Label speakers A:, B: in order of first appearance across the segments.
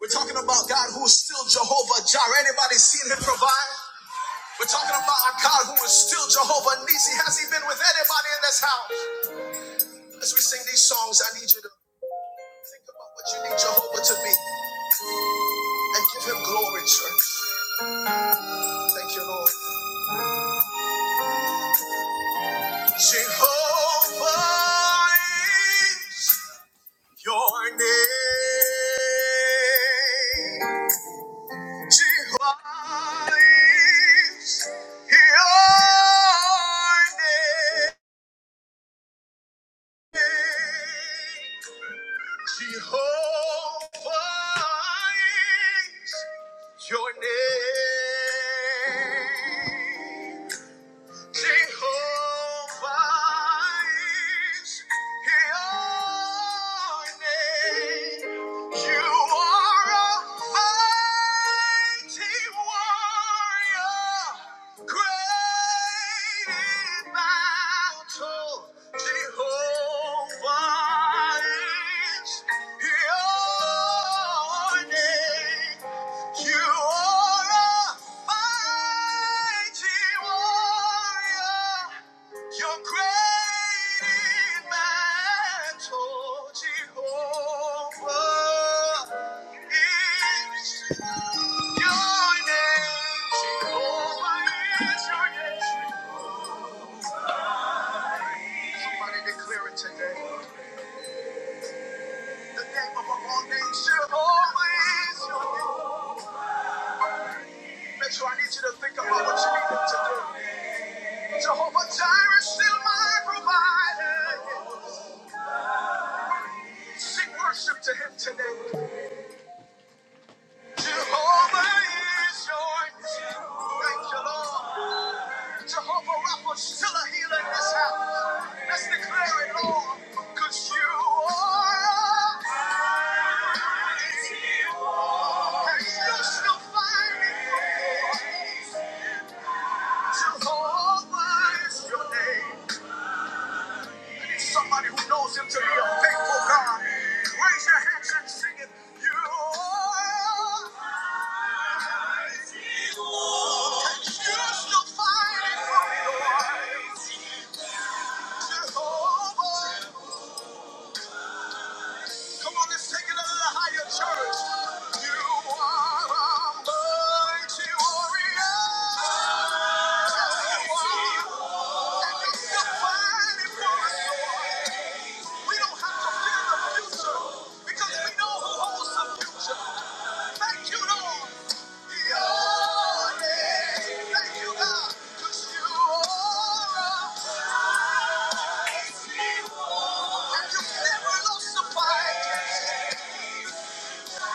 A: We're talking about God who is still Jehovah Jireh. Anybody seen him provide? We're talking about a God who is still Jehovah Nisi. Has he been with anybody in this house? As we sing these songs, I need you to think about what you need Jehovah to be and give him glory, church. Thank you, Lord. Jehovah is your name. Jehovah is your name. Jehovah is your name. Jehovah is your name. You are a mighty warrior, great in battle. Jehovah is name. You are a mighty warrior. You're great in battle, Jehovah. Is your name Jehovah is. Somebody declare it today. The name of name Jehovah is. your- Make sure I need you to think about what you need him to do. Jehovah Jireh, still my provider. Sing worship to him today. Jehovah is your name. Thank you, Lord. Jehovah Rapha, still a healer in this house. Let's declare it, Lord. Cause you are mighty, and you're still fighting for me. Jehovah is your name. Somebody who knows him to be a faithful God. Raise your hands and sing it. You are and you're still fighting for me. Lord. Jehovah. Come on, let's take it a little higher, church. You are a mighty warrior. Yes, you are. And you're still fighting for us, Lord. We don't have to fear the future because we know who holds the future. Thank you, Lord. Your name. Thank you, God, 'cause you are a mighty warrior. And you've never lost the fight. you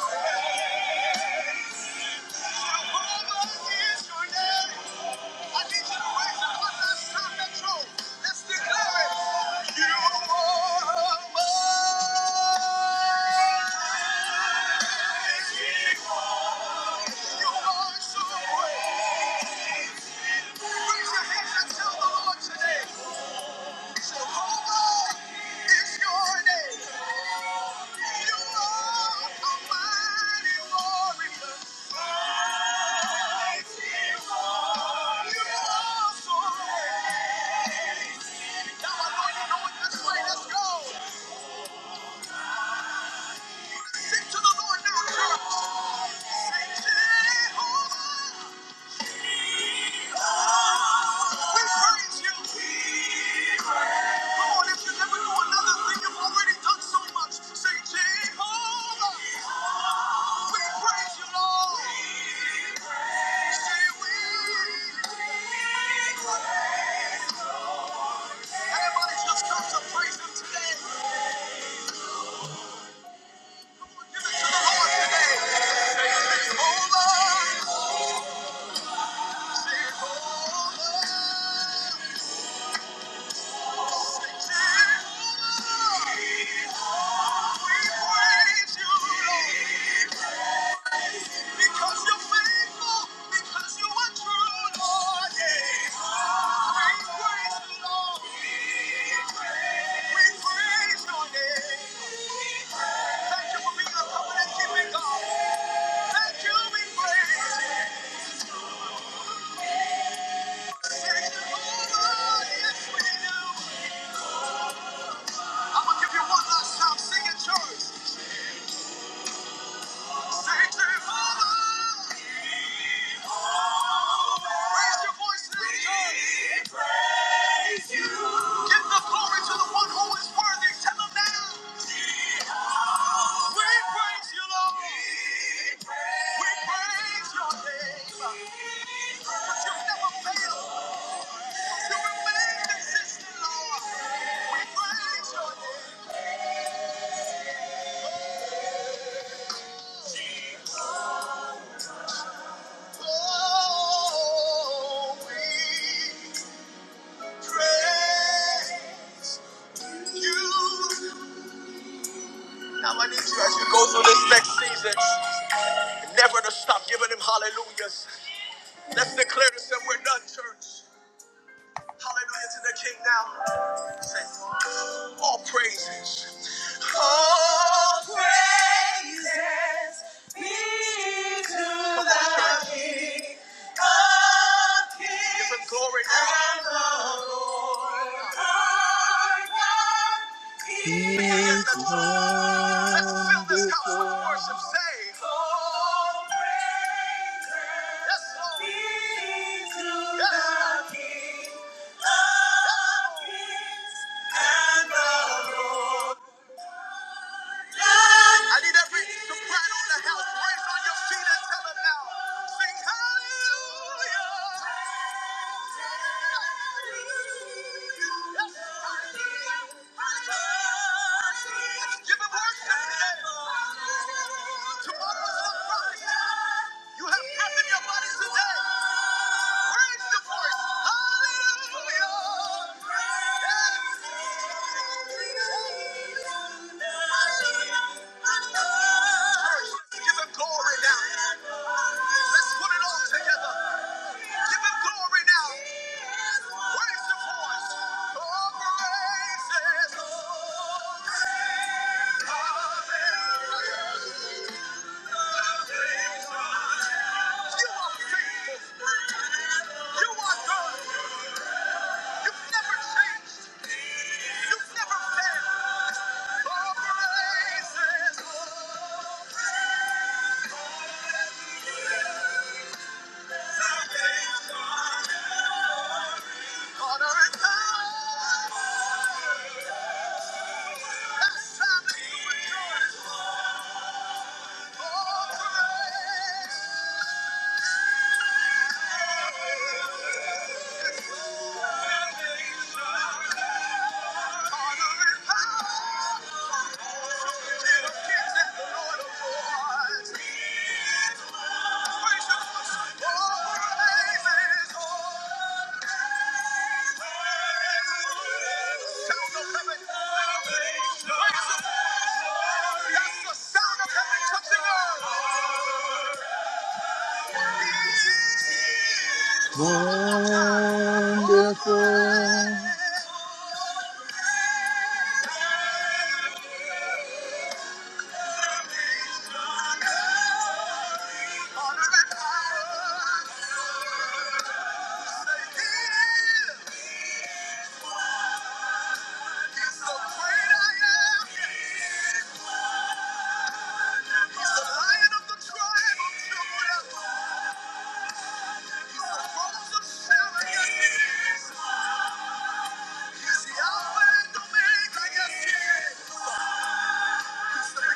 A: Thank you. You Thank you. Now I know you know it this way. Let's go. Sing to the Lord now, church. Sing Jehovah. We praise you. Come on, if you never do another thing, you've already done so much. Sing Jehovah. We praise you, Lord. Say we. Everybody just come to praise him today. Come on, give it to the Lord today. Say Jehovah. Because you're faithful, because you are true, Lord. Yeah. We praise you, Lord. We praise your name. Thank you for being a covenant keeping God. Thank you, we praise you. Thank you, Yes, we do. I'm going to give you one last time. Sing it, church. Now I need you as we go through this next season. Never to stop giving him hallelujahs. Let's declare this and we're done, church. Hallelujah to the King now. Say, all praises. All praises be to Come on, the church. King of Kings. Give him kings glory now. And the Lord of he is Lord. Let's fill this house with worship. Say, "Oh, praise Yes, Lord. be to Yes. Lord. the King of Yes. Lord. kings and the Lord." I need every soprano in the house. Raise on your feet and tell them now. Sing hallelujah. Give him worship today. Tomorrow's a Friday. You have breath in your bodies today. Raise the voice. Hallelujah. Yes. Church, give him glory now. Let's put it all together. Give him glory now. Raise the voice. Oh, praise his holy name. Hallelujah. Thank you. Wonderful. He's the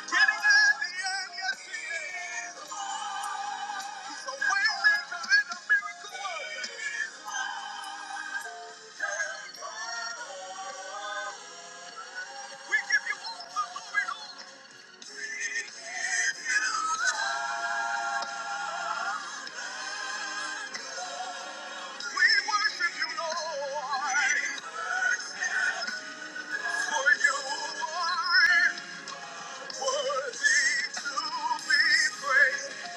A: beginning and the end, Yes, he is.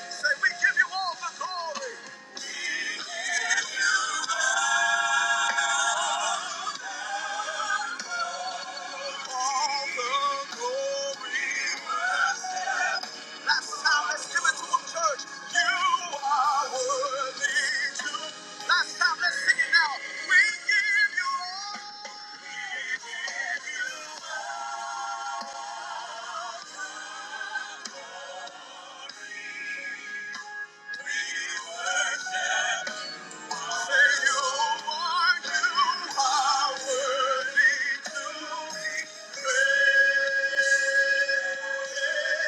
A: Say we give you all the glory. All the glory must Last time, let's give it to him, church. You are worthy Last time, let's sing it now. We give you all. We give worship. Say you are. You are worthy to be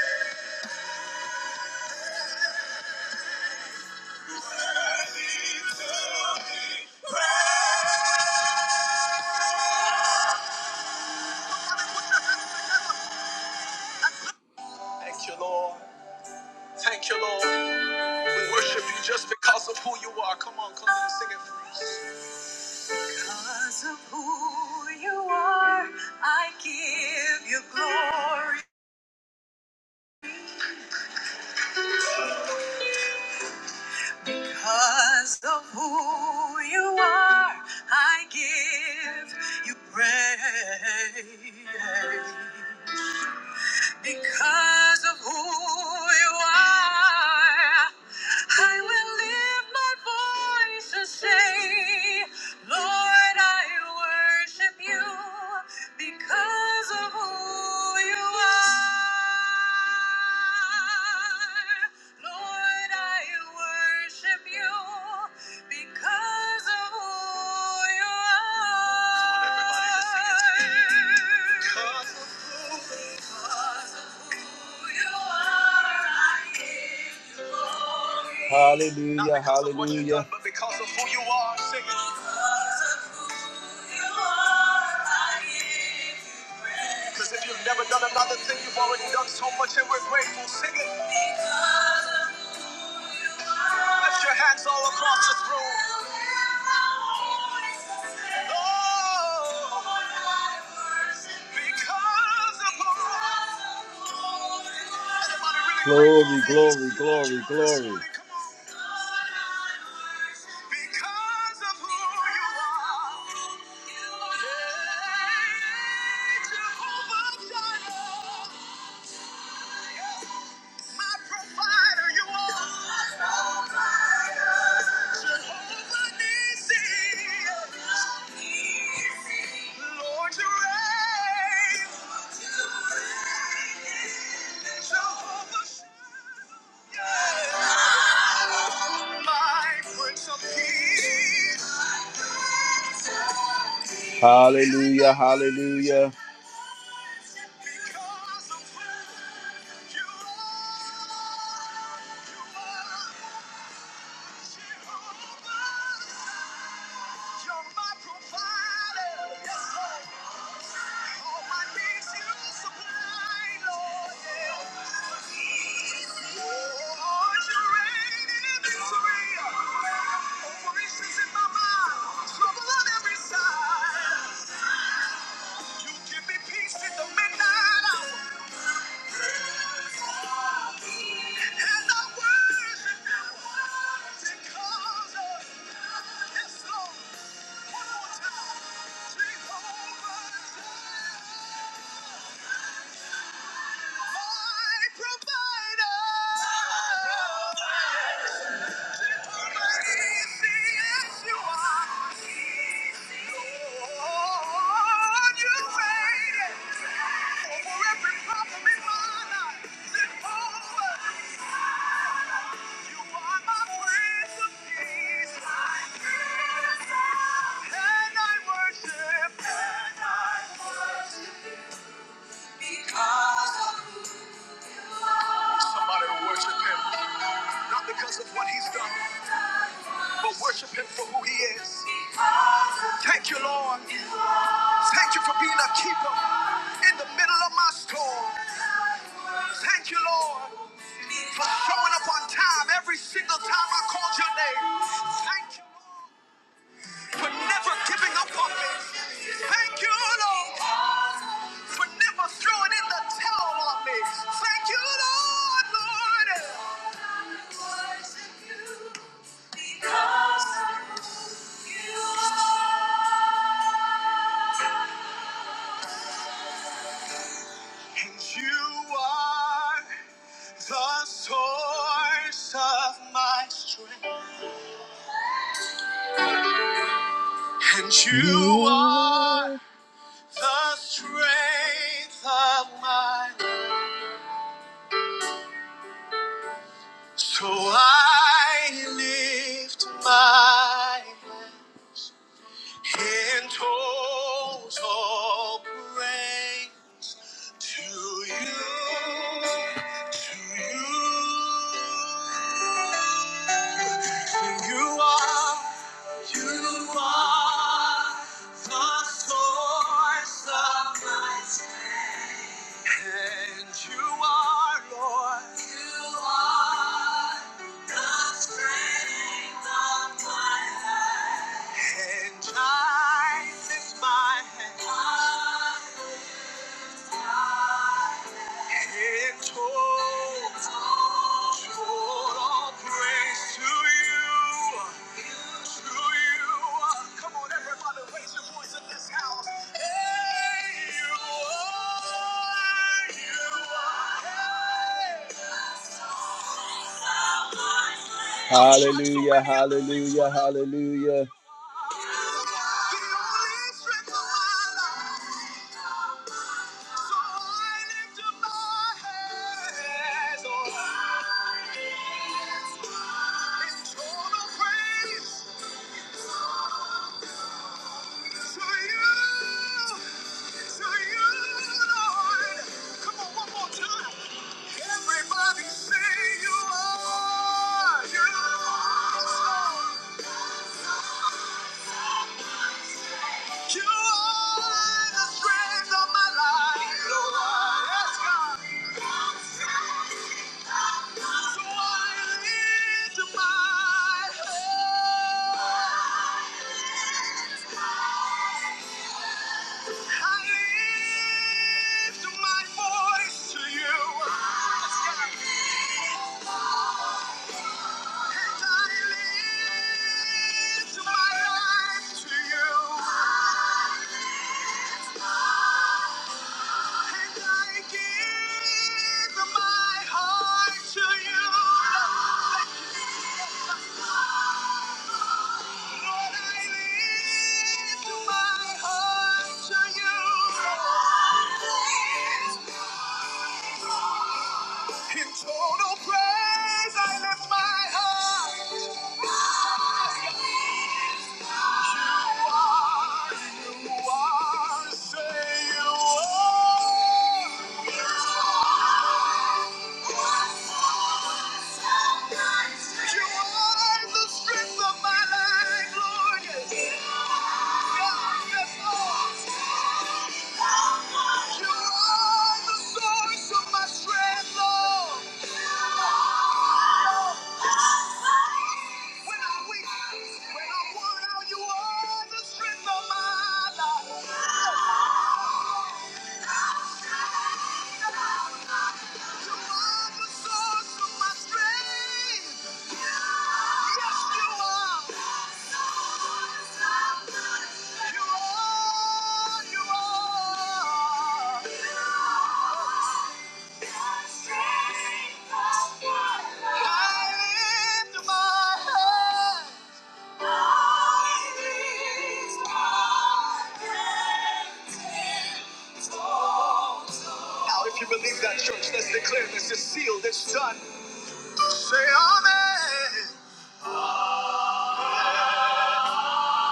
A: praised. Thank you, Lord. Thank you, Lord. We worship you just because of who you are. Come on, come on, sing it for us. Because of who you are, I give you glory. Because of who you are, I give you praise. Because of who you are, I will lift my voice and say, Lord, I worship you because of who you are. Lord, I worship you because of who you are. Come on, everybody, let's sing it together. Hallelujah, hallelujah. But because of who you are, sing it. Because if you've never done another thing, you've already done so much and we're grateful. Sing it. Lift your hands all across this room. Oh, because of who you are. Glory, glory, glory, glory. Because of who you are. Yeah, Jehovah Jireh. Hallelujah, because of who you are, you are Jehovah. You're my provider. Yes, Lord. All my needs you supply, Lord. Yeah. you reign in victory. Over in my mind, trouble on every side. You give me peace in the midnight hour. And I worship you because of yes, Lord. One more time. Jehovah, my provider. Somebody to worship him, not because of what he's done, but worship him for who he is. Thank you, Lord. Thank you for being a keeper in the middle of my storm. Thank you, Lord, for showing up on time every single time I called your name. Thank you, Lord, for never giving up on me. Thank you, Lord, for never throwing in the towel on me. Thank you, Lord, Lord. And you are the source of my strength. And you are. the strength of my life. So I live. You are, you are the source of my strength. And you are, Lord, you are the strength of my life. And I lift my hands. Hallelujah, hallelujah, hallelujah. Praise. It's for you. It's for you, Lord. Come on, one more time. Everybody say you are. You are. You are the strength of my life, Lord. Yes, God. So I lift up my hands. I lift my voice to you. Yes, God. Thank you. In total praise, I lift my heart. You are, you are, say you are. You are the strength of my life, Lord. Yes, yes, Lord. You are the source of my strength. Yes, You are, you are. Now, if you believe that, church, let's declare this is sealed, it's done. Say amen.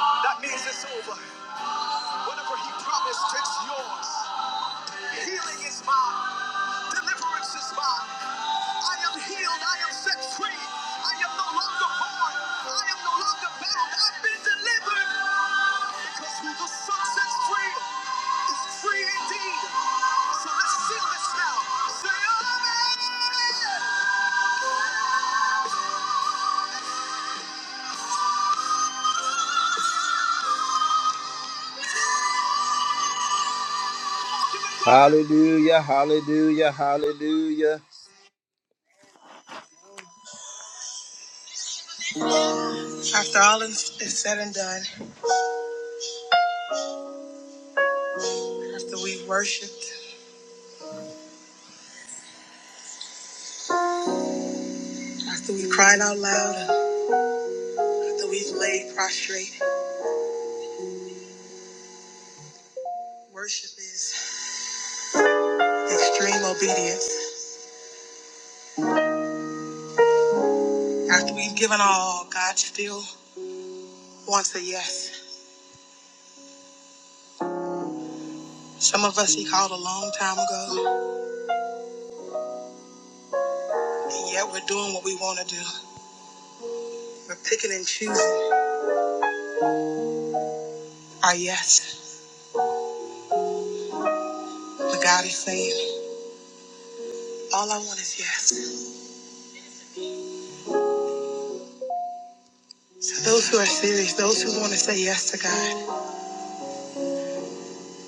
A: That means it's over. Whatever he promised, it's yours. Healing is mine. Deliverance is mine. I am healed. I am set free. I am no longer born. I am no longer bound. I've been delivered. Because who the Son sets free is free indeed. So let's sing this now. Say amen. Hallelujah, hallelujah, hallelujah. And done. After we worshiped, after we cried out loud, after we've laid prostrate. Worship is extreme obedience. After we've given all, God still wants a yes. Some of us He called a long time ago, and yet we're doing what we want to do. We're picking and choosing our yes. But God is saying, All I want is yes. To those who are serious, those who want to say yes to God,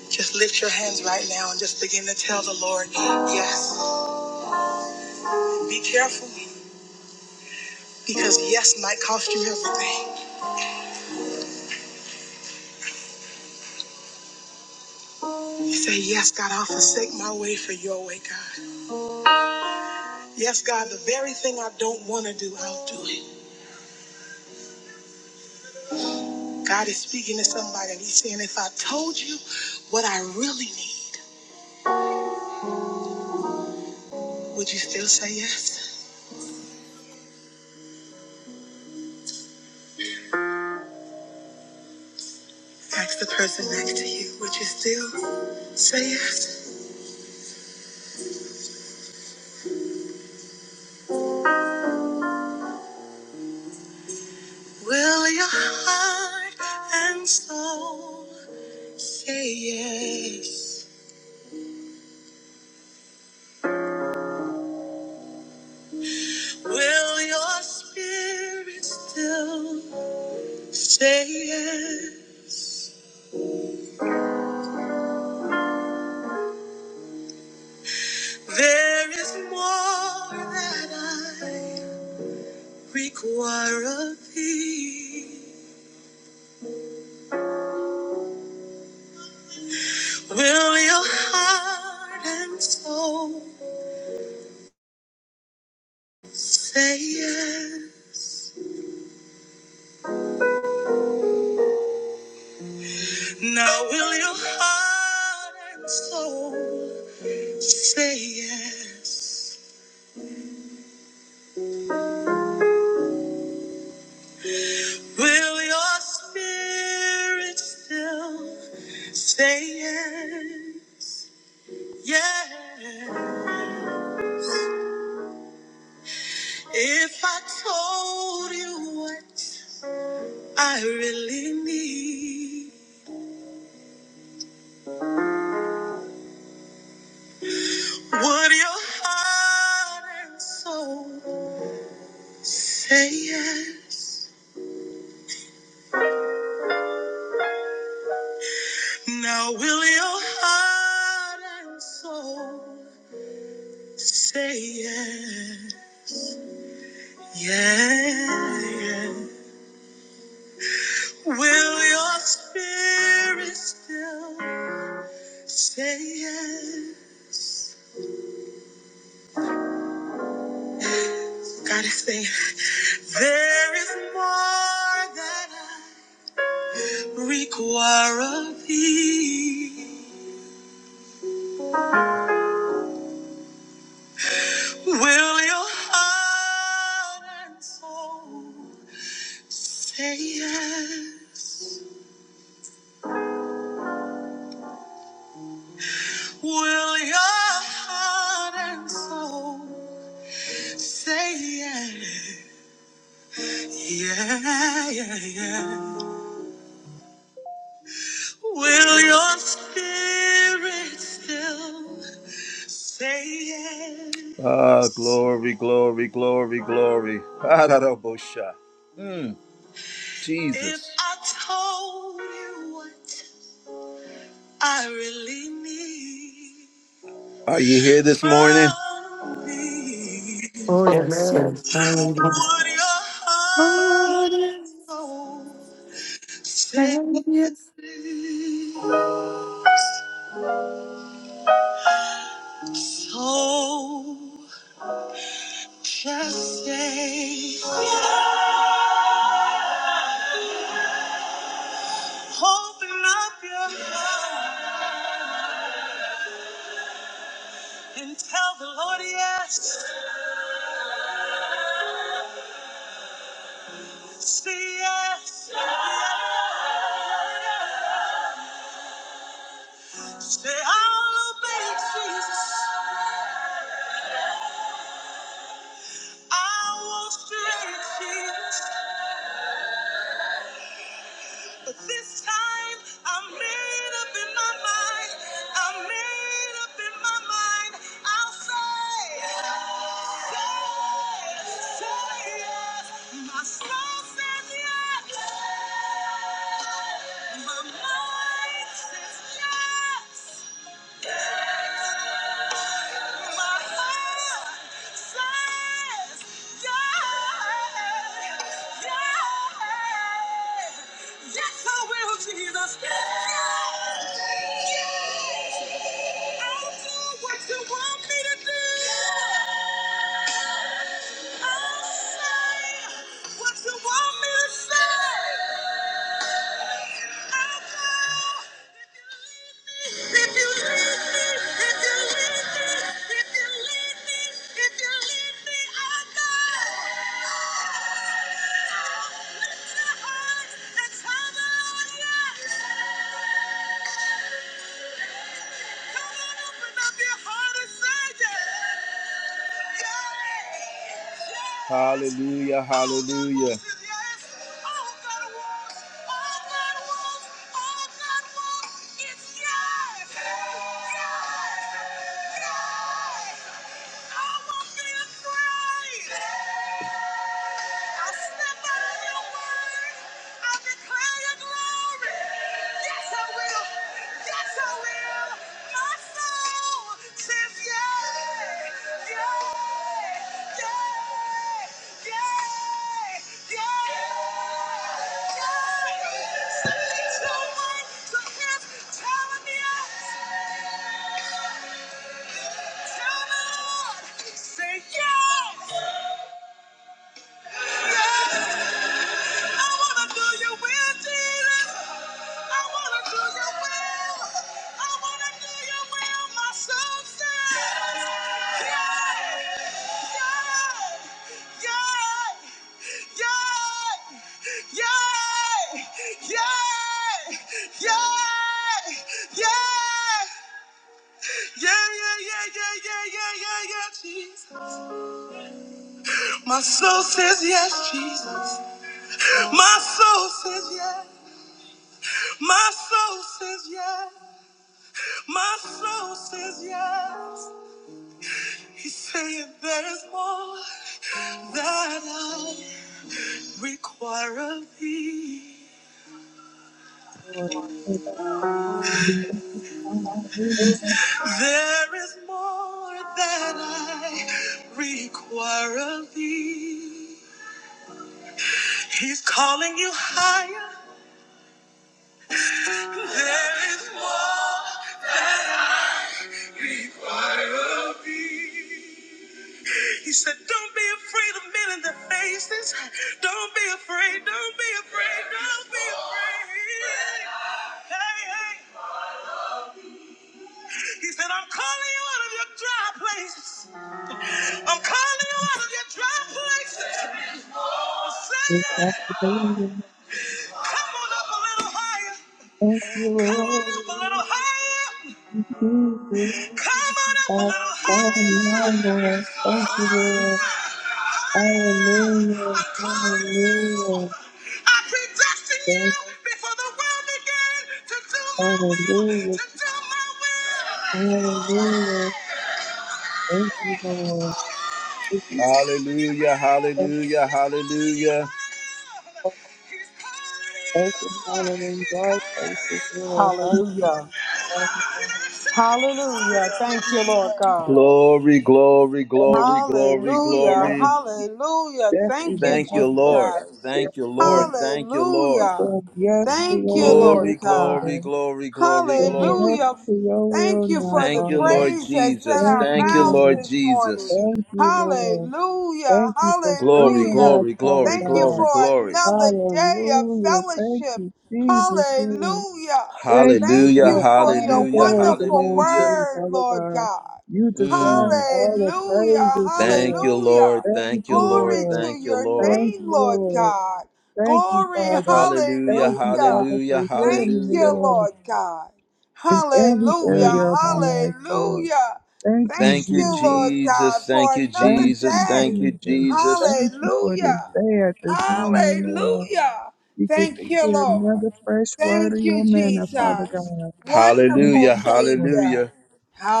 A: just lift your hands right now and just begin to tell the Lord, Yes. Be careful. Because yes might cost you everything. You say, Yes, God, I'll forsake my way for your way, God. Yes, God, the very thing I don't want to do, I'll do it. God is speaking to somebody and he's saying, if I told you what I really need, would you still say yes? Ask the person next to you, would you still say yes? There is more required of thee. Will your heart and soul now will your heart and soul say yes? Will your spirit still say yes? Yeah. It, gotta say, will your heart and soul say yes? Will your heart and soul say yes? Yeah, yeah, yeah. Will your spirit still? Ah, glory, glory, glory, glory. Ararabosha. Mm, Jesus. If I told you what I really need. Are you here this morning? from me,
B: Oh, yes, sir.
C: Amen.
B: Hallelujah.
A: Would your
B: Oh,
A: heart
B: Lord,
A: and soul
B: thank you.
A: be
B: Hallelujah.
A: told? Just stay. Open up your heart and tell the Lord yes. Say yes. Say, I'll obey Jesus. I won't stray, Jesus. But this time, I'm made up in my mind. I'm made up in my mind. I'll say, say, say yes. My soul says yes. My mind says yes. Jesus. Yes, yes, I'll do Come on, open up your heart and say yes. Yes. Hallelujah, hallelujah. Yeah, yeah, yeah, yeah, yeah, yeah, yeah, yeah, Jesus. My soul says yes, Jesus. My soul says yes. My soul says yes. My soul says yes. He's saying there is more that I require of thee.
D: Lord. Thank you. Hallelujah.
A: There is more that I require of thee. He's calling you higher. There is more of thee. He said, Don't be afraid of men in the faces. Don't be afraid. Don't be afraid. Don't be afraid. Hey, hey. He said, I'm calling you out of your dry places. I'm calling you out of your dry places. I'm
D: Thank you, for
A: saying,
D: believing.
A: Come on up a little higher.
D: Thank you,
A: Come
D: Lord.
A: on up a little higher.
D: Jesus.
A: Come on up a little
D: That's all I
A: higher.
D: know, Lord. Thank you,
A: Higher.
D: Lord.
A: higher!
D: Hallelujah.
A: I'm calling you.
D: Hallelujah.
A: I predestined you
D: Thank
A: before the world began to do my will,
D: Hallelujah. Hallelujah. Thank you, Lord. Thank you.
A: to do my will. Hallelujah,
D: Thank
A: hallelujah, hallelujah.
D: you.
A: He's calling you.
D: Thank you, Hallelujah.
A: He's
D: Lord.
A: calling
D: Thank you,
A: you.
D: Lord. Hallelujah.
E: Hallelujah.
A: The
D: Thank
A: weapon we don't send.
E: Hallelujah. Thank you, Lord God.
A: Glory, glory, glory, glory,
E: Hallelujah.
A: glory.
E: Hallelujah.
D: you,
E: Thank you,
D: Lord.
A: Thank you,
D: Thank
A: Lord.
E: Jesus.
D: you,
A: Thank you,
D: Lord.
A: Lord. Thank you, Lord.
E: Hallelujah.
D: Said Yes, to
E: Thank
D: your
E: you, Lord
D: will,
A: Glory,
E: God.
A: glory,
D: Father.
A: glory, glory,
D: We're yes
A: glory.
E: Hallelujah.
D: to your
E: Thank
D: will
E: you
D: now,
E: for the
A: Thank you,
D: Father.
A: Lord
E: praise that's
A: Jesus.
E: in
D: Thank
E: our
A: Thank
D: you,
A: you,
E: mouths
D: Lord.
A: Lord
E: this morning.
A: Jesus.
D: Thank you, Lord.
E: Hallelujah.
D: Thank you for
A: Glory,
D: freeing
E: Hallelujah.
D: us,
A: glory,
D: Father
A: glory,
E: Thank you
D: God.
A: glory,
E: for
A: glory.
E: another day of
D: Hallelujah. Thank
E: fellowship.
D: you, Jesus, Lord.
E: Hallelujah.
D: Thank you,
E: Thank
A: Hallelujah,
D: Lord.
E: you for
D: All the
E: your
A: hallelujah,
D: glory
E: wonderful
D: belongs to
A: hallelujah.
D: you,
E: word,
D: Father
E: Lord
D: God.
E: God.
D: You deserve
A: Mm.
D: all the
E: Hallelujah.
D: praises,
A: Thank
D: Lord.
A: you,
E: Hallelujah.
A: Lord.
D: Thank
A: Thank you,
D: you,
A: Lord.
E: Glory
D: Lord.
E: to
A: Thank you,
E: your
A: Lord.
D: Thank
E: name,
D: you,
E: Lord
D: Lord.
E: God.
D: Thank you,
E: Glory.
D: Father.
A: Hallelujah,
D: Thank you,
E: Hallelujah.
D: Father,
A: hallelujah,
D: for healing
E: Thank
D: me,
E: you,
A: hallelujah.
D: Lord,
E: Lord God.
D: in every
E: Hallelujah.
A: Mm.
D: area of my life, Lord.
E: Hallelujah.
D: Thank you,
E: Thank
A: Thank you,
E: you,
D: Jesus.
E: Lord
A: Jesus.
E: God,
A: Thank
E: for
A: you,
E: another
D: Thank
A: Jesus.
D: you,
E: day.
A: Thank you,
D: Jesus.
A: Jesus.
D: Thank you for this
E: Hallelujah.
D: day at this moment, Lord.
E: Hallelujah.
D: We get
E: Thank
D: to
E: you,
D: hear
E: Lord.
D: another fresh word of
E: Thank you,
D: your manna, Father
E: Jesus.
D: God. Thank
E: Wonderful
A: Hallelujah.
D: you, Lord.
E: Savior.
A: Hallelujah.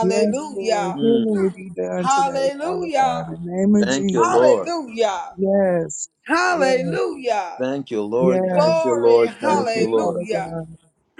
D: Yes, Lord.
A: Mm,
D: Healing will be done today, Father God,
E: Hallelujah.
D: in the name of
A: thank you,
D: Jesus.
A: Lord.
E: Hallelujah.
D: Yes, yes,
E: Hallelujah.
A: Thank you, Lord. Thank you,
D: yes.
E: Glory.
A: Lord.
D: Thank
A: Thank you,
D: you,
A: Lord.
D: Father
E: Hallelujah.
D: God.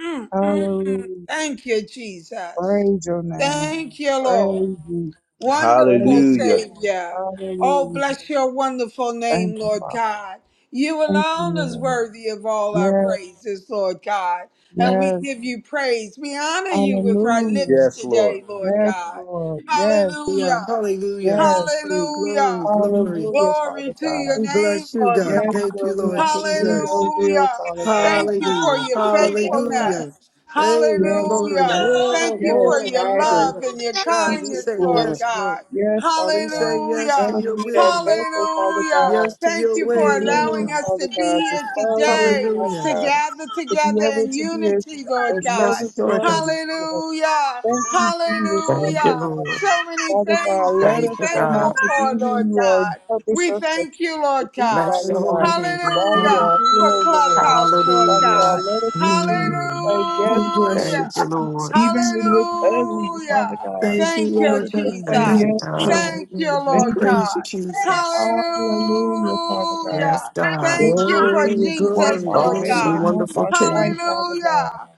E: Mm, mm,
D: Hallelujah.
E: Thank you, Jesus.
D: Praise your name.
E: Thank you, Lord.
D: Praise you.
E: Wonderful
D: Praise you,
A: Hallelujah.
D: Lord.
E: Savior. Oh,
D: Hallelujah.
E: bless your wonderful
D: Thank
E: name,
D: you,
E: Lord
D: Father.
E: God. You
D: Thank you,
E: alone is
D: Lord.
E: worthy of all our
D: Yes,
E: praises, Lord God. And we
D: yes,
E: give you praise. We honor you with our lips
D: hallelujah.
A: Yes, Lord.
E: today, Lord
D: Yes,
E: God.
D: Lord. Yes,
B: Yeah,
E: Hallelujah.
B: hallelujah.
D: yes,
B: Glory,
E: Hallelujah.
B: glory, glory.
D: hallelujah,
E: Glory
D: Father
E: to
D: God.
E: your
B: We
E: name,
B: bless you,
E: Lord
B: God.
D: Yes,
B: Thank you,
D: Lord, we
B: Lord
D: want to do
B: Jesus.
D: your will,
E: Hallelujah.
D: Father God.
E: Thank you for
B: Hallelujah.
E: your
D: Hallelujah, Father God.
B: Hallelujah.
E: faithfulness.
B: Hey,
D: Yes,
B: glory.
E: Hallelujah.
D: Lord.
B: More,
E: Thank you for
D: Yes,
B: more.
E: your
D: guide us,
E: love
B: Lord.
E: and your
B: God,
D: teach
B: we
D: us,
E: kindness,
B: say
E: Lord
D: Lord.
B: yes, Lord.
E: God.
D: Yes, Father
B: We
D: God.
B: say yes
D: Let
B: to
E: Hallelujah.
D: us
B: your
D: be
B: will,
D: that
B: Lord.
D: vessel, Father
E: Hallelujah.
D: God,
B: Yes to
E: Thank
B: your
D: to
E: you for
D: be
B: way, Lord
E: allowing
D: used,
B: God.
E: us to
D: Father God,
E: be
D: to
E: here
D: serve you,
E: today
D: Father
B: Hallelujah.
E: to
D: God,
E: gather
D: to be
E: together
D: able
E: in
D: to be a,
E: unity, Lord
D: a
E: God.
B: Yes,
D: servant to
B: Lord
D: others.
B: God.
D: Lord.
E: Hallelujah.
D: Thank you, Jesus,
C: Thank
D: Father
C: you,
E: Hallelujah.
D: God.
C: Lord.
E: So many
D: Father God,
E: things to
D: let
E: be
D: us
C: Thank you,
D: turn out
C: God.
E: thankful
D: to be
E: for,
D: who
E: Lord
D: you are
E: God.
D: purpose
E: We
D: us to,
E: thank you,
D: to
E: Lord
D: be,
E: God.
C: Bless
D: Father
C: your
B: Hallelujah.
D: God,
C: holy name.
D: while we
E: Hallelujah.
D: are
B: Hallelujah.
D: here,
E: For
D: Lord.
E: Clubhouse, Lord
D: Father God,
C: Hallelujah.
E: God.
D: let us continue to
B: Mm.
D: say yes,
B: We bless
D: Lord,
E: Hallelujah.
B: you,
C: Thank you,
B: Jesus.
C: Lord.
D: even when it's ugly, Father
E: Hallelujah.
D: God.
B: Thank you,
E: Thank
D: Let
E: you,
B: Lord
D: us just
B: God.
D: say
C: Thank
E: Jesus.
C: you,
B: Thank
D: yes,
B: you, so
C: God.
D: Lord.
E: Thank
B: much.
E: you,
B: We
E: Lord
D: Thank you,
B: praise you,
E: God.
D: Jesus.
B: Jesus.
D: Hallelujah, Father God.
C: Yes,
E: Hallelujah.
C: God.
D: Let
E: Thank
D: us
E: you for
D: continue
B: Glory,
D: to walk
E: Jesus,
B: glory,
D: by
E: Lord
D: faith
B: glory.
C: Awesome,
D: and
E: God.
D: not
C: wonderful
D: by sight,
C: King,
D: Father God.
E: Hallelujah.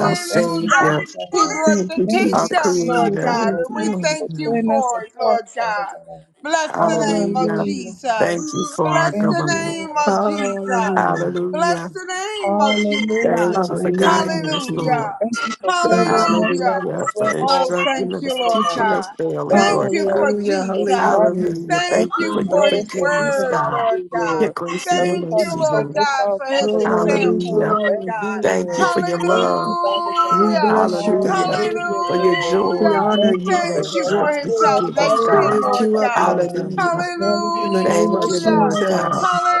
C: our
D: thank you, Father
C: Savior,
E: He
D: God.
E: brought
B: Thank
E: the
B: you,
D: Thank
C: our
D: you,
E: kingdom,
B: Jesus.
E: Lord
D: Jesus,
C: Creator.
E: God,
D: Lord.
B: Thank
E: and
B: you,
E: we
D: Thank you
B: Lord
D: for
E: thank you
D: setting
B: God.
D: us
E: for it,
D: apart,
E: Lord
D: Father
E: God.
D: God.
E: Bless the name of
C: Hallelujah.
D: Hallelujah, Lord.
E: Jesus.
C: Thank you for our
E: Bless
D: Thank
E: the
D: you,
C: government.
E: name
D: Lord.
E: of
D: Thank
E: Jesus.
D: you.
B: Hallelujah.
E: Bless
C: Hallelujah.
E: the name of
D: Hallelujah,
C: Thank
E: Jesus.
C: you for
D: Father God.
C: guiding
B: Hallelujah,
C: us,
B: Jesus.
E: Hallelujah.
C: Lord.
D: Thank you for
B: Praise
D: covering
B: you.
D: us
E: Hallelujah.
D: while we
C: Hallelujah. For
D: slept
E: Oh,
D: last night,
C: instructing
E: thank you,
C: us,
D: Father
E: Lord
C: teaching
D: God.
C: us
E: God.
C: daily,
D: Thank
E: Thank
D: you
C: Lord.
E: you
D: for,
E: for
B: Hallelujah,
D: for
E: Jesus.
D: fighting
B: hallelujah.
D: us
C: Hallelujah.
E: Thank
C: Thank you
E: you
C: for
D: unseen
C: your
E: for
D: battles
E: his
D: that we
C: forgiveness,
D: did
E: word,
D: not
C: God,
E: Lord
D: see,
E: God.
C: your
D: Lord,
C: grace
D: that
C: and your
D: was
E: Thank
D: trying
E: you,
D: to
C: mercy,
E: Lord
D: take
C: Lord.
D: us
E: God,
D: out,
E: for his
D: Father God.
B: Glory,
E: example,
C: Hallelujah.
E: Lord
B: glory,
D: Thank
E: God.
D: you,
B: glory.
C: Thank you
D: Lord.
C: for your
D: Thank you,
C: love.
D: Father
B: We
D: God.
E: Hallelujah.
B: bless you, God.
C: Hallelujah.
D: Hallelujah,
C: For your
D: Lord.
B: We
C: joy,
E: Hallelujah.
B: honor
D: Thank
B: you,
D: you
C: the
D: for
E: Thank
B: Lord
E: you
D: that
E: for
C: strength
B: God.
E: his
C: that you
D: pure
C: give
D: fire
C: us,
B: We
D: on
E: salvation,
C: God.
B: lift
D: night,
E: Lord
B: you up,
D: Father
E: God.
B: Lord
D: God.
B: God.
C: Hallelujah.
D: And then we get
B: In the
D: this
B: name
C: Thank
B: of
D: mercy
C: you,
D: on
C: Lord
E: Hallelujah.
D: us
C: God.
D: tonight. God.
B: Jesus,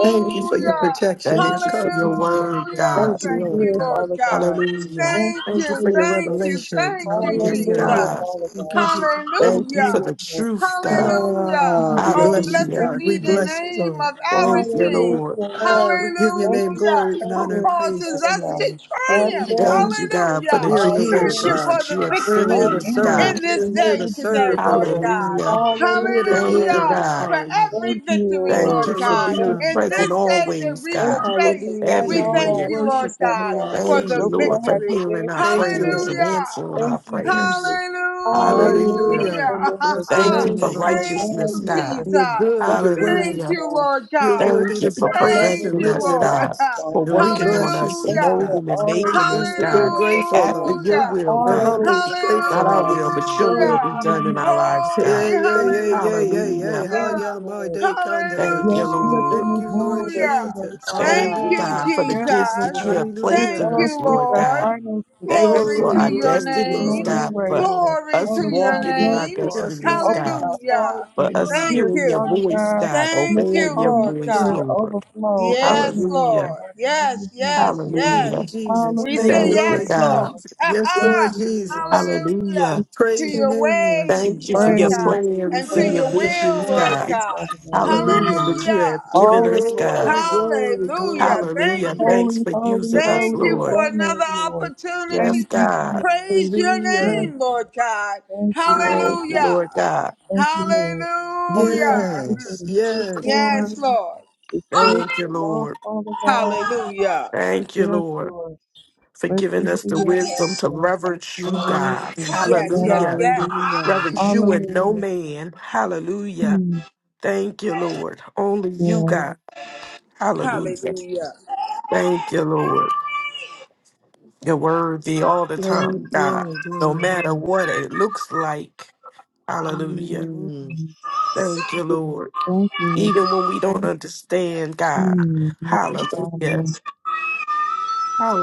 D: Thank
B: thank you
D: you,
B: for your
D: Lord.
B: protection,
D: Thank
B: your
C: Thank
D: you,
C: you for your
B: covering.
D: Jesus.
C: word,
E: Hallelujah.
C: God.
D: Won't
B: Thank you,
D: you
E: Thank
B: Lord
E: you,
D: do it,
B: God.
E: Lord
D: Father
E: God.
D: God?
C: Hallelujah.
D: Won't
E: Thank
D: you
B: Thank
D: do
B: you
E: you,
B: for your
D: it,
E: thank
D: Lord?
E: you,
B: revelation.
E: thank you,
C: Yes,
B: Hallelujah.
E: Jesus.
D: Hallelujah,
C: God.
D: Father
B: Thank you,
D: God.
B: Jesus.
D: Thank
C: Thank you for
D: you,
E: Hallelujah.
C: the
D: Lord.
C: truth,
D: Thank
C: God.
D: you,
E: Hallelujah.
B: Ah, we
D: Jesus.
E: Oh,
B: bless you,
C: Hallelujah.
E: blessed
B: God.
D: Thank
B: We
E: be
D: you,
E: the
B: bless
D: Lord.
B: you,
E: name
B: Lord.
E: of our
C: Thank you,
E: King.
C: Lord.
D: Hallelujah, Lord.
B: Ah, we give your
D: Thank
B: name
D: you for
E: Hallelujah.
B: glory and
E: Who
B: honor and
D: covering us,
B: praise
E: causes
B: this
D: Father
E: us to
D: God.
B: morning.
D: Our
B: Glory to
E: triumph.
B: God.
C: Thank
D: families,
C: you,
D: Lord.
C: God, for the
E: Hallelujah.
B: We're
D: Our
B: here,
E: Thank
D: friends,
E: you
C: generations
B: God.
E: for
D: Father
C: that
E: the
C: you
D: God.
C: have
B: We're here
D: Our
B: to
E: victories
C: saved, God.
B: serve.
E: in
D: enemies in
E: this
D: the
B: We're here
D: name
E: day
B: to
D: of
E: today,
D: Jesus,
B: serve,
E: Lord
B: glory
D: Lord.
B: to
E: God.
B: God.
C: Hallelujah.
B: We're here to
D: Hallelujah,
C: Thank
D: Father
C: you,
E: Hallelujah.
B: give,
D: God.
C: God.
E: For
B: Hallelujah.
E: every
D: Thank you,
E: victory,
C: Thank
D: Lord.
E: Lord
C: you
B: The
C: for
B: Lord
E: God.
D: Thank
C: being
B: God.
D: you,
E: In
C: present
E: this
D: Father God.
E: day that
C: always,
E: we
D: Thank
C: God,
E: will
D: you for
E: face,
D: providing
E: we
B: Hallelujah.
D: all
B: We are
E: thank
D: our
C: everywhere.
E: you, Lord
D: needs,
B: worshiping
D: Father
E: God,
B: you our
D: God.
E: for
C: Thank you,
E: the
D: Where
B: King.
D: we
C: Lord,
D: don't
C: for
D: have to
E: victory.
D: beg
C: hearing our
D: for
B: Thank you,
D: prayer,
C: prayers
B: Lord.
C: and
D: Lord.
E: Hallelujah.
C: answering our
D: Thank you,
C: prayers.
D: Jesus.
C: Hallelujah.
D: Hallelujah,
B: Hallelujah.
E: Hallelujah.
D: Lord.
B: Bless the
C: Thank you
B: name
D: Glory
C: for
B: of the
D: to your
B: Lord.
E: Thank
D: name,
C: righteousness,
E: you,
C: God.
D: Lord.
B: You're
E: Jesus.
B: good.
D: Thank
B: You're
D: you, Father
E: Thank
B: worthy.
C: Hallelujah.
E: you,
D: God.
E: Lord
B: You're
D: Thank
E: God.
D: you
B: worthy
C: Thank
D: for
B: to
C: you
B: be
C: for
D: Father God
B: praised
E: Thank
D: that
B: and
C: perfecting
E: you,
D: you are
C: us,
B: lifted
D: in
B: up.
E: Lord.
C: God,
D: that God,
C: for
B: And
D: Father.
B: we
C: working on
B: bless you
C: us,
D: Thank
B: for
E: Hallelujah.
B: it,
D: you for
B: God.
C: molding and
D: always
C: making us,
D: being
B: We're
D: ahead
C: God,
D: of us,
B: grateful,
C: after
D: Lord.
B: Lord
C: your
E: Hallelujah.
B: God.
C: will,
B: We're
C: God.
B: humbly
D: Hallelujah, Father
B: grateful,
C: Not our
D: God.
C: will, but
B: hallelujah.
C: your
E: Hallelujah.
C: will
D: Glory
C: be
D: to your
C: done in our
D: name, Lord.
C: lives,
E: Glory,
B: Yeah,
C: God.
B: yeah,
D: Thank
B: yeah,
D: you,
B: yeah, yeah,
D: Jesus.
B: yeah.
C: Hallelujah.
B: How
D: Yes,
E: hallelujah.
B: ya my
D: Lord.
B: day conda
E: Hallelujah.
B: da
C: Thank you,
D: Yes,
B: goshen.
D: be up
C: Lord.
D: in
B: Thank
D: this
B: you,
D: room
B: Lord
D: with us today,
B: Jesus.
D: Father
C: Thank
E: Thank
D: God.
C: you,
E: you,
B: Hallelujah.
C: God, for the
D: Yes,
C: gifts that you
E: Jesus.
D: Lord.
C: have
D: Let
C: placed
E: Thank
C: in
B: Hallelujah.
D: those
C: us,
E: you,
D: with
C: Lord
D: their
E: Lord.
C: God.
D: finance,
C: Thank
D: let
C: you
E: Glory
D: their
C: for
B: Glory,
E: to
C: our
D: needs
E: your
D: and get
B: glory,
C: destinies,
D: on
B: glory.
E: name.
D: their
C: God,
D: way,
C: for
D: Lord.
E: Glory
C: us
E: to
D: Father
E: your
D: God,
C: walking in
D: yes,
C: our
E: name.
D: Lord.
B: Yes,
C: destinies,
B: Lord.
D: Open
C: God,
D: our
E: Hallelujah.
D: hearts
C: for
D: and
C: us
E: Thank
B: Mm.
D: ears,
C: hearing your
E: you.
D: Father
C: voice,
D: God,
C: God,
D: and
E: Thank
D: let the
E: you,
C: obeying your
D: Holy
E: Lord
C: voice,
D: Spirit
E: God.
C: Lord.
D: overflow
E: Yes,
D: everyone, Father
C: Hallelujah.
E: Lord.
D: God, in the name
E: Yes,
D: of Jesus,
E: yes,
D: Lord.
B: Thank you,
C: Hallelujah.
E: yes.
B: Jesus.
E: We
B: Thank
E: say
D: Hallelujah,
B: you,
C: Thank you,
B: Lord
D: Father
E: yes, Lord.
C: God.
D: God.
B: Jesus. Yes,
D: Thank
B: Lord
E: Aha!
D: you, Lord.
B: Jesus.
D: Thank
E: Hallelujah.
D: you,
C: Hallelujah.
E: To
B: Praise your
D: Jesus.
E: your
B: name, Lord
E: ways,
C: Thank you for
E: Lord
C: your
B: Jesus.
D: Praise.
E: God, and
C: plans
E: to
D: praise.
C: and your
E: your will,
C: visions,
D: Praise
E: Lord
C: God.
D: is
E: God.
D: Father God belongs
C: Hallelujah,
D: to
C: that
D: you.
B: Mm.
C: you have
E: Hallelujah.
C: given
D: All the
C: us,
D: glory
C: God.
B: Glory,
D: belongs to you,
B: glory,
E: Hallelujah.
D: Hallelujah.
B: glory,
E: Thank
C: Hallelujah.
B: glory.
E: you.
C: Thanks
D: Holy,
C: for
D: holy,
C: using us,
E: Thank
D: holy
E: you
D: is
C: Lord.
D: thy
E: for another
D: name, Lord.
E: opportunity
C: Yes,
D: Thank
E: to
D: you,
C: God.
D: Jesus.
E: praise your
D: Yes,
B: Hallelujah.
E: name, Lord
D: Lord.
E: God.
D: Thank you, Lord.
C: Thank you, Lord
E: Hallelujah.
C: God.
D: Thank you, Lord. Father God,
E: Hallelujah.
D: pray for
B: Yes,
D: the sick,
B: yes.
D: Lord,
E: Yes, Lord.
D: the sick,
C: Thank you,
D: the lost,
C: Lord.
D: Father God.
E: Hallelujah.
C: Thank you,
D: Yes,
C: Lord,
D: Lord.
C: for
D: Let them
C: giving us
D: see
C: the
D: your face
C: wisdom to
D: today, Father
C: reverence you,
D: God.
B: Mm.
C: God.
E: Yes,
D: Yes,
E: yes,
C: Hallelujah.
D: Lord.
B: Hallelujah.
E: yes.
C: Reverence you and no
D: Hallelujah.
C: man. Hallelujah.
D: Mm,
C: Thank you, Lord. Only you,
D: yes.
C: God. Hallelujah.
E: Hallelujah.
C: Thank you, Lord. You're worthy all the time,
B: Glory,
C: God.
B: glory,
C: No
B: glory.
C: matter what it looks like. Hallelujah.
B: Mm.
D: Mm,
C: Thank you, Lord.
D: Thank you, Lord.
C: Even when we don't understand, God.
D: Mm, yes,
C: Hallelujah.
D: Father.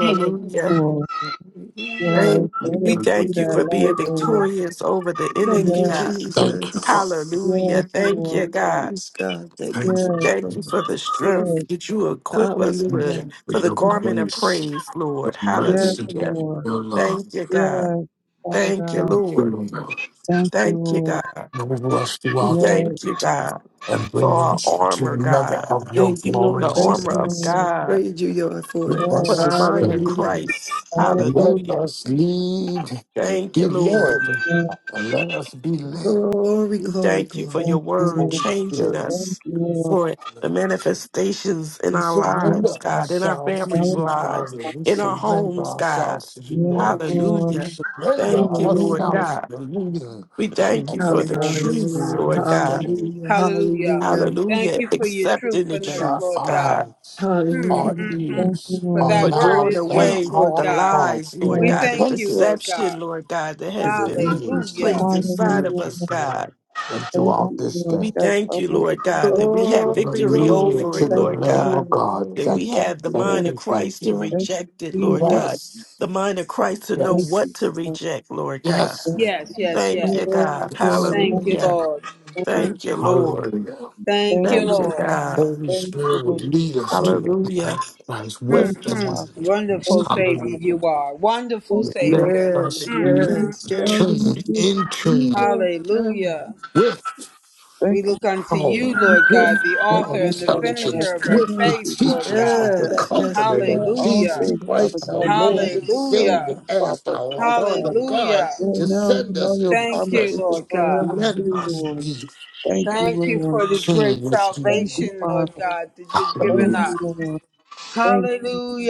F: Amen.
D: Lord.
B: Hallelujah.
D: Yes,
C: Thank you.
D: let
C: We
D: us be
C: thank you
D: that
C: for
D: light,
C: being
D: Lord.
C: victorious over the
B: Thank
C: enemy,
B: you,
D: Yes,
C: God.
F: Thank you, Father.
B: Jesus.
D: yes,
C: Hallelujah. Thank you,
D: Lord.
C: God.
B: Yes, God. Thank
F: Thank
B: you,
F: you.
D: Yes,
C: Thank you
B: Lord.
C: for the strength
D: yes,
C: that you equip us
F: Thank
C: with,
F: you
B: Hallelujah.
F: for
C: for the
F: your
D: yes,
C: garment of
F: grace,
C: praise,
F: your
C: Lord.
D: yes,
F: mercy,
C: Hallelujah.
D: Lord.
F: your love.
C: Thank you,
D: Yes,
C: God.
D: Father
C: Thank you,
D: God.
F: Thank
C: Lord.
F: you, Lord.
D: Thank you,
C: Thank you,
D: Lord.
C: God.
F: Move us
C: We
F: throughout
D: Yes,
C: thank you, God,
F: and
C: for
F: bring
C: our
F: us into
C: armor,
F: another
C: God,
F: of your
B: Thank you, Lord
C: the
F: glorious
D: thank
C: armor
D: you,
F: days.
C: of
B: Jesus.
D: Lord.
C: God,
B: Praise you, Lord, for
F: Give
B: it.
F: us
C: for
D: Yes,
C: the mind of
F: system.
B: Hallelujah.
C: Christ.
F: Let
D: hallelujah.
C: Hallelujah.
F: us lead,
C: Thank you,
F: be
C: Lord.
F: led,
B: Mm.
D: Yes,
F: and let us be led.
B: Glory, glory,
C: Thank you
B: glory.
C: for your
D: thank you,
C: word
D: Lord.
F: Holy
C: changing
F: Spirit.
D: Thank
C: us
D: you, Lord.
C: for the
F: Hallelujah.
C: manifestations in
F: We
C: our
D: Yes,
C: lives,
F: surrender
C: God, in our
F: ourselves to
C: families'
F: you,
C: lives,
F: Father. We
C: in
D: hallelujah.
C: our
F: surrender
C: homes, God.
F: ourselves to you,
D: Yes,
F: Lord Jesus.
D: Lord.
F: We
C: Hallelujah.
F: surrender
C: Thank you, Lord
D: Hallelujah.
F: ourselves to
C: God.
F: the leading
C: We thank
B: Mm.
C: you
F: of the
C: for the
F: Holy
C: truth,
F: Spirit
B: Hallelujah.
C: Lord
F: this
C: God.
F: day.
B: Hallelujah.
E: Hallelujah.
B: Hallelujah.
E: Thank
C: Hallelujah.
E: you for your
C: Accepting the
F: May
E: truthfulness,
F: our
C: truth,
E: Lord God.
C: God.
F: eyes,
E: Mm,
F: our
E: mm.
B: Hallelujah.
D: Thank you,
F: ears,
E: For
F: our
C: For
E: that
D: Lord.
E: word
C: doing
F: mouths,
E: is
F: and
E: truth,
C: away with
E: Lord
C: the
F: our
E: God.
F: hearts
C: lies,
F: be
C: Lord
E: We
D: Yes,
C: God, the
E: thank you,
F: attentive
E: Lord
C: deception,
E: God.
C: Lord God, that
F: to
C: has
F: the
C: been
B: Thank you,
F: leadings
E: Hallelujah.
F: of
C: placed
F: the
B: Jesus.
C: inside
F: Spirit
C: of
D: hallelujah.
C: us,
F: this
C: God.
F: morning and
D: Thank
F: throughout
D: you,
F: this
D: Lord.
F: day.
C: We
D: Yes,
C: thank
D: so
C: you,
D: much to
C: Lord
D: be
C: God, that we
D: thankful
C: have
D: for.
B: Glory,
C: victory
F: Hallelujah
B: glory,
C: over
F: to
C: it,
F: the
D: Thank
C: Lord
D: you,
B: glory,
F: Lamb
C: God.
F: of
B: glory,
D: Lord.
F: God.
C: That
B: glory.
C: we
F: Thank
D: Thank
F: you,
C: have the
D: you,
F: thank
C: mind of
D: Lord.
F: you, thank
C: Christ to
F: you.
D: Thank you,
C: reject it, Lord
D: Jesus.
C: God.
F: Yes,
C: The mind of Christ to know
D: Thank
C: what
D: you,
F: yes.
C: to
D: God.
C: reject, Lord God.
F: Yes,
D: Thank
F: Lord.
E: Yes,
D: you, God.
E: yes,
C: Thank
E: yes.
D: Thank
C: you,
B: Glory,
C: God.
F: yes.
B: glory,
E: Thank you,
C: Hallelujah.
B: glory.
E: Lord.
D: you, Lord.
C: Thank you, Lord.
F: Hallelujah.
E: Thank
D: Thank
E: you,
C: Thank
D: you,
C: you,
E: Lord.
D: Lord.
C: God.
F: Holy
D: Thank you,
F: Spirit would
D: Lord.
F: lead us
D: Thank,
F: to the light
C: Hallelujah.
F: of Christ with
D: thank you,
F: the
E: hmm
F: light
D: Father.
F: of Christ.
E: Wonderful
D: Thank you,
E: Savior
F: Hallelujah.
D: Father.
E: you are. Wonderful
D: Thank you,
F: Let
E: Savior.
B: Yeah,
F: us
E: Mm,
F: be
D: thank
E: mm,
B: yes,
D: you,
E: mm.
D: Father.
B: yes.
F: tuned,
D: Jesus.
F: in tune
D: Jesus.
B: Yes,
E: Hallelujah.
F: with
E: We
D: Thank
E: look unto
D: you,
E: you,
D: Jesus.
F: power,
E: Lord
D: Lord.
E: God,
F: with
E: the
D: Thank
E: author
D: you,
E: and the
D: Father God.
E: finisher
F: intelligence,
E: of
D: Even
E: our
F: with the
D: with
E: faith,
D: the
E: Lord
F: teachings
E: God.
F: of the
D: trouble,
B: yes, yes,
F: Comforter
D: we got our
F: that
B: Lord.
D: own
E: Hallelujah.
F: Jesus
D: things,
B: Yes,
D: Father
F: Christ, our
D: God.
B: Lord.
D: You
F: Lord
D: never
F: and
D: took care of
F: Savior,
D: these
E: Hallelujah.
F: asked
D: problems,
F: our
D: Father
F: Father
D: God.
F: God
E: Hallelujah.
F: to
D: Lord, now you
F: send
D: know
F: us in
D: your
F: His
E: Thank
D: promises
E: you,
D: are
F: presence.
E: Lord God.
D: forever
F: Let
D: true,
F: us
B: Mhm.
D: Lord.
F: be
D: Thank you,
E: Thank you
D: Lord.
E: for this
F: tuned
E: great
F: with Him.
D: Thank you,
E: salvation, Lord
D: Father.
E: God, that you've given
D: Thank
F: Hallelujah.
E: us.
D: you, Lord. Thank you.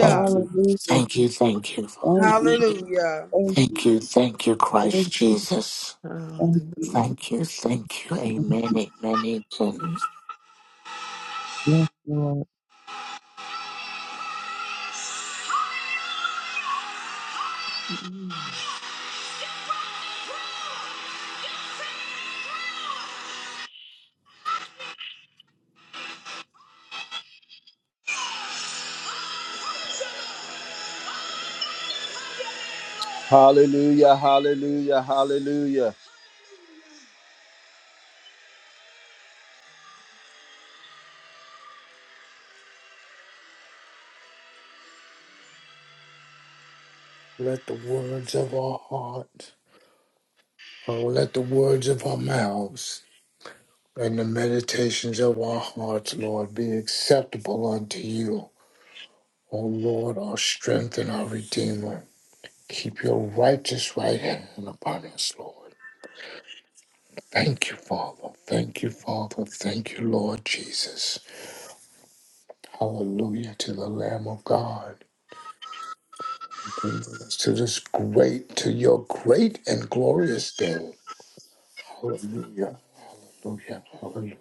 F: Thank you.
D: Hallelujah.
F: Thank you. Thank you,
D: Thank
F: Father.
D: you.
E: Hallelujah.
D: Thank
F: Thank
D: you.
F: you. Thank you,
D: Thank you.
F: Christ Jesus.
D: Thank you.
B: Hallelujah.
F: Thank you. Thank you.
D: Thank
F: Amen.
D: you.
F: Amen. Amen.
D: Yes, Lord.
B: Mm.
A: Hallelujah. Hallelujah. Hallelujah.
F: Let the words of our heart, oh, let the words of our mouths and the meditations of our hearts, Lord, be acceptable unto you. O Lord, our strength and our Redeemer, keep your righteous right hand upon us, Lord. Thank you, Father. Thank you, Father. Thank you, Lord Jesus. Hallelujah to the Lamb of God. To this great, to your great and glorious day. Hallelujah. Hallelujah. Hallelujah.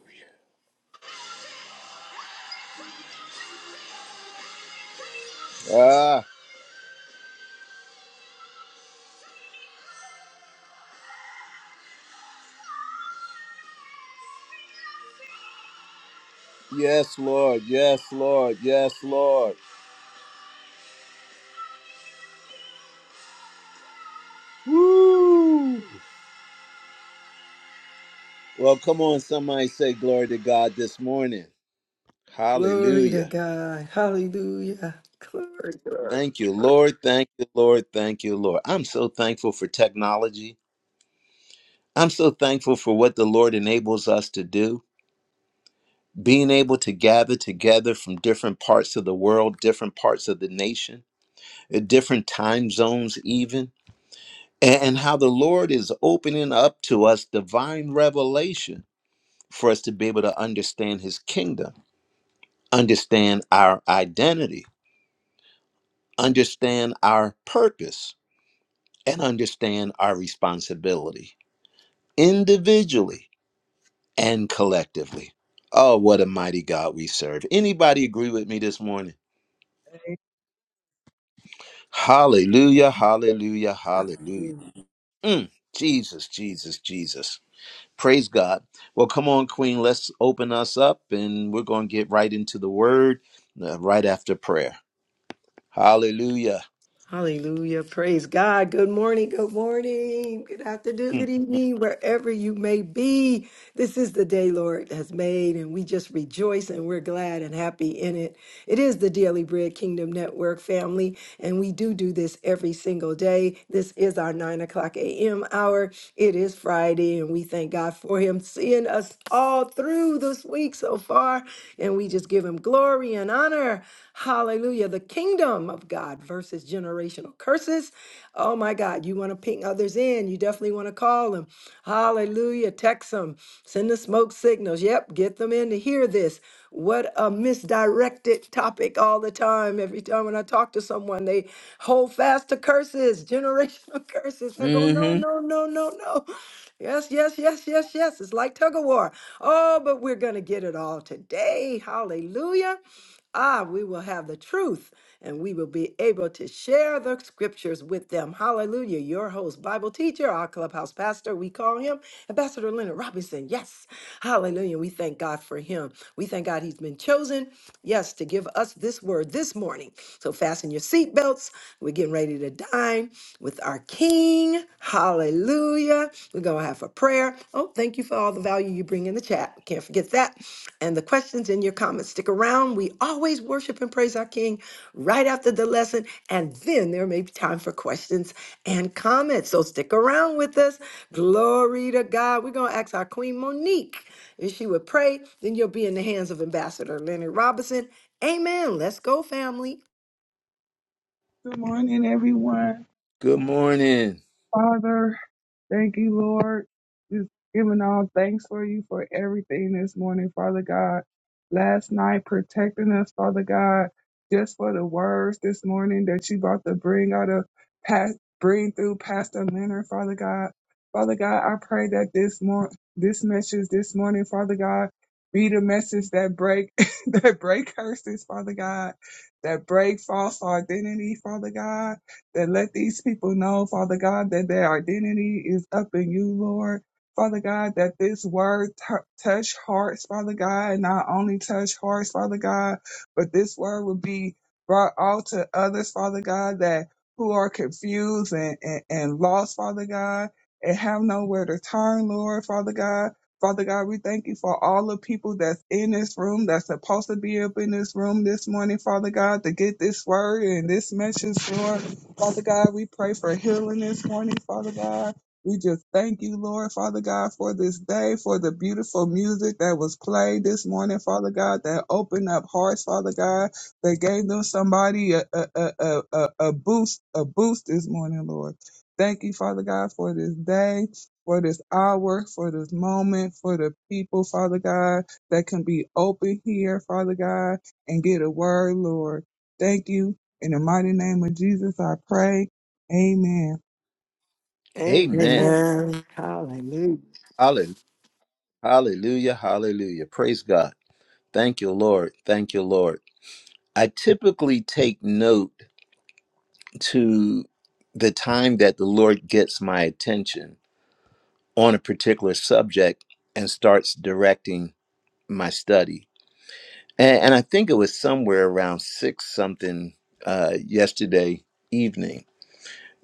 A: Ah, yes, Lord. Yes, Lord. Yes, Lord. Well, come on, somebody say glory to God this morning.
B: Glory to
A: Hallelujah.
B: God. Hallelujah. Glory, glory,
A: Thank you,
B: glory.
A: Lord. Thank you, Lord. Thank you, Lord. I'm so thankful for technology. I'm so thankful for what the Lord enables us to do. being able to gather together from different parts of the world, different parts of the nation, uh, different time zones, even, a- and how the Lord is opening up to us divine revelation for us to be able to understand His kingdom, understand our identity, understand our purpose, and understand our responsibility individually and collectively. Oh, what a mighty God we serve. Anybody agree with me this morning? Hallelujah, hallelujah, hallelujah. Mm, Jesus, Jesus, Jesus. Praise God. Well, come on, Queen, let's open us up and we're going to get right into the word uh, right after prayer. Hallelujah.
B: Hallelujah. Praise God. Good morning. Good morning. Good afternoon.
A: Mm,
B: Good evening. Wherever you may be. This is the day Lord has made, and we just rejoice and we're glad and happy in it. It is the Daily Bread Kingdom Network family, and we do do this every single day. This is our 9 o'clock a.m. hour. It is Friday, and we thank God for Him seeing us all through this week so far. And we just give Him glory and honor. Hallelujah. The kingdom of God versus generational curses. Oh my God. You want to ping others in. You definitely want to call them. Hallelujah. Text them. Send the smoke signals. Yep. Get them in to hear this. What a misdirected topic all the time. Every time when I talk to someone, they hold fast to curses, generational curses. I go, no,
A: Mm-hmm.
B: no, no, no, no. Yes, yes, yes, yes, yes. It's like tug of war. Oh, but we're going to get it all today. Hallelujah. Ah, we will have the truth and we will be able to share the scriptures with them. Hallelujah. Your host, Bible teacher, our clubhouse pastor, we call him Ambassador Leonard Robinson. Yes. Hallelujah. We thank God for him. We thank God he's been chosen, yes, to give us this word this morning. So fasten your seatbelts. We're getting ready to dine with our King. Hallelujah. We're going to have a prayer. Oh, thank you for all the value you bring in the chat. Can't forget that and the questions in your comments. Stick around. We always worship and praise our King right after the lesson, and then there may be time for questions and comments. So stick around with us. Glory to God. We're going to ask our Queen Monique if she would pray. Then you'll be in the hands of Ambassador Leonard Robinson. Amen. Let's go, family.
D: Good morning, everyone.
A: Good morning.
D: Father, thank you, Lord. Just giving all thanks for you for everything this morning, Father God. Last night, protecting us, Father God, just for the words this morning that you about to bring out of past, bring through Pastor Leonard, Father God. Father God, I pray that this mor- this message this morning, Father God, be the message that break that break curses, Father God, that break false identity, Father God that let these people know, Father God, that their identity is up in you, Lord. Father God, that this word tou touch hearts, Father God, not only touch hearts, Father God, but this word will be brought out to others, Father God, that who are confused and, and, and lost, Father God, and have nowhere to turn, Lord, Father God. Father God, we thank you for all the people that's in this room, that's supposed to be up in this room this morning, Father God, to get this word and this message, Lord. Father God, we pray for healing this morning, Father God. We just thank you, Lord, Father God, for this day, for the beautiful music that was played this morning, Father God, that opened up hearts, Father God, that gave them somebody a, a, a, a, a boost, a boost this morning, Lord. Thank you, Father God, for this day, for this hour, for this moment, for the people, Father God, that can be open here, Father God, and get a word, Lord. Thank you in the mighty name of Jesus, I pray. Amen.
A: Amen.
B: Amen.
C: Amen.
B: Hallelujah.
A: Hallelujah, hallelujah, hallelujah. Praise God. Thank you, Lord. Thank you, Lord. I typically take note to the time that the Lord gets my attention on a particular subject and starts directing my study. And, and I think it was somewhere around six something uh, yesterday evening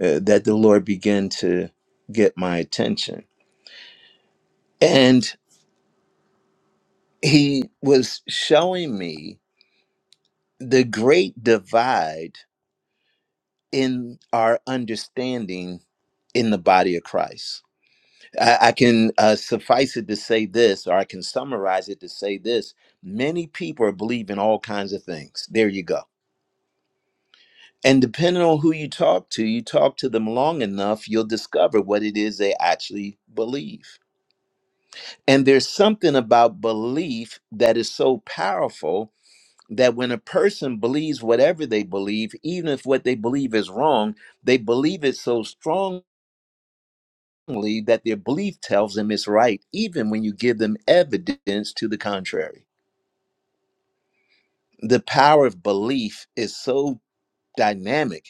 A: uh, that the Lord began to get my attention. And He was showing me the great divide in our understanding in the body of Christ I, I can uh, suffice it to say this, or I can summarize it to say this. Many people are believing all kinds of things. There you go. And depending on who you talk to, you talk to them long enough, you'll discover what it is they actually believe. And there's something about belief that is so powerful that when a person believes whatever they believe, even if what they believe is wrong, they believe it so strongly that their belief tells them it's right, even when you give them evidence to the contrary. The power of belief is so dynamic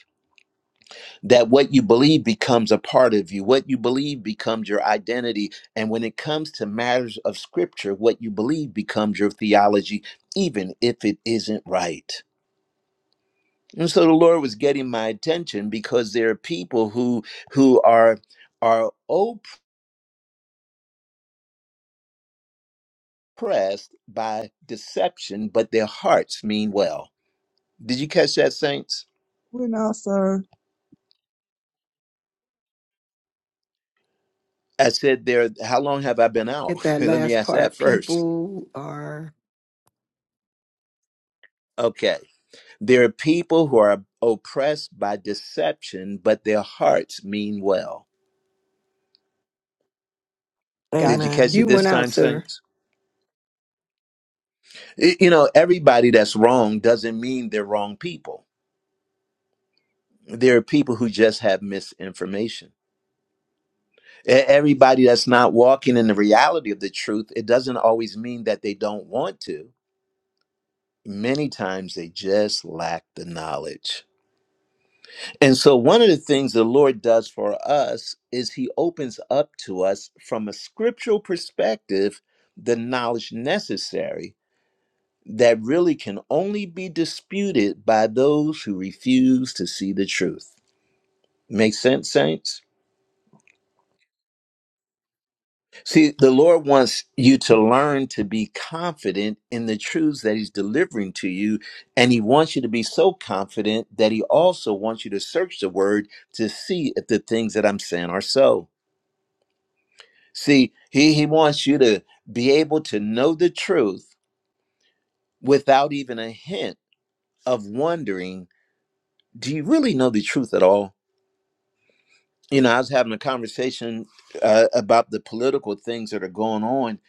A: that what you believe becomes a part of you. What you believe becomes your identity. And when it comes to matters of scripture, what you believe becomes your theology, even if it isn't right. And so the Lord was getting my attention because there are people who who are are open. pressed by deception, but their hearts mean well. Did you catch that, saints?
D: we know, sir.
A: I said there, how long have I been out?
B: Get that
A: Let me
B: last
A: ask that
B: part.
A: first.
B: People are
A: Okay. There are people who are oppressed by deception, but their hearts mean well. Did
B: God.
A: you catch it
B: You
C: Amen.
A: this
B: went out,
A: time,
B: sir.
A: saints? Y- You know, everybody that's wrong doesn't mean they're wrong people. There are people who just have misinformation. E- Everybody that's not walking in the reality of the truth, it doesn't always mean that they don't want to many times they just lack the knowledge. And so, one of the things the Lord does for us is He opens up to us from a scriptural perspective the knowledge necessary that really can only be disputed by those who refuse to see the truth. Make sense, saints? See, the Lord wants you to learn to be confident in the truths that He's delivering to you. And He wants you to be so confident that He also wants you to search the Word to see if the things that I'm saying are so. See, He, he wants you to be able to know the truth without even a hint of wondering, do you really know the truth at all? You know, I was having a conversation uh, about the political things that are going on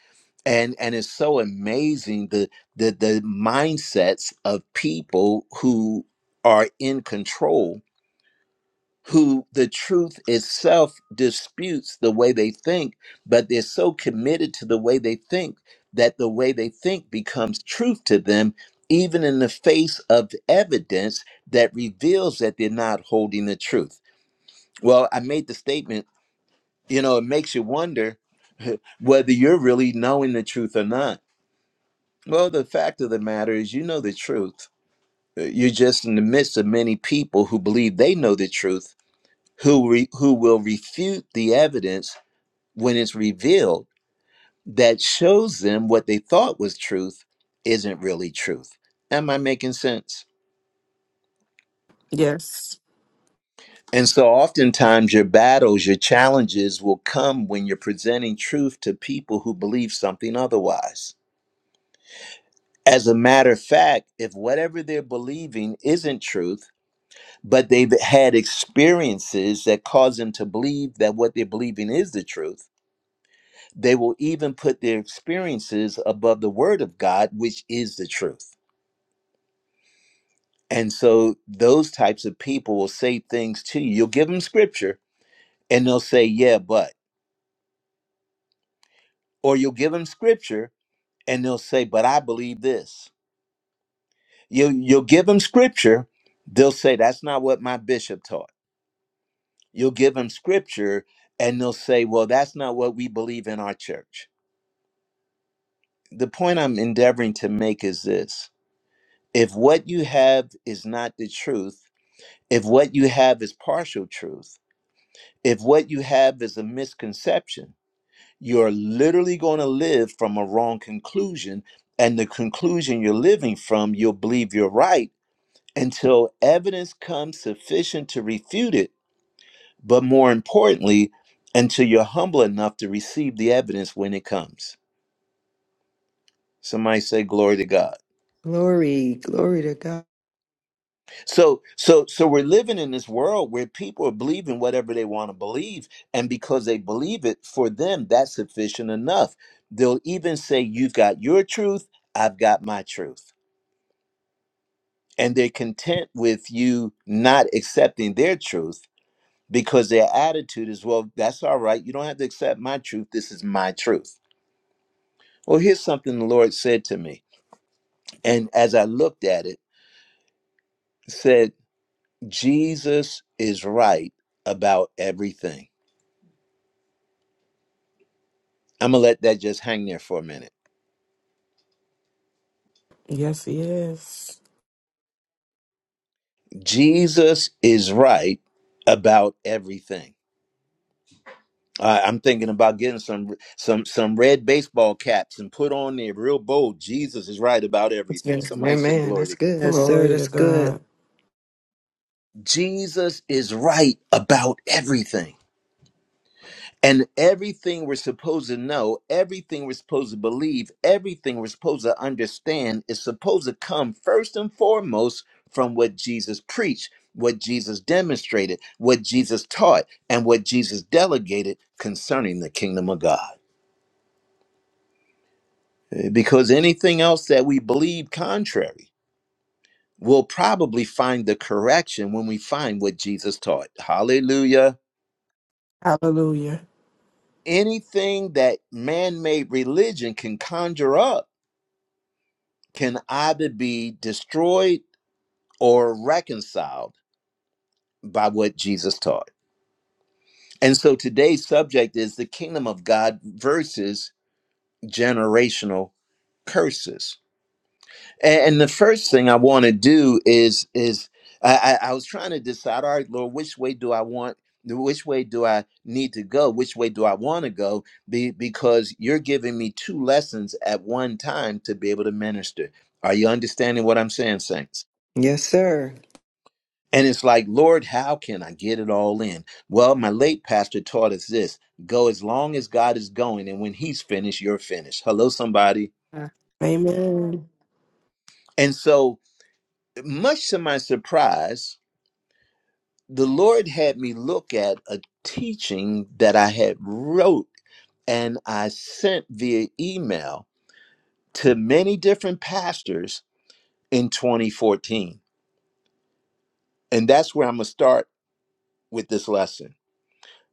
A: and and it's so amazing the the the mindsets of people who are in control who the truth itself disputes the way they think but they're so committed to the way they think that the way they think becomes truth to them even in the face of evidence that reveals that they're not holding the truth well i made the statement you know it makes you wonder whether you're really knowing the truth or not Well, the fact of the matter is, you know the truth. Uh, You're just in the midst of many people who believe they know the truth, who re- who will refute the evidence when it's revealed that shows them what they thought was truth isn't really truth. Am I making sense?
C: Yes.
A: And so, oftentimes, your battles, your challenges will come when you're presenting truth to people who believe something otherwise. As a matter of fact, if whatever they're believing isn't truth, but they've had experiences that cause them to believe that what they're believing is the truth. They will even put their experiences above the word of God, which is the truth. And so those types of people will say things to you. You'll give them scripture and they'll say, yeah, but. Or you'll give them scripture and they'll say, but I believe this. You, you'll give them scripture, they'll say, that's not what my bishop taught. You'll give them scripture and they'll say, well, that's not what we believe in our church the point I'm endeavoring to make is this if what you have is not the truth, if what you have is partial truth, if what you have is a misconception, you're literally going to live from a wrong conclusion. And the conclusion you're living from, you'll believe you're right until evidence comes sufficient to refute it. But more importantly, until you're humble enough to receive the evidence when it comes. Somebody say, Glory to God.
B: Glory, glory to God.
A: So so so we're living in this world where people are believing whatever they want to believe and because they believe it for them that's sufficient enough. They'll even say you've got your truth, I've got my truth. And they're content with you not accepting their truth because their attitude is well that's all right. You don't have to accept my truth. This is my truth. Well, here's something the Lord said to me. And as I looked at it, it said Jesus is right about everything. I'm going to let that just hang there for a minute.
C: Yes, he is.
A: Jesus is right about everything. I I'm thinking about getting some some some red baseball caps and put on there real bold. Jesus is right about everything.
B: Yes,
A: Somebody
B: man,
A: say
B: man,
A: glory
B: that's
A: to God.
B: good. Yes, sir.
C: Glory to
B: That's good.
C: God.
A: Jesus is right about everything. And everything we're supposed to know, everything we're supposed to believe, everything we're supposed to understand is supposed to come first and foremost from what Jesus preached, what Jesus demonstrated, what Jesus taught, and what Jesus delegated concerning the kingdom of God. Eh, Because anything else that we believe contrary, we'll probably find the correction when we find what Jesus taught. Hallelujah.
C: Hallelujah.
A: Anything that man made religion can conjure up can either be destroyed or reconciled by what Jesus taught. And so today's subject is the kingdom of God versus generational curses. And, the first thing I want to do is is I I was trying to decide, all right, Lord, which way do I want? Which way do I need to go? Which way do I want to go? Be, because you're giving me two lessons at one time to be able to minister. Are you understanding what I'm saying, Saints?
B: Yes, sir.
A: And it's like, Lord, how can I get it all in? Well, my late pastor taught us this go as long as God is going, and when he's finished, you're finished. Hello, somebody.
B: Uh,
C: Amen.
A: And so, much to my surprise, the Lord had me look at a teaching that I had wrote and I sent via email to many different pastors in 2014. And that's where I'm going to start with this lesson.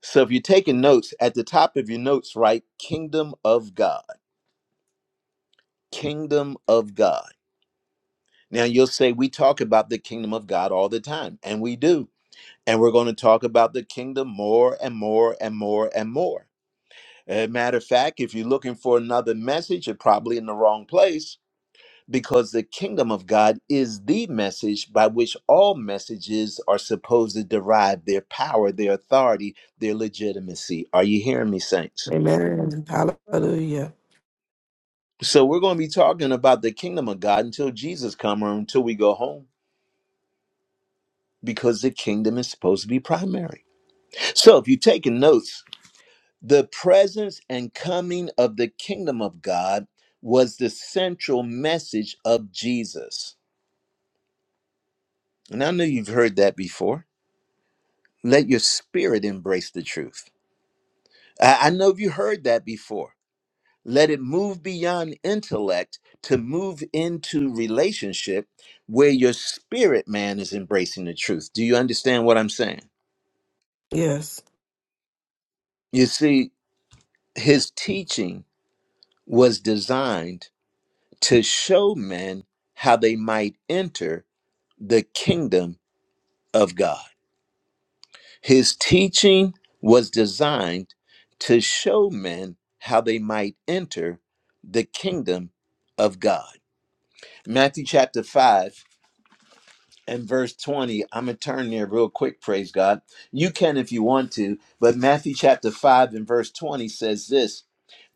A: So if you're taking notes, at the top of your notes, write Kingdom of God. Kingdom of God. Now you'll say, we talk about the kingdom of God all the time, and we do. And we're going to talk about the kingdom more and more and more and more. As a matter of fact, if you're looking for another message, you're probably in the wrong place because the kingdom of God is the message by which all messages are supposed to derive their power, their authority, their legitimacy. Are you hearing me, saints?
C: Amen. Hallelujah.
A: So we're going to be talking about the kingdom of God until Jesus comes or until we go home because the kingdom is supposed to be primary. So if you're taking notes, the presence and coming of the kingdom of God was the central message of Jesus. And I know you've heard that before. Let your spirit embrace the truth. I I know you heard that before Let it move beyond intellect to move into relationship where your spirit man is embracing the truth. Do you understand what I'm saying?
C: Yes.
A: You see, his teaching was designed to show men how they might enter the kingdom of God. His teaching was designed to show men how they might enter the kingdom of God. Matthew chapter 5 and verse 20. I'm going to turn there real quick, praise God. You can if you want to, but Matthew chapter 5 and verse 20 says this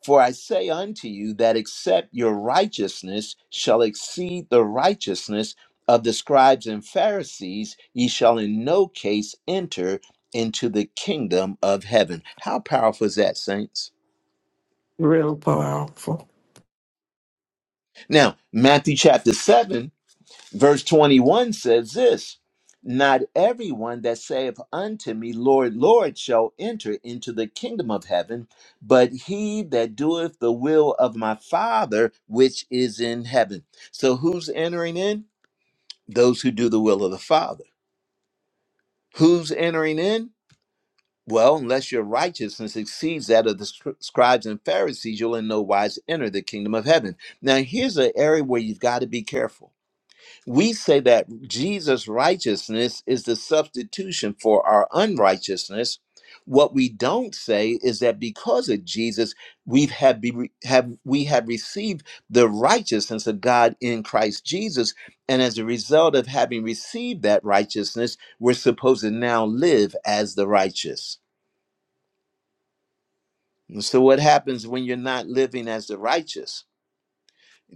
A: For I say unto you that except your righteousness shall exceed the righteousness of the scribes and Pharisees, ye shall in no case enter into the kingdom of heaven. How powerful is that, saints?
C: Real powerful.
A: Now, Matthew chapter 7. Verse 21 says this Not everyone that saith unto me, Lord, Lord, shall enter into the kingdom of heaven, but he that doeth the will of my Father which is in heaven. So who's entering in? Those who do the will of the Father. Who's entering in? Well, unless your righteousness exceeds that of the scr- scribes and Pharisees, you'll in no wise enter the kingdom of heaven. Now, here's an area where you've got to be careful we say that Jesus' righteousness is the substitution for our unrighteousness. What we don't say is that because of Jesus, we've have be, have we have received the righteousness of God in Christ Jesus, and as a result of having received that righteousness, we're supposed to now live as the righteous. And so, what happens when you're not living as the righteous?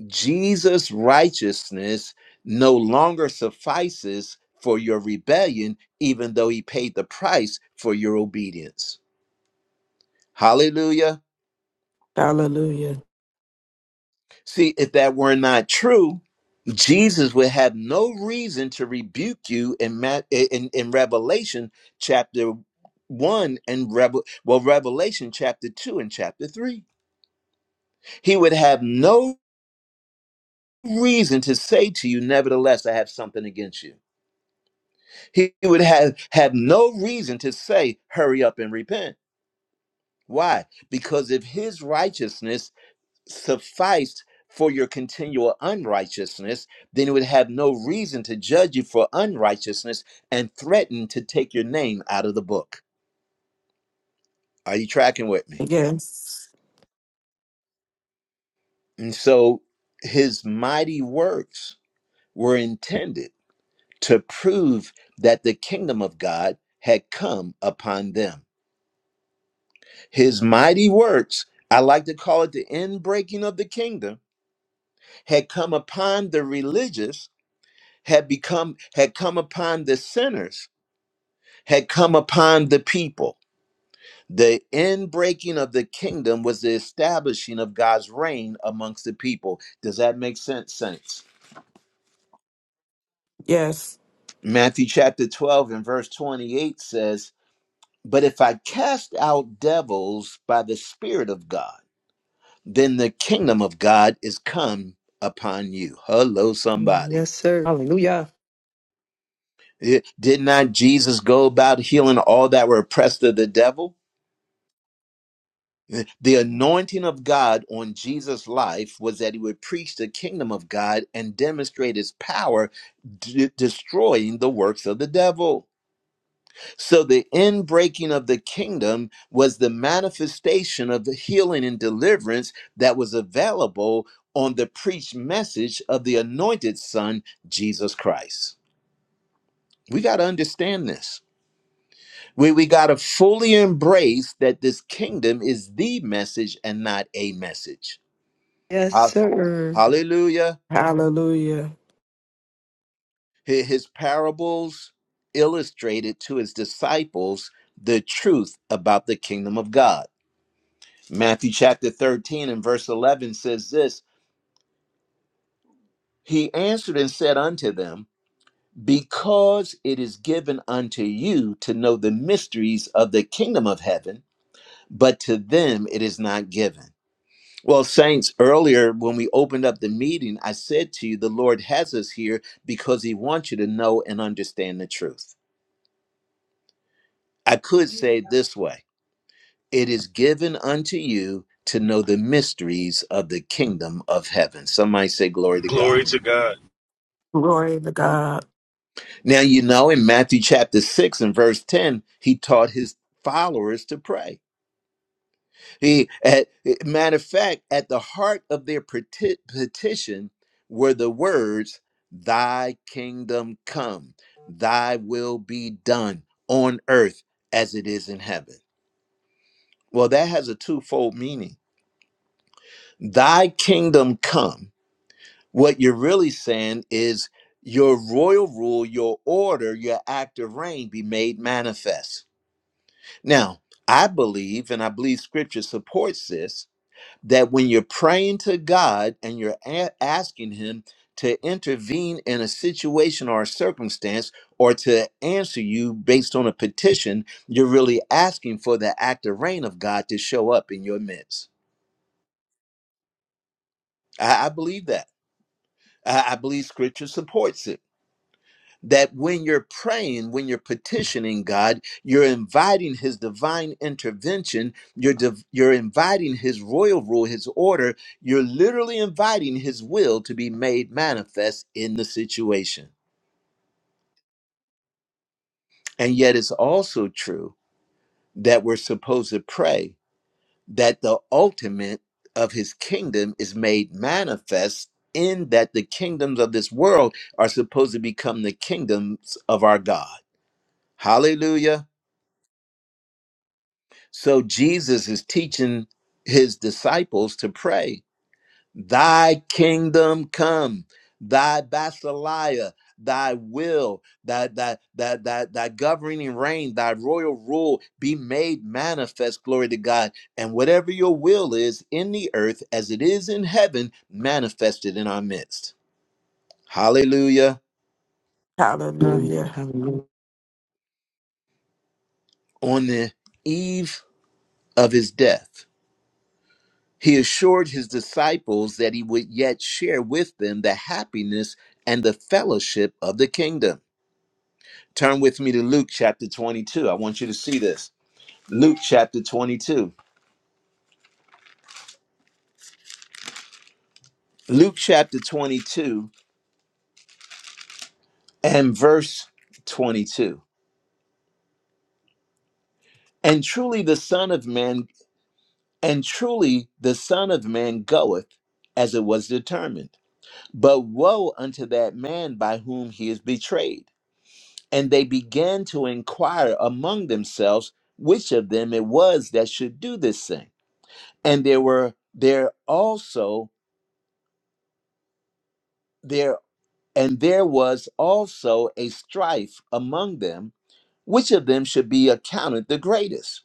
A: Jesus' righteousness no longer suffices for your rebellion, even though he paid the price for your obedience. Hallelujah.
C: Hallelujah.
A: See, if that were not true, Jesus would have no reason to rebuke you in Ma- in, in Revelation chapter one and Revel well Revelation chapter two and chapter three. He would have no reason to say to you, nevertheless, I have something against you He would have had no reason to say, hurry up and repent. Why? Because if his righteousness sufficed for your continual unrighteousness, then it would have no reason to judge you for unrighteousness and threaten to take your name out of the book. Are you tracking with me?
C: Yes.
A: And so his mighty works were intended to prove that the kingdom of God had come upon them. His mighty works, I like to call it the inbreaking of the kingdom, had come upon the religious, had become had come upon the sinners, had come upon the people. The inbreaking of the kingdom was the establishing of God's reign amongst the people. Does that make sense, saints?
C: Yes.
A: Matthew chapter 12 and verse 28 says, But if I cast out devils by the Spirit of God, then the kingdom of God is come upon you. Hello, somebody.
B: Yes, sir. Hallelujah.
A: Eh, Did not Jesus go about healing all that were oppressed of the devil? Eh, The anointing of God on Jesus' life was that he would preach the kingdom of God and demonstrate his power, d- destroying the works of the devil. So the inbreaking of the kingdom was the manifestation of the healing and deliverance that was available on the preached message of the anointed son, Jesus Christ. We got to understand this. We, we got to fully embrace that this kingdom is the message and not a message.
B: Yes,
A: Ha-
B: sir.
A: Hallelujah.
C: Hallelujah.
A: Hi- His parables illustrated to his disciples the truth about the kingdom of God Matthew chapter 13 and verse 11 says this He answered and said unto them, Because it is given unto you to know the mysteries of the kingdom of heaven, but to them it is not given. Well, saints, earlier when we opened up the meeting, I said to you, the Lord has us here because He wants you to know and understand the truth. I could say it this way It is given unto you to know the mysteries of the kingdom of heaven. Somebody say, Glory to God.
G: Glory to God.
C: Glory to God.
A: Now, you know, in Matthew chapter 6 and verse 10, he taught his followers to pray. He, at, matter of fact, at the heart of their peti- petition were the words, Thy kingdom come, thy will be done on earth as it is in heaven. Well, that has a twofold meaning. Thy kingdom come. What you're really saying is, your royal rule, your order, your act of reign be made manifest Now, I believe, and I believe scripture supports this, that when you're praying to God and you're a- asking Him to intervene in a situation or a circumstance or to answer you based on a petition, you're really asking for the active reign of God to show up in your midst. I, I believe that. I I believe scripture supports it. that when you're praying, when you're petitioning God, you're inviting His divine intervention, you're, div- you're inviting His royal rule, His order, you're literally inviting His will to be made manifest in the situation. And yet, it's also true that we're supposed to pray that the ultimate of His kingdom is made manifest. In that the kingdoms of this world are supposed to become the kingdoms of our God. Hallelujah. So Jesus is teaching his disciples to pray, Thy kingdom come, thy basileia, thy will, thy, thy, thy, thy, thy governing reign, thy royal rule be made manifest, glory to God. And whatever your will is in the earth as it is in heaven, manifested in our midst. Hallelujah.
B: Um,
C: Hallelujah.
B: Hallelujah.
A: On the eve of his death, He assured his disciples that he would yet share with them the happiness and the fellowship of the kingdom. Turn with me to Luke chapter 22. I want you to see this. Luke chapter 22. Luke chapter 22 and verse 22. And truly the Son of Man, and truly the Son of Man goeth as it was determined. But woe unto that man by whom he is betrayed. And they began to inquire among themselves which of them it was that should do this thing. And there were there also there and there was also a strife among them which of them should be accounted the greatest.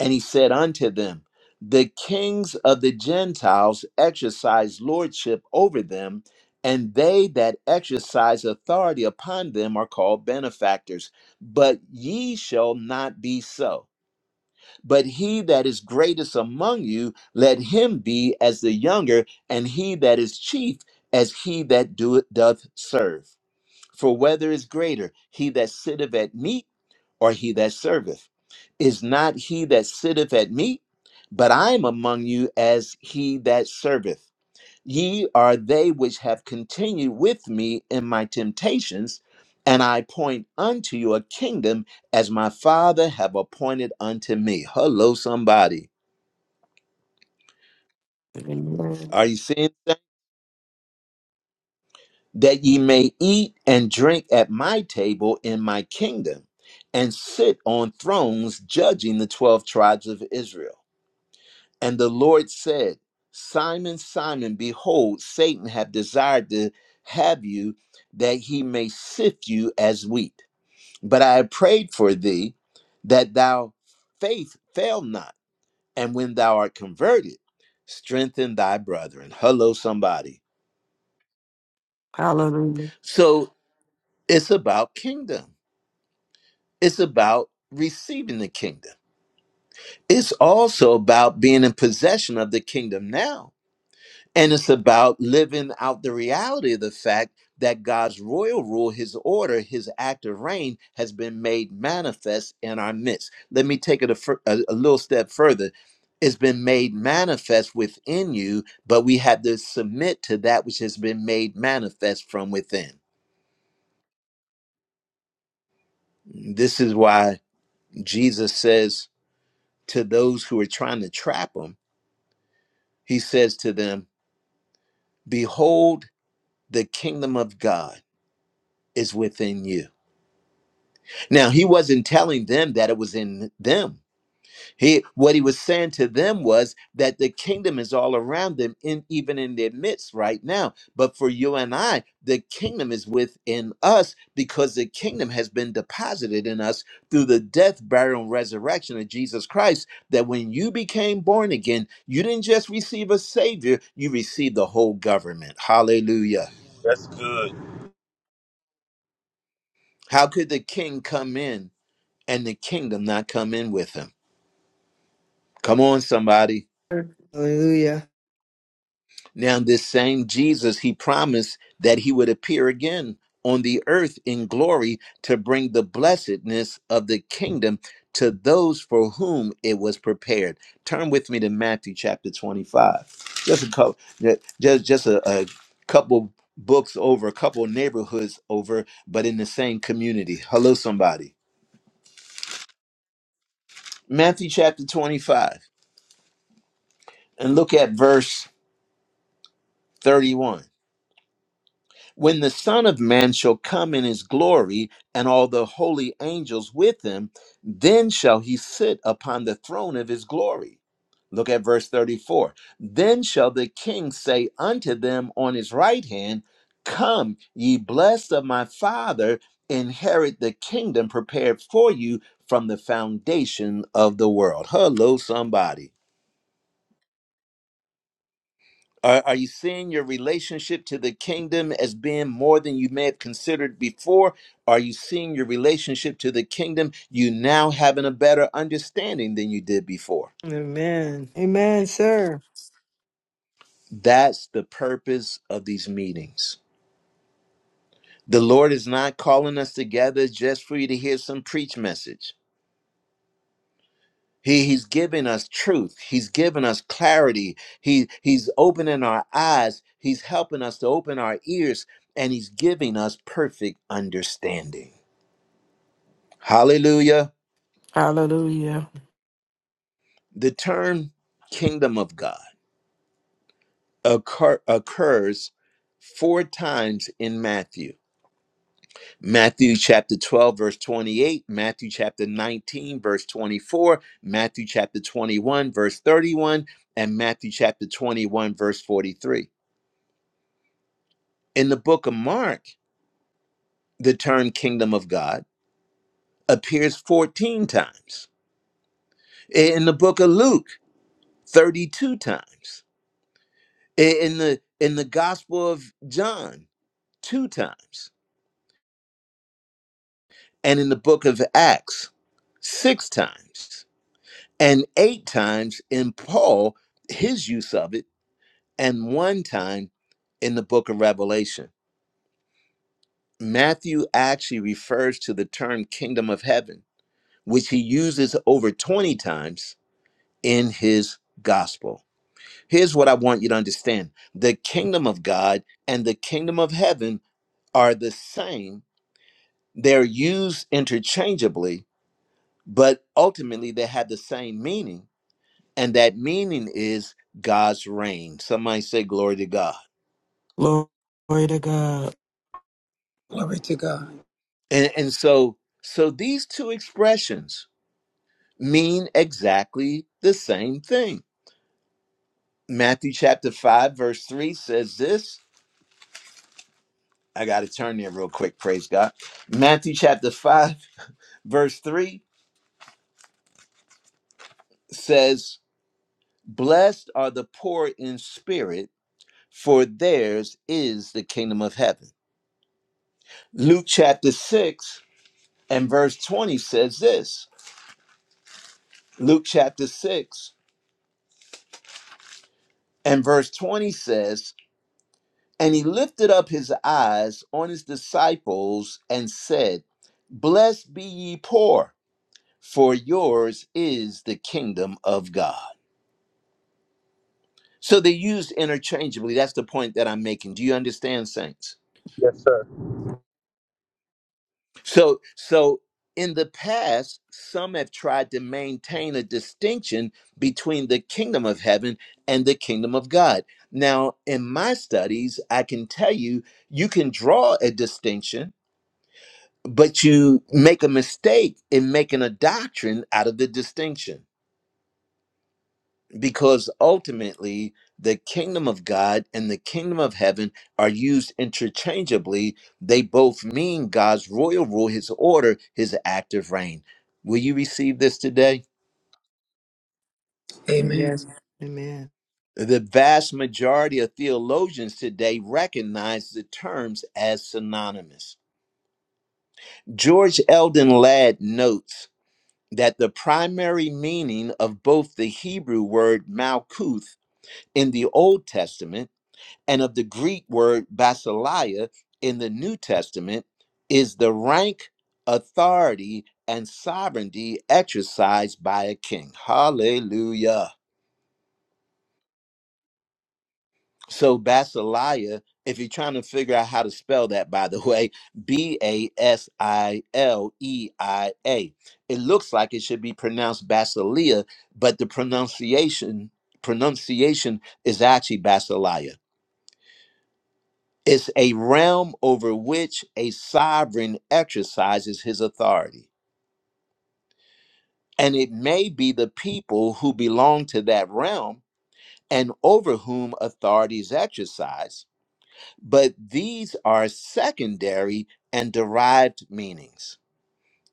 A: And he said unto them, The kings of the Gentiles exercise lordship over them, and they that exercise authority upon them are called benefactors. But ye shall not be so But he that is greatest among you, let him be as the younger, and he that is chief as he that doeth doth serve. For whether is greater, he that sitteth at meat or he that serveth? Is not he that sitteth at meat? But I am among you as he that serveth. Ye are they which have continued with me in my temptations, and I appoint unto you a kingdom as my Father have appointed unto me. Hello, somebody.
C: Amen.
A: Are you seeing that? That ye may eat and drink at my table in my kingdom, and sit on thrones judging the 12 tribes of Israel. And the Lord said, Simon, Simon, behold, Satan hath desired to have you that he may sift you as wheat. But I have prayed for thee that thou faith fail not, and when thou art converted, strengthen thy brethren. Hello, somebody.
C: Hallelujah.
A: So it's about kingdom. It's about receiving the kingdom. It's also about being in possession of the kingdom now And it's about living out the reality of the fact that God's royal rule, his order, his active reign has been made manifest in our midst. Let me take it a, fur- a, a little step further. It's been made manifest within you, but we have to submit to that which has been made manifest from within. This is why Jesus says to those who are trying to trap him, he says to them, Behold, the kingdom of God is within you Now, he wasn't telling them that it was in them. He what he was saying to them was that the kingdom is all around them in even in their midst right now. But for you and I, the kingdom is within us because the kingdom has been deposited in us through the death, burial, and resurrection of Jesus Christ. That when you became born again, you didn't just receive a savior, you received the whole government. Hallelujah.
G: That's good.
A: How could the king come in and the kingdom not come in with him? Come on, somebody.
B: Hallelujah.
A: Now, this same Jesus, he promised that he would appear again on the earth in glory to bring the blessedness of the kingdom to those for whom it was prepared. Turn with me to Matthew chapter 25. Just a couple, just, just a, a couple books over, a couple neighborhoods over, but in the same community. Hello, somebody. Matthew chapter 25, and look at verse 31. When the Son of Man shall come in his glory, and all the holy angels with him, then shall he sit upon the throne of his glory. Look at verse 34. Then shall the king say unto them on his right hand, Come, ye blessed of my Father, inherit the kingdom prepared for you from the foundation of the world. Hello, somebody. Are, are you seeing your relationship to the kingdom as being more than you may have considered before? Are you seeing your relationship to the kingdom you now having a better understanding than you did before?
B: Amen. Amen, sir.
A: That's the purpose of these meetings. The Lord is not calling us together just for you to hear some preach message. He, he's giving us truth. He's giving us clarity. He, he's opening our eyes. He's helping us to open our ears, and he's giving us perfect understanding. Hallelujah.
C: Hallelujah.
A: The term kingdom of God occur, occurs four times in Matthew. Matthew chapter 12, verse 28, Matthew chapter 19, verse 24, Matthew chapter 21, verse 31, and Matthew chapter 21, verse 43. In the book of Mark, the term kingdom of God appears 14 times. In the book of Luke, 32 times. In the in the gospel of John, two times, and in the book of Acts, six times, and eight times in Paul, his use of it, and one time in the book of Revelation. Matthew actually refers to the term kingdom of heaven, which he uses over 20 times in his gospel. Here's what I want you to understand the kingdom of God and the kingdom of heaven are the same, they're used interchangeably but ultimately they had the same meaning and that meaning is god's reign somebody say glory to god
C: Glory to God.
E: Glory to God.
A: and, and so so these two expressions mean exactly the same thing matthew chapter 5 verse 3 says this i gotta turn there real quick praise god matthew chapter 5 verse 3 says blessed are the poor in spirit for theirs is the kingdom of heaven luke chapter 6 And verse 20 says this Luke chapter 6 and verse 20 says, And he lifted up his eyes on his disciples and said, Blessed be ye poor, for yours is the kingdom of God. So they used interchangeably. That's the point that I'm making. Do you understand, saints?
G: Yes, sir.
A: So, so in the past, some have tried to maintain a distinction between the kingdom of heaven and the kingdom of God. Now, in my studies, I can tell you, you can draw a distinction, but you make a mistake in making a doctrine out of the distinction because ultimately the kingdom of God and the kingdom of heaven are used interchangeably. They both mean God's royal rule, his order, his active reign. Will you receive this today?
B: Yes.
E: Amen.
B: Amen.
A: The vast majority of theologians today recognize the terms as synonymous. George Eldon Ladd notes that the primary meaning of both the Hebrew word malkuth in the Old Testament and of the Greek word basileia in the New Testament is the rank, authority, and sovereignty exercised by a king. Hallelujah. So basileia, if you're trying to figure out how to spell that, by the way, B A S I L E I A. It looks like it should be pronounced basileia, but the pronunciation pronunciation is actually basileia. It's a realm over which a sovereign exercises his authority. And it may be the people who belong to that realm and over whom authority is exercised, but these are secondary and derived meanings.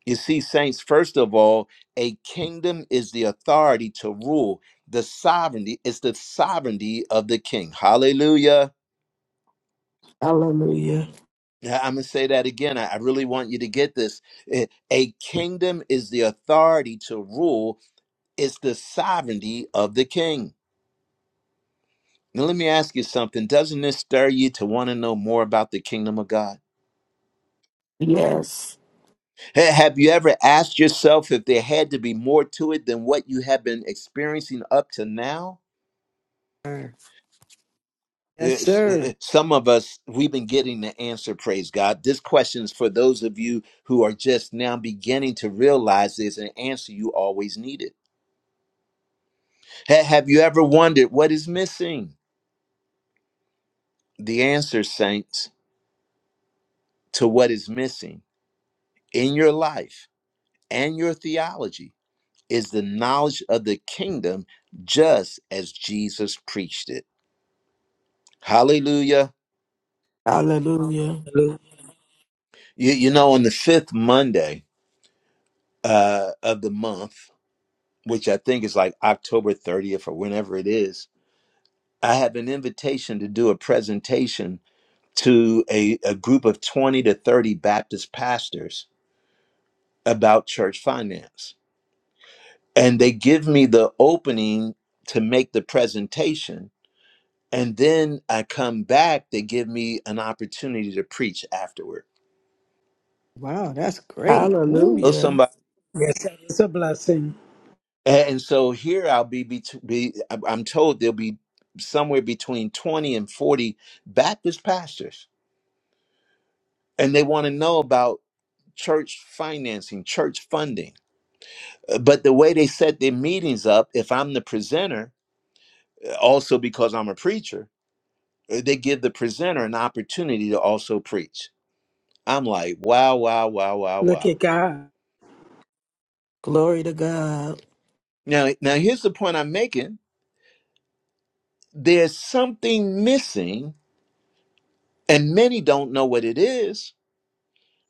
A: You see, saints, first of all, a kingdom is the authority to rule, the sovereignty is the sovereignty of the king. Hallelujah.
C: Hallelujah.
A: Yeah, I'm going to say that again. I I really want you to get this. Eh, A kingdom is the authority to rule, it's the sovereignty of the king. Now, let me ask you something. Doesn't this stir you to want to know more about the kingdom of God?
C: Yes.
A: Ha- Have you ever asked yourself if there had to be more to it than what you have been experiencing up to now?
B: Sir. Yes,
A: It's- eh, eh,
B: sir.
A: Some of us, we've been getting the answer, praise God. This question is for those of you who are just now beginning to realize there's an answer you always needed. Ha- have you ever wondered what is missing? The answer, saints, to what is missing in your life and your theology is the knowledge of the kingdom just as Jesus preached it. Hallelujah.
C: Hallelujah.
E: Hallelujah.
A: You, you know, on the fifth Monday uh, of the month, which I think is like October 30th or whenever it is, I have an invitation to do a presentation to a, a group of 20 to 30 Baptist pastors about church finance. and they give me the opening to make the presentation and then i come back they give me an opportunity to preach afterward
B: Wow, that's great. Ooh,
A: oh
C: Hallelujah.
A: somebody
E: Yes, it's a blessing.
A: and so here i'll be, bet- be i'm told there'll be somewhere between 20 and 40 baptist pastors and they want to know about church financing church funding Uh, but the way they set their meetings up if i'm the presenter uh, also because i'm a preacher uh, they give the presenter an opportunity to also preach I'm like, wow, wow, wow, wow,
E: Look
A: wow.
E: at God.
C: Glory to God.
A: Now, now here's the point I'm making. There's something missing, and many don't know what it is.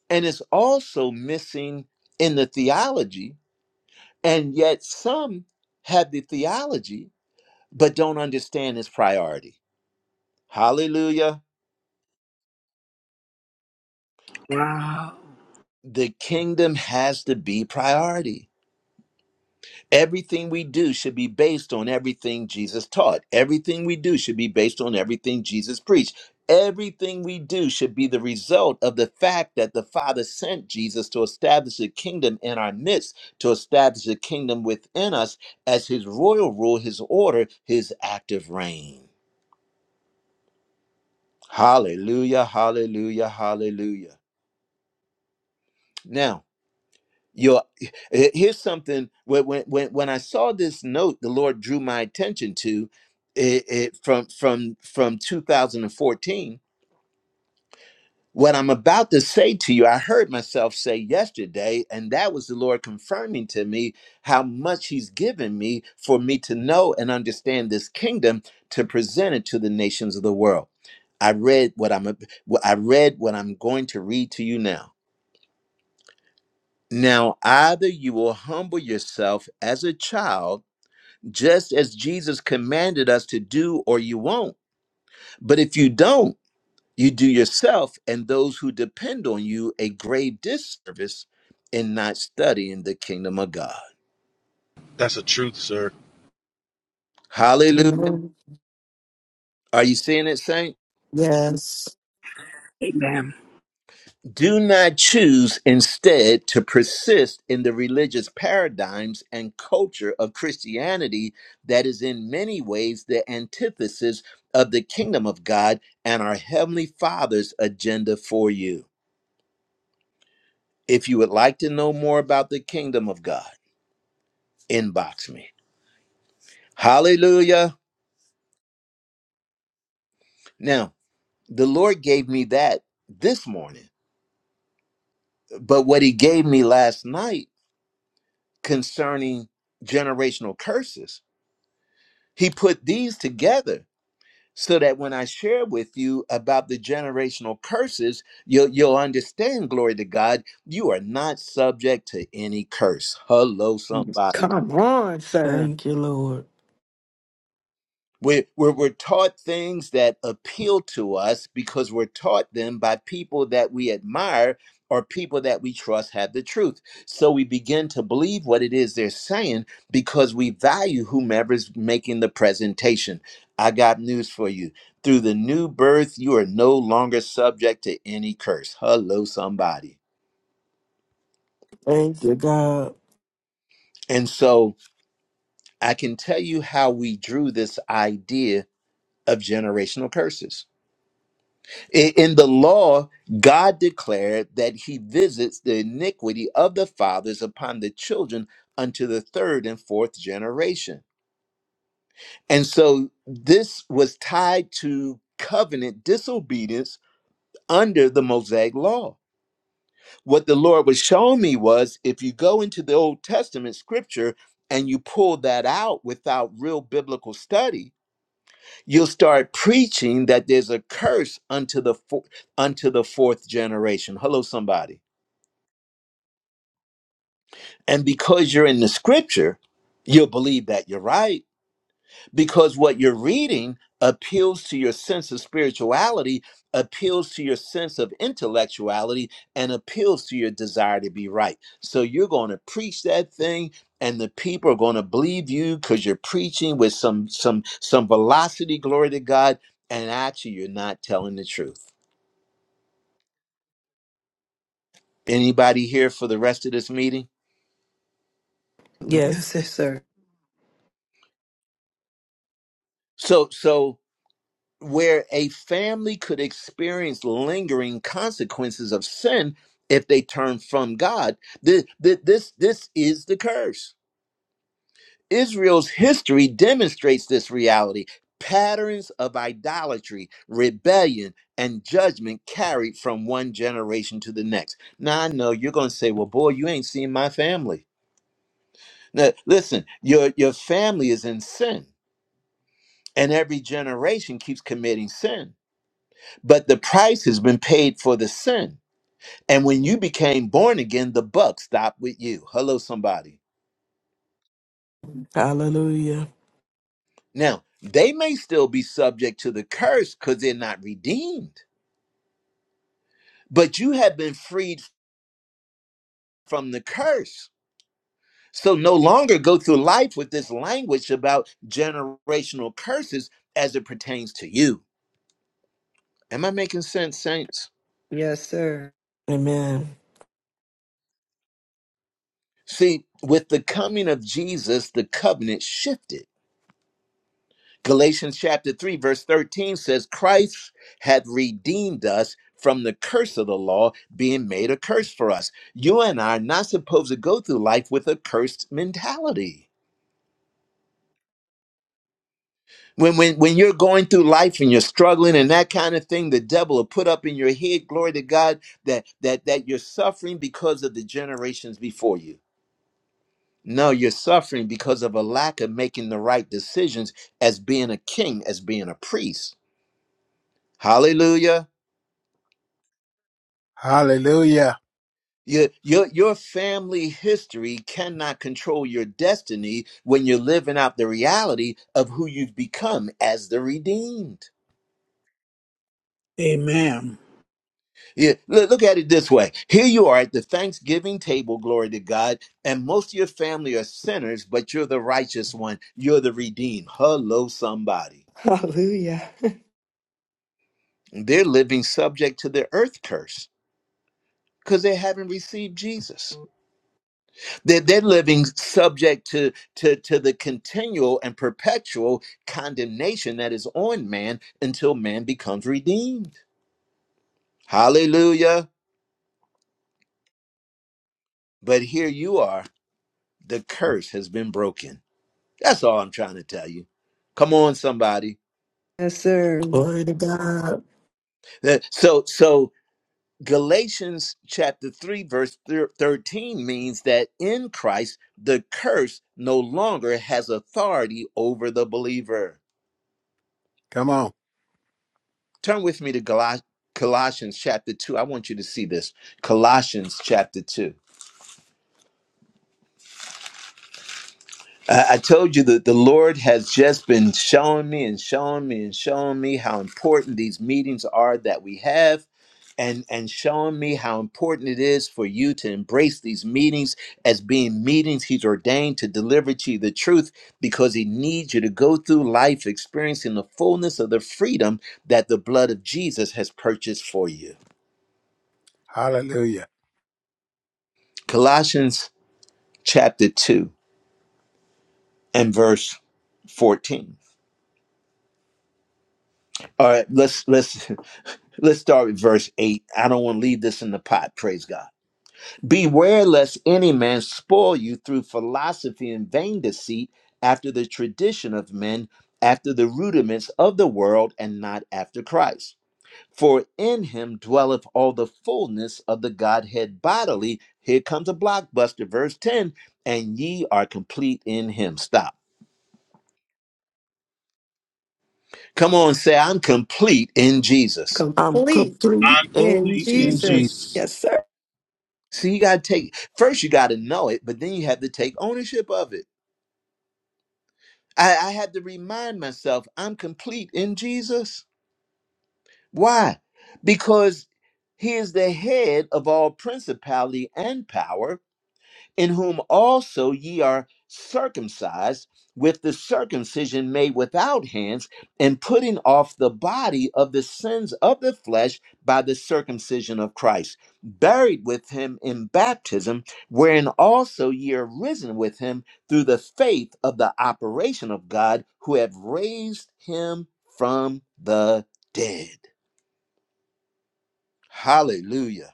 A: And it's also missing in the theology. And yet some have the theology, but don't understand its priority. Hallelujah.
E: Wow.
A: The kingdom has to be priority. Everything we do should be based on everything Jesus taught. Everything we do should be based on everything Jesus preached. Everything we do should be the result of the fact that the Father sent Jesus to establish a kingdom in our midst, to establish a kingdom within us as his royal rule, his order, his active reign. Hallelujah, hallelujah, hallelujah. Now. Your eh, here's something when when when when I saw this note, the Lord drew my attention to it, it from from from 2014. What I'm about to say to you, I heard myself say yesterday, and that was the Lord confirming to me how much He's given me for me to know and understand this kingdom to present it to the nations of the world. I read what I'm what I read what I'm going to read to you now. Now, either you will humble yourself as a child, just as Jesus commanded us to do, or you won't. But if you don't, you do yourself and those who depend on you a grave disservice in not studying the kingdom of God.
G: That's a truth, sir.
A: Hallelujah.
C: Amen.
A: Are you seeing it, Saint?
C: Yes.
E: Amen.
A: do not choose instead to persist in the religious paradigms and culture of Christianity that is in many ways the antithesis of the kingdom of God and our Heavenly Father's agenda for you. If you would like to know more about the kingdom of God, inbox me. Hallelujah. Now, the Lord gave me that this morning, but what He gave me last night concerning generational curses He put these together so that when I share with you about the generational curses, you'll, you'll understand, glory to God, you are not subject to any curse. Hello, somebody.
B: come on, sir.
C: Thank you, Lord.
A: We're, we're, we're taught things that appeal to us because we're taught them by people that we admire or people that we trust have the truth. So we begin to believe what it is they're saying because we value whomever's making the presentation. I got news for you. Through the new birth, you are no longer subject to any curse. Hello, somebody.
C: Thank you, God.
A: And so I can tell you how we drew this idea of generational curses I- In the law, God declared that he visits the iniquity of the fathers upon the children unto the third and fourth generation. And so this was tied to covenant disobedience under the Mosaic law. What the Lord was showing me was if you go into the Old Testament scripture and you pull that out without real biblical study, you'll start preaching that there's a curse unto the fo- unto the fourth generation hello somebody and because you're in the scripture you'll believe that you're right because what you're reading appeals to your sense of spirituality appeals to your sense of intellectuality and appeals to your desire to be right so you're going to preach that thing and the people are going to believe you because you're preaching with some some some velocity glory to god and actually you're not telling the truth Anybody here for the rest of this meeting?
C: Yes.
B: Yes, yes, sir.
A: So so where a family could experience lingering consequences of sin if they turn from God, th- th- this this is the curse. Israel's history demonstrates this reality. Patterns of idolatry, rebellion, and judgment carried from one generation to the next. Now I know you're going to say, "Well, boy, you ain't seen my family." Now, listen, your your family is in sin and every generation keeps committing sin. But the price has been paid for the sin. And when you became born again, the buck stopped with you. Hello, somebody.
C: Hallelujah.
A: Now, they may still be subject to the curse because they're not redeemed, but you have been freed from the curse. So no longer go through life with this language about generational curses as it pertains to you. Am I making sense, saints?
B: Yes, sir.
C: Amen.
A: See, with the coming of Jesus, the covenant shifted Galatians chapter 3, verse 13 says, Christ hath redeemed us from the curse of the law, being made a curse for us. You and I are not supposed to go through life with a cursed mentality. When, when, when you're going through life and you're struggling and that kind of thing, the devil will put up in your head, glory to God, that, that, that you're suffering because of the generations before you. No, you're suffering because of a lack of making the right decisions as being a king, as being a priest. Hallelujah.
H: Hallelujah.
A: Your, your your family history cannot control your destiny when you're living out the reality of who you've become as the redeemed.
E: Amen.
A: Yeah, look, look at it this way. Here you are at the Thanksgiving table, glory to God, and most of your family are sinners, but you're the righteous one. You're the redeemed. Hello, somebody.
B: Hallelujah.
A: They're living subject to the earth curse because they haven't received Jesus. They're, they're living subject to, to, to the continual and perpetual condemnation that is on man until man becomes redeemed. Hallelujah. But here you are. The curse has been broken. That's all I'm trying to tell you. Come on, somebody.
B: Yes, sir.
C: Glory to God.
A: Uh, So, so Galatians chapter 3, verse thir- 13 means that in Christ, the curse no longer has authority over the believer.
H: Come on.
A: Turn with me to Gala- Colossians chapter 2. I want you to see this. Colossians chapter 2. I, I told you that the Lord has just been showing me and showing me and showing me how important these meetings are that we have. And, and showing me how important it is for you to embrace these meetings as being meetings he's ordained to deliver to you the truth because he needs you to go through life experiencing the fullness of the freedom that the blood of Jesus has purchased for you.
H: Hallelujah.
A: Colossians chapter 2 and verse 14. All right, let's let's let's start with verse 8. I don't want to leave this in the pot, praise God. Beware lest any man spoil you through philosophy and vain deceit after the tradition of men, after the rudiments of the world, and not after Christ. For in him dwelleth all the fullness of the Godhead bodily. Here comes a blockbuster, verse 10 and ye are complete in him. Stop. Come on, say, I'm complete in Jesus.
C: I'm
B: Complete
C: complete
G: I'm
B: in
C: in
G: complete in
H: In Jesus.
B: Jesus.
C: Jesus.
G: Jesus.
B: Yes, sir.
A: See, you got to take, first, you got to know it, but then you have to take ownership of it. I, I had to remind myself, I'm complete in Jesus. Why? Because he is the head of all principality and power in whom also ye are circumcised with the circumcision made without hands, and putting off the body of the sins of the flesh by the circumcision of Christ, buried with him in baptism, wherein also ye are risen with him through the faith of the operation of God, who have raised him from the dead. Hallelujah.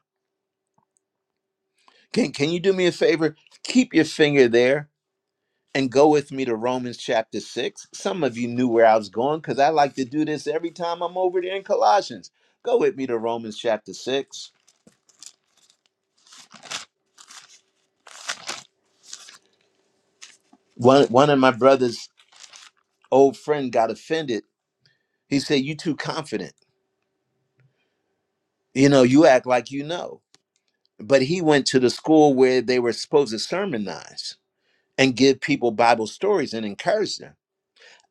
A: Can, can you do me a favor? Keep your finger there and go with me to Romans chapter 6. Some of you knew where I was going because I like to do this every time I'm over there in Colossians. Go with me to Romans chapter 6. One, one of my brother's old friend got offended. He said, You too confident. You know, you act like you know. But he went to the school where they were supposed to sermonize and give people Bible stories and encourage them.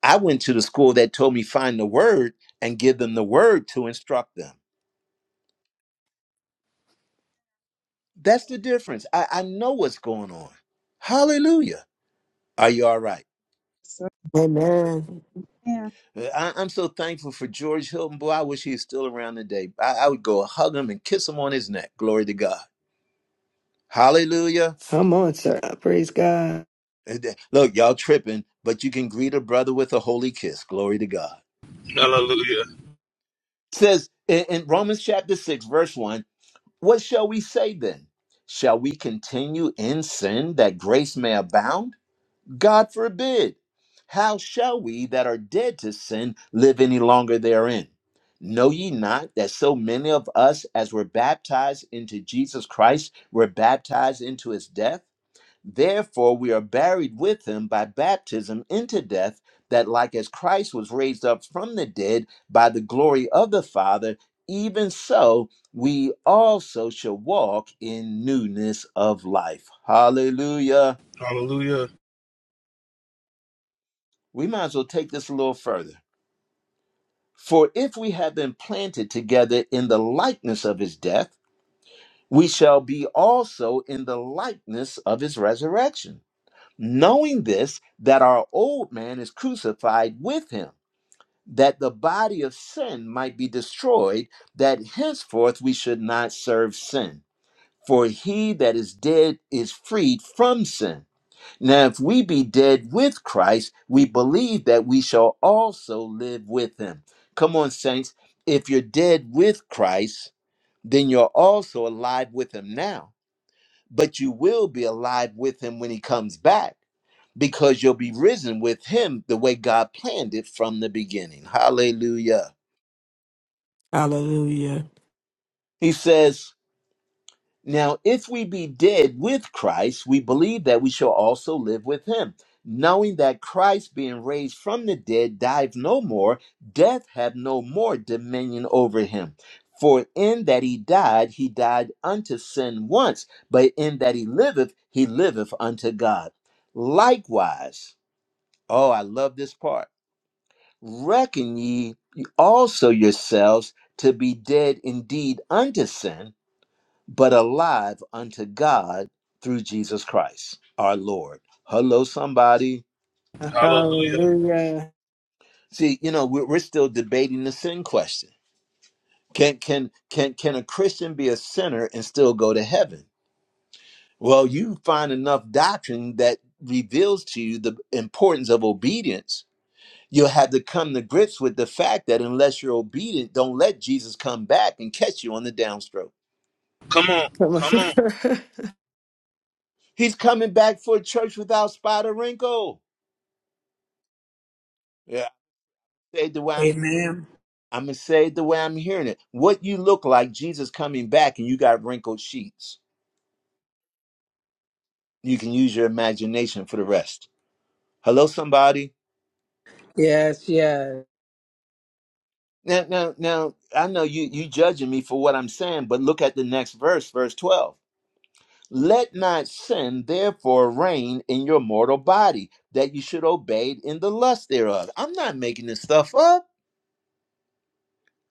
A: I went to the school that told me find the word and give them the word to instruct them. That's the difference. I, I know what's going on. Hallelujah. Are you all right?
D: sir.
C: Amen.
D: Yeah.
A: Uh, I, am so thankful for George Hilton. Boy, I wish he was still around today. I, I would go hug him and kiss him on his neck. Glory to God. Hallelujah.
B: Come on, sir. Praise God.
A: And th- Look, y'all tripping, but you can greet a brother with a holy kiss. Glory to God.
G: Hallelujah.
A: says in, in Romans chapter 6, verse 1, what shall we say then? Shall we continue in sin that grace may abound? God forbid. How shall we that are dead to sin live any longer therein? Know ye not that so many of us as were baptized into Jesus Christ were baptized into his death? Therefore we are buried with him by baptism into death, that like as Christ was raised up from the dead by the glory of the Father, even so we also shall walk in newness of life. Hallelujah.
G: Hallelujah.
A: we might as well take this a little further. For if we have been planted together in the likeness of his death, we shall be also in the likeness of his resurrection. Knowing this, that our old man is crucified with him, that the body of sin might be destroyed, that henceforth we should not serve sin. For he that is dead is freed from sin. Now, if we be dead with Christ, we believe that we shall also live with him. Come on, saints. If you're dead with Christ, then you're also alive with him now. But you will be alive with him when he comes back because you'll be risen with him the way God planned it from the beginning. Hallelujah.
C: Hallelujah.
A: He says, Now, if we be dead with Christ, we believe that we shall also live with him, knowing that Christ, being raised from the dead, dieth no more, death hath no more dominion over him. For in that he died, he died unto sin once, but in that he liveth, he liveth unto God. Likewise, oh, I love this part. Reckon ye also yourselves to be dead indeed unto sin but alive unto God through Jesus Christ, our Lord. Hello, somebody.
G: Hallelujah.
B: Hallelujah.
A: See, you know, we're, we're still debating the sin question. Can can can can a Christian be a sinner and still go to heaven? Well, you find enough doctrine that reveals to you the importance of obedience. You'll have to come to grips with the fact that unless you're obedient, don't let Jesus come back and catch you on the downstroke.
G: Come on.
B: Come on.
G: Come on.
A: He's coming back for a church without spot or wrinkle. Yeah, I said the way I
E: Amen.
A: I'm going to say it the way I'm hearing it. What you look like, Jesus coming back, and you got wrinkled sheets. You can use your imagination for the rest. Hello, somebody.
E: Yes, yes.
A: Now, now, now, I know you you judging me for what I'm saying, but look at the next verse, verse 12. Let not sin therefore reign in your mortal body, that you should obey it in the lust thereof. I'm not making this stuff up.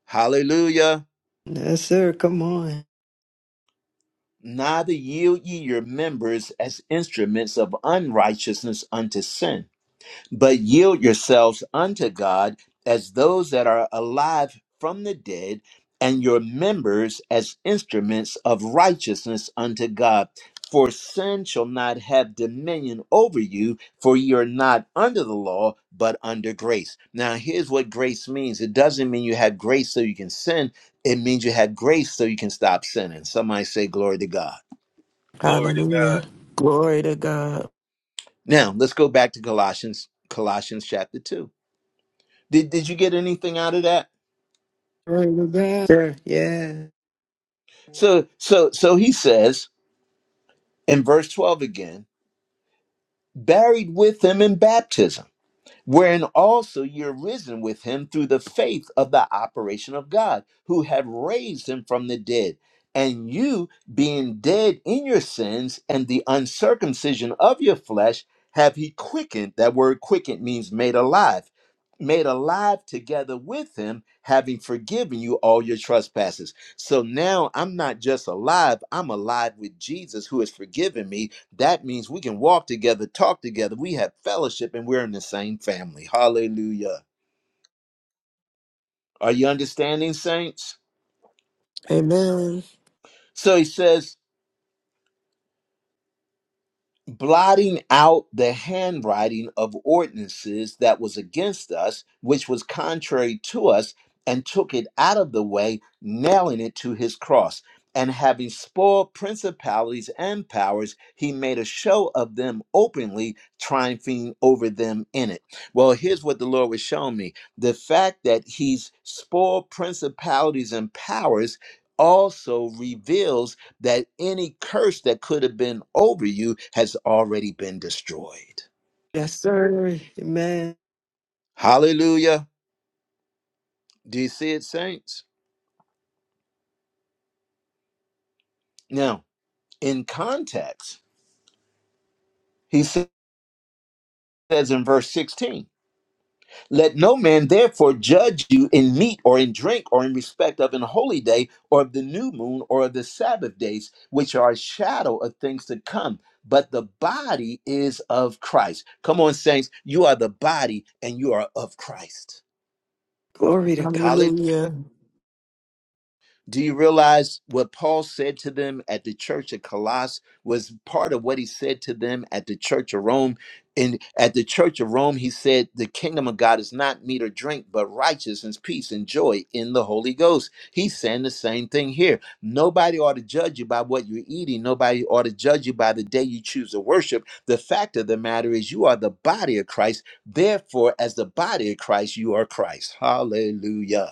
A: Hallelujah.
B: Yes, sir. Come on.
A: Neither yield ye your members as instruments of unrighteousness unto sin but yield yourselves unto God as those that are alive from the dead, and your members as instruments of righteousness unto God. For sin shall not have dominion over you, for you're not under the law, but under grace. Now, here's what grace means it doesn't mean you have grace so you can sin, it means you have grace so you can stop sinning. Somebody say, Glory to God.
G: Glory to God.
C: Hallelujah. Glory to God.
A: Now, let's go back to Colossians, Colossians chapter 2. Did, did you get anything out of that?
B: Glory to God. Sir, Yeah.
A: So so so he says in verse 12 again, buried with him in baptism wherein also you're risen with him through the faith of the operation of God, who have raised him from the dead. And you, being dead in your sins and the uncircumcision of your flesh, have he quickened. That word quickened means made alive. Made alive together with him, having forgiven you all your trespasses. So now I'm not just alive, I'm alive with Jesus who has forgiven me that means we can walk together, talk together, we have fellowship, and we're in the same family. Hallelujah. Are you understanding, saints?
C: Amen.
A: So he says, blotting out the handwriting of ordinances that was against us, which was contrary to us, and took it out of the way, nailing it to his cross. And having spoiled principalities and powers, he made a show of them openly, triumphing over them in it. Well, here's what the Lord was showing me the fact that he's spoiled principalities and powers also reveals that any curse that could have been over you has already been destroyed.
B: Yes, sir. Amen.
A: Hallelujah. Do you see it, saints? Now, in context, he says in verse 16, Let no man therefore judge you in meat or in drink or in respect of an holy day or of the new moon or of the Sabbath days, which are a shadow of things to come. But the body is of Christ. Come on, saints. You are the body and you are of Christ.
B: Glory to God.
C: Hallelujah.
A: Do you realize what Paul said to them at the church at Colossus was part of what he said to them at the church of Rome? And at the church of Rome, he said, The kingdom of God is not meat or drink, but righteousness, peace, and joy in the Holy Ghost. He's saying the same thing here. Nobody ought to judge you by what you're eating. Nobody ought to judge you by the day you choose to worship. The fact of the matter is, you are the body of Christ. Therefore, as the body of Christ, you are Christ. Hallelujah.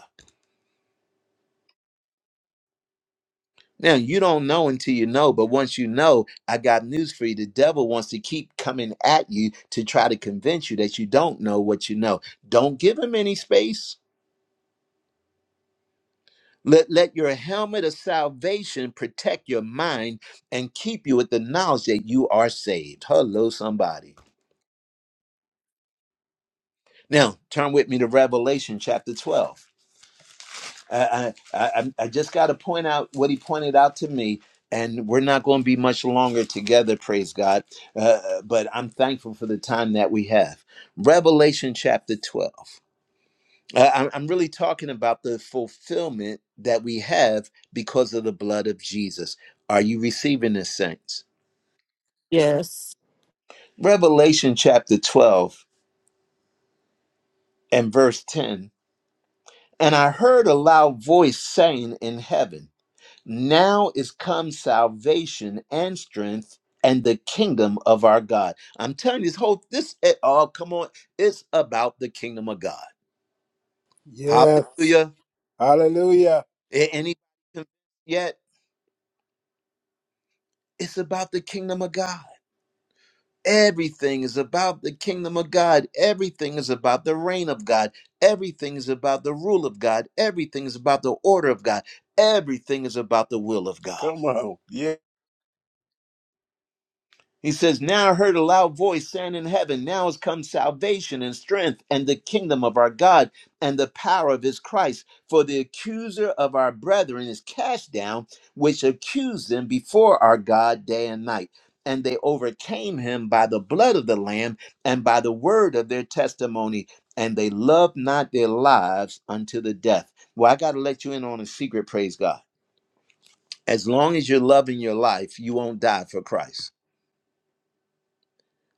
A: Now, you don't know until you know, but once you know, I got news for you. The devil wants to keep coming at you to try to convince you that you don't know what you know. Don't give him any space. Let, let your helmet of salvation protect your mind and keep you with the knowledge that you are saved. Hello, somebody. Now, turn with me to Revelation chapter 12. I, I, I just got to point out what he pointed out to me, and we're not going to be much longer together, praise God. Uh, but I'm thankful for the time that we have. Revelation chapter 12. Uh, I'm I'm really talking about the fulfillment that we have because of the blood of Jesus. Are you receiving this, saints?
C: Yes.
A: Revelation chapter 12 and verse 10. And I heard a loud voice saying in heaven, Now is come salvation and strength and the kingdom of our God. I'm telling you, this whole this at all. come on, it's about the kingdom of God.
H: Yes.
A: Hallelujah.
H: Hallelujah.
A: A- Any yet? It's about the kingdom of God. Everything is about the kingdom of God. Everything is about the reign of God. Everything is about the rule of God. Everything is about the order of God. Everything is about the will of God.
H: Come on. Yeah.
A: He says, Now I heard a loud voice saying in heaven, Now has come salvation and strength and the kingdom of our God and the power of his Christ. For the accuser of our brethren is cast down, which accused them before our God day and night. And they overcame him by the blood of the Lamb and by the word of their testimony. And they loved not their lives unto the death. Well, I got to let you in on a secret, praise God. As long as you're loving your life, you won't die for Christ.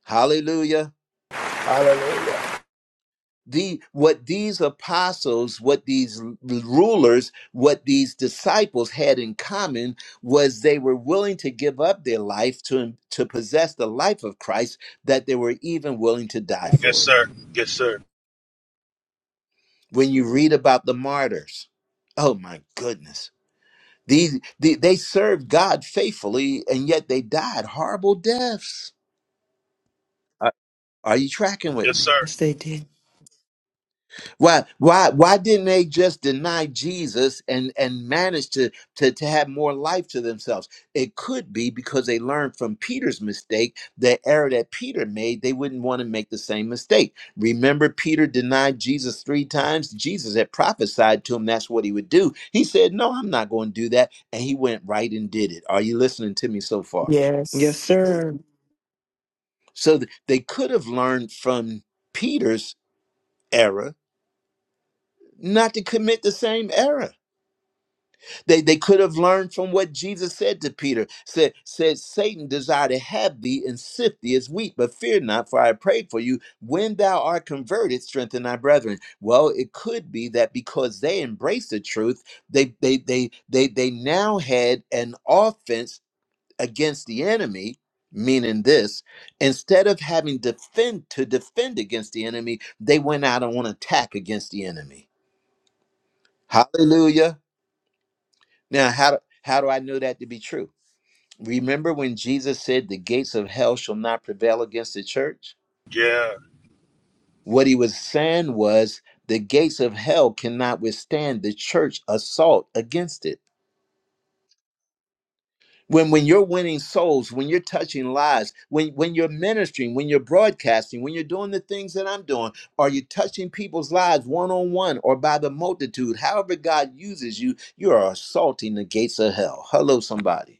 A: Hallelujah.
H: Hallelujah.
A: the what these apostles what these rulers what these disciples had in common was they were willing to give up their life to to possess the life of Christ that they were even willing to die
G: Yes,
A: for it
G: sir. Yes, sir.
A: when you read about the martyrs oh my goodness these they, they served God faithfully and yet they died horrible deaths are are you tracking with
G: Yes,
A: me
G: sir.
B: Yes, they did.
A: Why, why, why didn't they just deny Jesus and and manage to, to to have more life to themselves? It could be because they learned from Peter's mistake, the error that Peter made. They wouldn't want to make the same mistake. Remember, Peter denied Jesus three times. Jesus had prophesied to him that's what he would do. He said, "No, I'm not going to do that," and he went right and did it. Are you listening to me so far?
B: Yes,
C: Yes.
B: sir.
A: So th- they could have learned from Peter's error not to commit the same error. They, they could have learned from what Jesus said to Peter. Said, said Satan desire to have thee and sift thee as wheat, but fear not, for I prayed for you. When thou art converted, strengthen thy brethren. Well, it could be that because they embraced the truth, they they they they they now had an offense against the enemy. Meaning this, instead of having defend to defend against the enemy, they went out on an attack against the enemy. Hallelujah. Now, how do, how do I know that to be true? Remember when Jesus said, The gates of hell shall not prevail against the church?
G: Yeah.
A: What he was saying was, The gates of hell cannot withstand the church assault against it. When, when you're winning souls, when you're touching lives, when, when you're ministering, when you're broadcasting, when you're doing the things that I'm doing, are you touching people's lives one on one or by the multitude? However, God uses you, you are assaulting the gates of hell. Hello, somebody.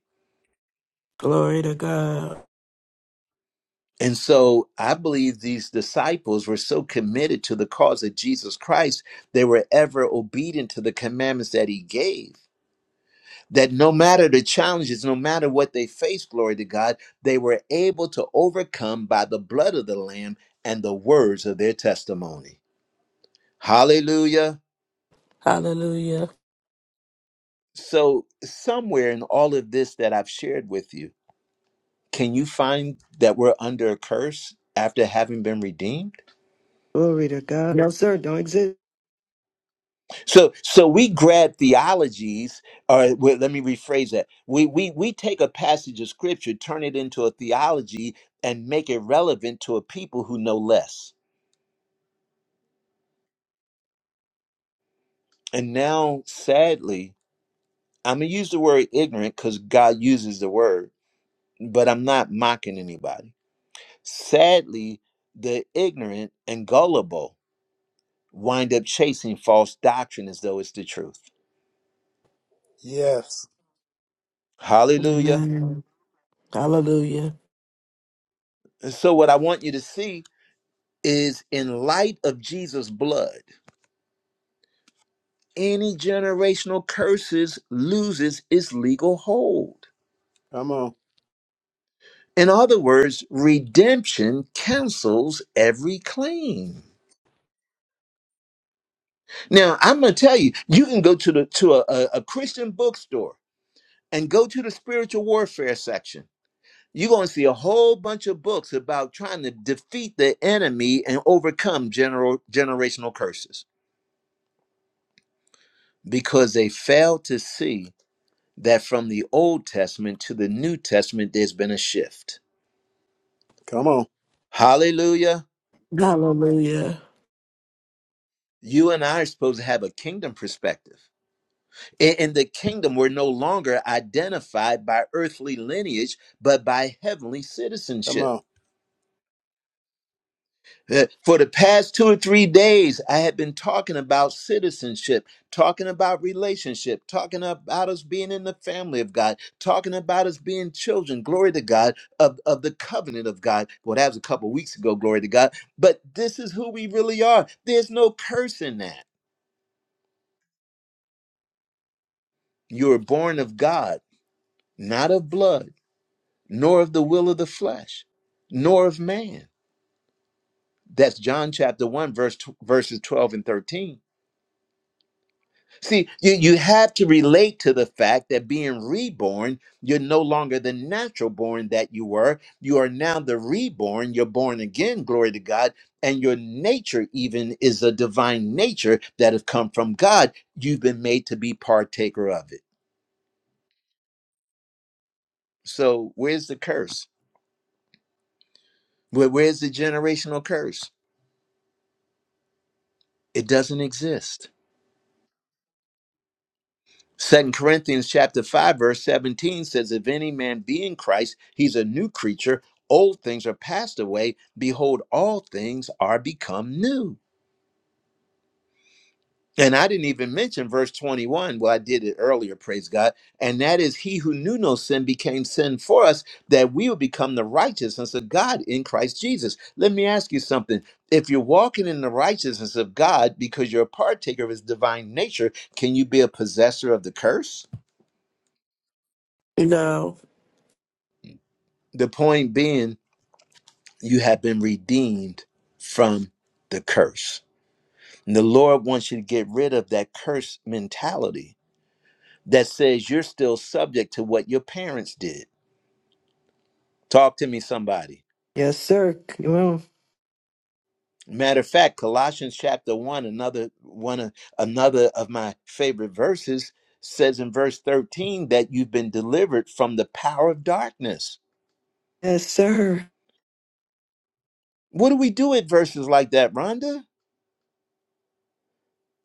C: Glory to God.
A: And so I believe these disciples were so committed to the cause of Jesus Christ, they were ever obedient to the commandments that he gave. That no matter the challenges, no matter what they faced, glory to God, they were able to overcome by the blood of the Lamb and the words of their testimony. Hallelujah.
C: Hallelujah.
A: So, somewhere in all of this that I've shared with you, can you find that we're under a curse after having been redeemed?
B: Glory to God. No, sir. Don't exist.
A: So so we grab theologies, or wait, let me rephrase that. We we we take a passage of scripture, turn it into a theology, and make it relevant to a people who know less. And now, sadly, I'm gonna use the word ignorant because God uses the word, but I'm not mocking anybody. Sadly, the ignorant and gullible wind up chasing false doctrine as though it's the truth.
H: Yes.
A: Hallelujah.
C: Amen. Hallelujah.
A: And so what I want you to see is in light of Jesus' blood, any generational curses loses its legal hold.
H: Come on.
A: In other words, redemption cancels every claim. Now, I'm going to tell you, you can go to the to a, a, a Christian bookstore and go to the spiritual warfare section. You're going to see a whole bunch of books about trying to defeat the enemy and overcome general generational curses because they fail to see that from the Old Testament to the New Testament, there's been a shift.
H: Come on.
A: Hallelujah.
C: Hallelujah.
A: You and I are supposed to have a kingdom perspective. In, the kingdom, we're no longer identified by earthly lineage, but by heavenly
H: Come
A: citizenship.
H: on.
A: Uh, For the past two or three days, I had been talking about citizenship, talking about relationship, talking about us being in the family of God, talking about us being children, glory to God, of, of the covenant of God. Well, that was a couple weeks ago, glory to God. But this is who we really are. There's no curse in that. You were born of God, not of blood, nor of the will of the flesh, nor of man. That's John chapter 1, verse, verses 12 and 13 See, you, you have to relate to the fact that being reborn, you're no longer the natural born that you were. You are now the reborn. You're born again, glory to God. And your nature, even, is a divine nature that has come from God. You've been made to be partaker of it. So, where's the curse? Where, where's the generational curse? It doesn't exist. Second Corinthians chapter 5 verse 17 says if any man be in Christ he's a new creature old things are passed away behold all things are become new and I didn't even mention verse 21 well I did it earlier praise God and that is he who knew no sin became sin for us that we would become the righteousness of God in Christ Jesus let me ask you something if you're walking in the righteousness of God because you're a partaker of his divine nature can you be a possessor of the curse
C: You know,
A: the point being you have been redeemed from the curse. And the Lord wants you to get rid of that curse mentality that says you're still subject to what your parents did. Talk to me, somebody.
B: Yes, sir. Come on.
A: Matter of fact, Colossians chapter one, another one of another of my favorite verses says in verse 13 that you've been delivered from the power of darkness.
B: Yes, sir.
A: What do we do at verses like that, Rhonda?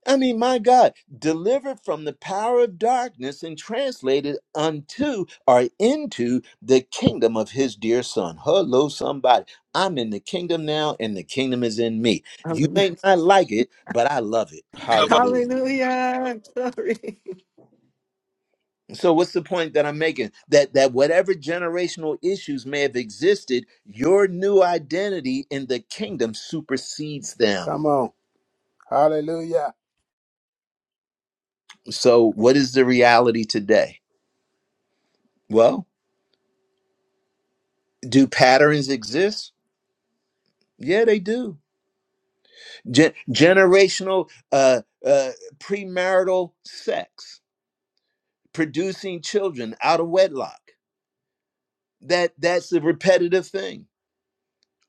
A: I mean, my God, delivered from the power of darkness and translated unto or into the kingdom of his dear son. Hello, somebody. I'm in the kingdom now, and the kingdom is in me. You
B: Um,
A: may not like it, but I love it.
G: Come on.
A: Hallelujah.
B: Hallelujah. Glory.
A: So, what's the point that I'm making? That that whatever generational issues may have existed, your new identity in the kingdom supersedes
H: Come
A: them.
H: on. Hallelujah.
A: So, what is the reality today? Well, do patterns exist? Yeah, they do. Gen- generational uh, uh, premarital sex, producing children out of wedlock. That that's the repetitive thing.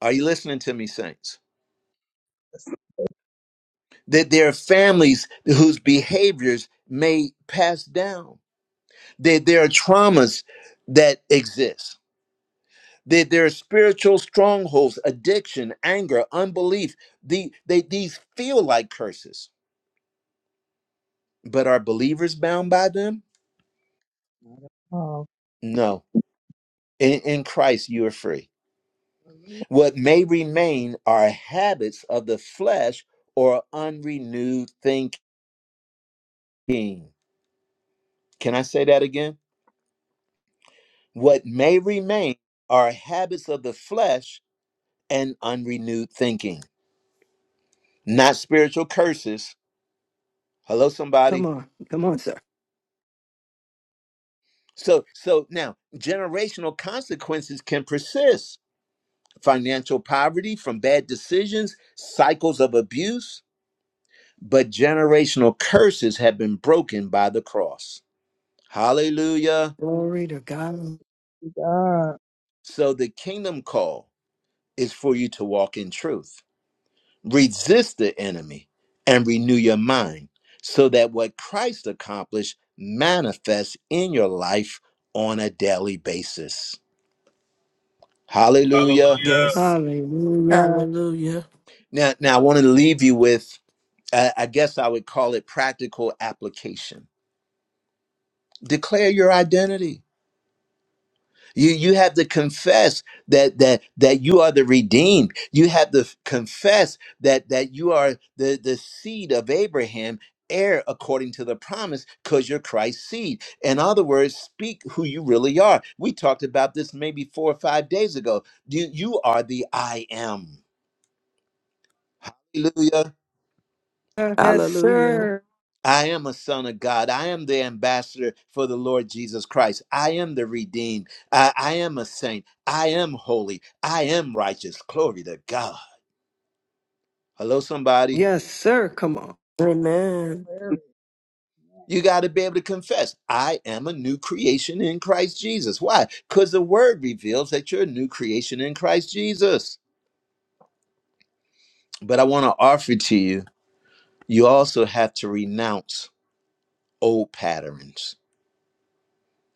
A: Are you listening to me, saints? That there are families whose behaviors may pass down. That there are traumas that exist. That there are spiritual strongholds, addiction, anger, unbelief. The, they, these feel like curses, but are believers bound by them?
D: Oh,
A: No In, in Christ, you are free. What may remain are habits of the flesh or unrenewed thinking. Can I say that again? What may remain are habits of the flesh and unrenewed thinking, not spiritual curses. Hello,
B: Come
A: somebody.
B: on. Come on, sir.
A: So, so now generational consequences can persist financial poverty from bad decisions, cycles of abuse, but generational curses have been broken by the cross. Hallelujah.
B: Glory to God.
D: to God.
A: So the kingdom call is for you to walk in truth. Resist the enemy and renew your mind so that what Christ accomplished manifests in your life on a daily basis. Hallelujah.
G: Hallelujah.
C: yes.
B: Hallelujah.
C: Hallelujah.
A: Now, now I want to leave you with, uh, I guess I would call it practical application. Declare your identity You you have to confess that that that you are the redeemed. You have to f- confess that that you are the the seed of Abraham, heir according to the promise, because you're Christ's seed. In other words, speak who you really are. We talked about this maybe four or five days ago. You you are the I am. Hallelujah.
B: Yes,
C: Hallelujah.
B: sir.
A: I am a son of God. I am the ambassador for the Lord Jesus Christ. I am the redeemed. I, I am a saint. I am holy. I am righteous. Glory to God. Hello, somebody.
B: Yes, sir. Come on.
C: Amen.
D: Very
A: You got to be able to confess, I am a new creation in Christ Jesus. Why? Because the word reveals that you're a new creation in Christ Jesus. But I want to offer to you, you also have to renounce old patterns.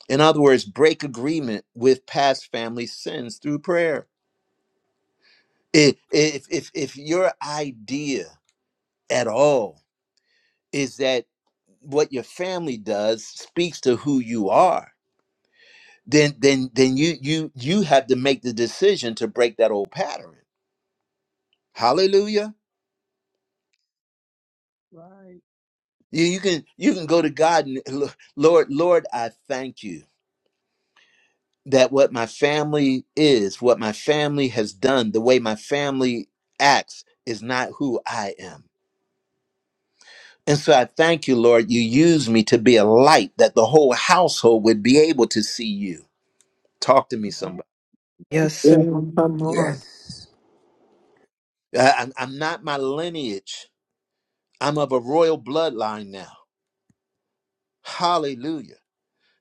A: In other words, break agreement with past family sins through prayer. if if if if your idea at all is that what your family does speaks to who you are then then then you you you have to make the decision to break that old pattern hallelujah
D: right.
A: you, you can you can go to god and "Lo- lord lord i thank you that what my family is what my family has done the way my family acts is not who i am And so I thank you, Lord, you use me to be a light that the whole household would be able to see you. Talk to me, somebody.
D: Thank
B: Yes, sir.
D: you,
B: Come on.
A: I- I'm, I'm not my lineage, I'm of a royal bloodline now. Hallelujah.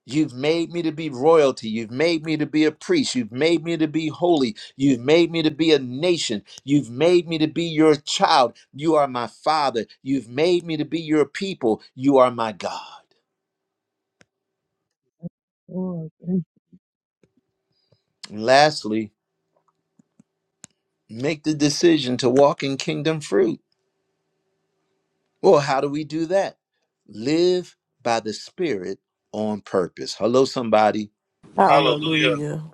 A: You've made me to be royalty. You've made me to be a priest. You've made me to be holy. You've made me to be a nation. You've made me to be your child. You are my father. You've made me to be your people. You are my God.
D: Lord. Thank
A: And lastly, make the decision to walk in kingdom fruit. Well, how do we do that? Live by the Spirit on purpose. Hello, somebody.
G: Hallelujah.
C: Hallelujah.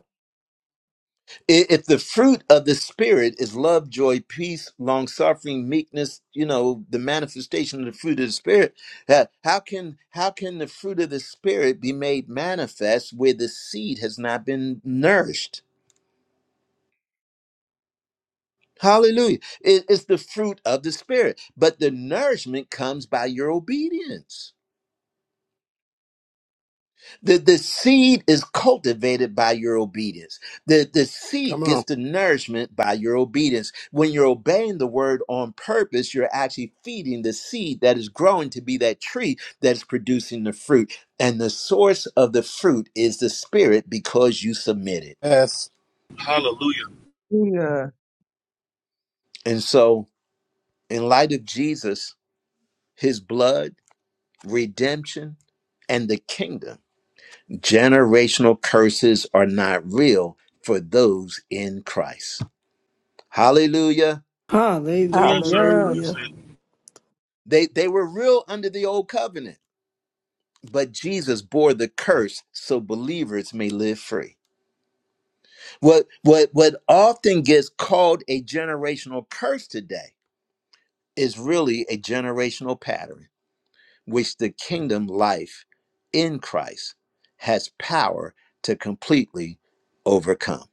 A: I- If the fruit of the Spirit is love, joy, peace, long suffering, meekness, you know, the manifestation of the fruit of the Spirit, ha- how can how can the fruit of the Spirit be made manifest where the seed has not been nourished? Hallelujah. It- It's the fruit of the Spirit, but the nourishment comes by your obedience. The, the seed is cultivated by your obedience. The, the seed
H: Come
A: gets
H: on.
A: the nourishment by your obedience. When you're obeying the word on purpose, you're actually feeding the seed that is growing to be that tree that is producing the fruit. And the source of the fruit is the spirit because you submit it.
H: Yes.
G: Hallelujah.
D: you. Yeah.
A: And so, in light of Jesus, his blood, redemption, and the kingdom, generational curses are not real for those in Christ. Hallelujah.
G: Come on, sir.
B: Hallelujah.
G: That's
C: Hallelujah.
G: it.
A: They they were real under the old covenant, but Jesus bore the curse so believers may live free. What what what often gets called a generational curse today is really a generational pattern which the kingdom life in Christ has power to completely overcome.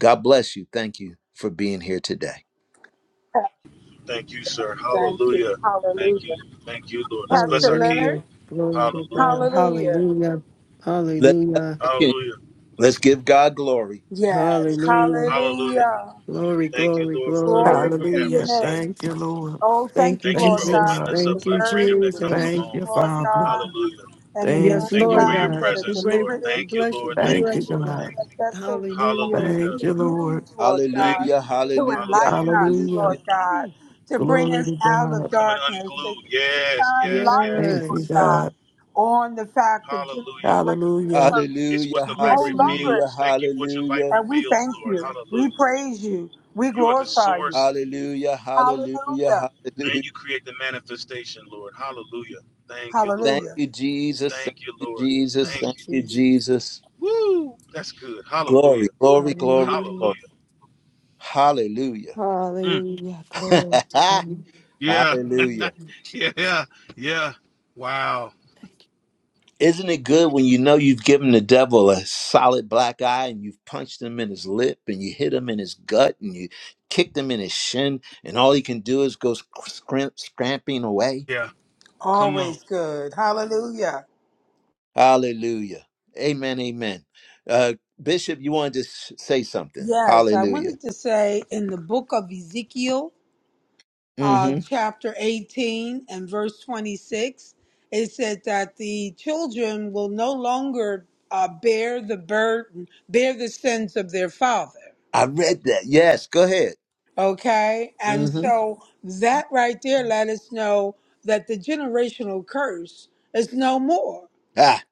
A: God bless you. Thank you for being here today.
G: Thank you, sir.
E: Thank you.
G: Hallelujah. Thank
E: Hallelujah.
G: you. Thank you, Lord. Let's bless
E: Pastor
G: our King.
E: Leonard,
B: Hallelujah. Glory to
G: Hallelujah.
B: God.
E: hallelujah.
B: Hallelujah.
A: Let's bless
B: Hallelujah.
A: our King.
G: Hallelujah.
A: Let's give God glory.
E: Yes,
G: Come on.
B: Hallelujah.
G: Hallelujah.
E: hallelujah.
B: Glory,
G: Thank you,
B: glory,
G: Lord, for the
B: glory.
E: Glory
G: word we
E: to
G: have
E: your
C: Hallelujah.
G: received.
E: name.
C: Thank you, Lord.
E: Oh, thank
B: Thank you,
E: you,
G: Thank you
C: Thank
G: for
E: Lord
C: you,
E: God,
B: Jesus.
G: opening
C: God.
G: us
E: for
G: up
E: your
B: Thank
G: for
B: you,
G: the
E: word
G: freedom
E: and
G: that
E: your
G: comes
B: Jesus.
C: Thank
E: teaching,
G: along
C: you,
G: with it,
E: Lord
G: Lord.
C: Father.
E: God.
G: Hallelujah.
E: and the man
B: Yes,
C: Thank
E: of
C: you,
G: Thank you
B: Lord
G: for your
E: God
C: Lord.
E: that
B: God.
E: has
B: We
G: presence,
B: brave,
G: Lord.
E: delivered it.
B: we
G: Thank you,
B: bless you.
G: Lord.
B: We
E: We
G: Thank
C: Thank
G: you,
C: you,
E: thank
B: bless you,
E: you
G: Lord.
E: for
C: God.
B: God.
G: Thank
E: that
G: you.
E: vessel, Lord
B: Hallelujah.
E: God, to
G: Hallelujah.
C: Thank
E: you
C: you, Lord.
E: used, Lord God,
G: Thank you,
A: Hallelujah.
G: Lord.
E: to
A: Hallelujah.
E: enlighten
G: Hallelujah.
E: us,
A: Hallelujah.
E: Lord
C: Hallelujah.
E: God, to bring
C: Glory
E: us
C: to
E: out of
C: God.
G: Coming
E: darkness, to,
G: unglued.
E: to
G: Yes,
E: shine
G: yes,
E: light,
G: yes.
C: Thank
E: Lord
C: you,
B: Yes.
E: God,
C: God.
E: on the fact that generational
G: Hallelujah.
C: Hallelujah.
E: curses
G: It's
A: Hallelujah,
G: what the light
B: Yes,
E: no
B: Lord.
E: longer
A: hallelujah,
G: reveals. Thank you for
E: exist.
G: what your light
A: hallelujah,
E: And we
G: reveals,
E: thank
G: Lord.
E: you. We
G: Hallelujah.
E: praise you. We
G: You are the
E: glorify you.
G: source
A: hallelujah,
E: Hallelujah.
A: hallelujah,
G: and
A: hallelujah.
G: you create the manifestation, Lord. Hallelujah. Thank you,
A: Thank
G: Lord.
E: Hallelujah.
A: you, Jesus. Thank
G: Thank you,
A: you,
G: Lord.
A: Jesus.
B: Thank
G: Thank
B: you,
A: Thank
G: you.
A: you,
B: Jesus.
A: Jesus.
G: Woo! That's good.
A: Glory,
G: Hallelujah.
A: glory, glory,
B: Hallelujah.
A: glory.
G: Hallelujah.
A: Hallelujah.
G: Mm.
B: Hallelujah. Glory to God. We Bless
G: Yeah,
B: you,
A: hallelujah.
G: yeah,
B: Jesus.
G: yeah, yeah. Wow.
A: Isn't it good when you know you've given the devil a solid black eye and you've punched him in his lip and you hit him in his gut and you kicked him in his shin and all he can do is go scrim- scramping away?
G: Yeah. Come on.
E: Always good. Hallelujah.
A: Hallelujah. Amen. Amen. Uh, Bishop, you want to just say something?
E: Yes, I
A: Hallelujah.
E: wanted to say in the book of Ezekiel, uh,
A: hmm
E: chapter 18 and verse 26, it said that the children will no longer uh, bear the burden, bear the sins of their father.
A: I read that. Yes. Go ahead.
E: Okay? And
A: hmm
E: so that right there let us know that the generational curse is no more.
A: Ah,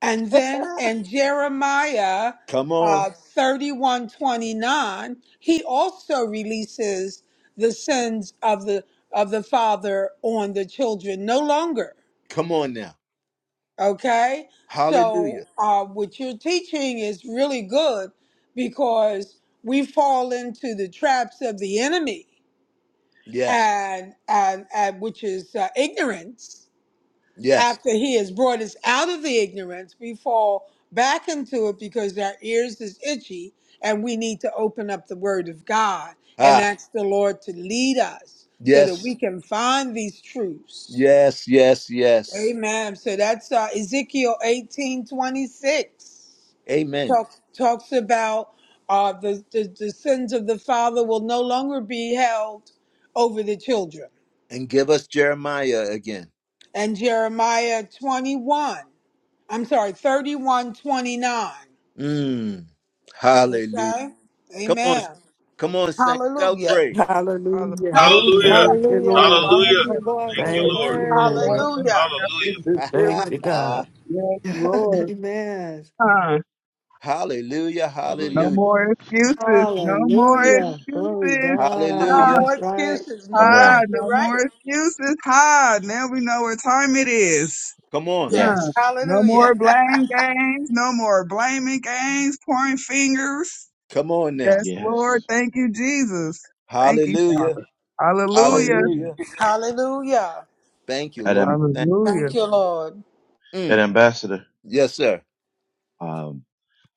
E: And then in Jeremiah
A: come on.
E: uh, 31 twenty-nine, he also releases the sins of the of the father on the children no longer.
A: Come on now.
E: Okay? So
A: Hallelujah.
E: uh, what you're teaching is really good because we fall into the traps of the enemy
A: Yes.
E: and and, and which is uh, ignorance
A: Yes.
E: after he has brought us out of the ignorance, we fall back into it because our ears is itchy and we need to open up the word of God and
A: Ah,
E: ask the Lord to lead us so that we
A: yes.
E: can find these truths.
A: Yes. Yes. Yes.
E: Amen. So that's uh, Ezekiel 18 26
A: Amen.
E: talks talks about uh, the, the the sins of the father will no longer be held over the children.
A: And give us Jeremiah again.
E: and Jeremiah 21. I'm sorry, 31 29.
A: Mm. Hallelujah.
E: Okay?
A: Come on.
E: Amen.
A: Come on, Saint.
E: Hallelujah.
A: Celebrate.
C: Hallelujah.
E: Hallelujah.
D: Hallelujah.
G: Hallelujah.
C: Thank you,
B: Hallelujah.
C: Lord.
B: I think
G: Hallelujah.
D: Father,
B: you Lord,
G: Thank
B: for
G: you,
B: the
D: for
C: Thank
G: Lord.
C: you,
B: word.
C: Lord.
D: standing,
E: Hallelujah.
D: accepting,
G: Hallelujah.
C: Thank
D: deliverance.
C: you, God.
D: Yes, Lord.
B: Amen.
D: Huh.
A: Hallelujah.
D: No
I: Hallelujah.
A: Hallelujah.
D: more excuses. No more
B: Hallelujah. Glory
D: excuses.
E: No
B: God.
D: Ah,
A: Hallelujah.
E: more
B: That's right.
E: excuses. No,
I: Come
D: ah,
E: right?
I: on.
E: You're
D: no more
E: right.
D: excuses. Ha, now we know what time it is.
A: Come on.
E: Yes.
D: Huh.
I: Yes.
D: No more
E: Hallelujah.
D: blame games. No more blaming games, pointing fingers.
A: Come on now.
D: Yes, Lord.
I: Yes.
D: Thank you, Jesus. Thank you,
A: Hallelujah.
D: Father. Hallelujah.
I: Hallelujah.
A: Hallelujah.
E: Hallelujah.
A: Thank you,
I: And,
A: Lord.
I: um,
D: Hallelujah.
E: Thank you, Lord.
I: and
A: Mm.
I: Ambassador,
A: Yes, sir.
I: um,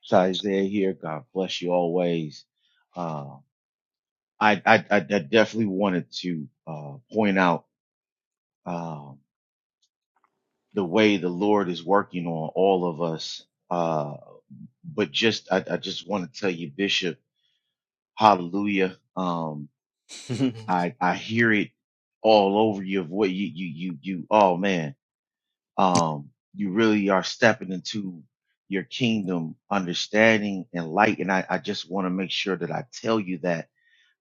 I: to Isaiah here, God bless you always. Uh, I, I, I I definitely wanted to, uh, point out, uh, the way the Lord is working on all of us. Uh, but just, I, I just want to tell you, Bishop, hallelujah. Um, I, I hear it all over you of what you, you, you, you, oh man. um, you really are stepping into your kingdom understanding and light. And I, I just want to make sure that I tell you that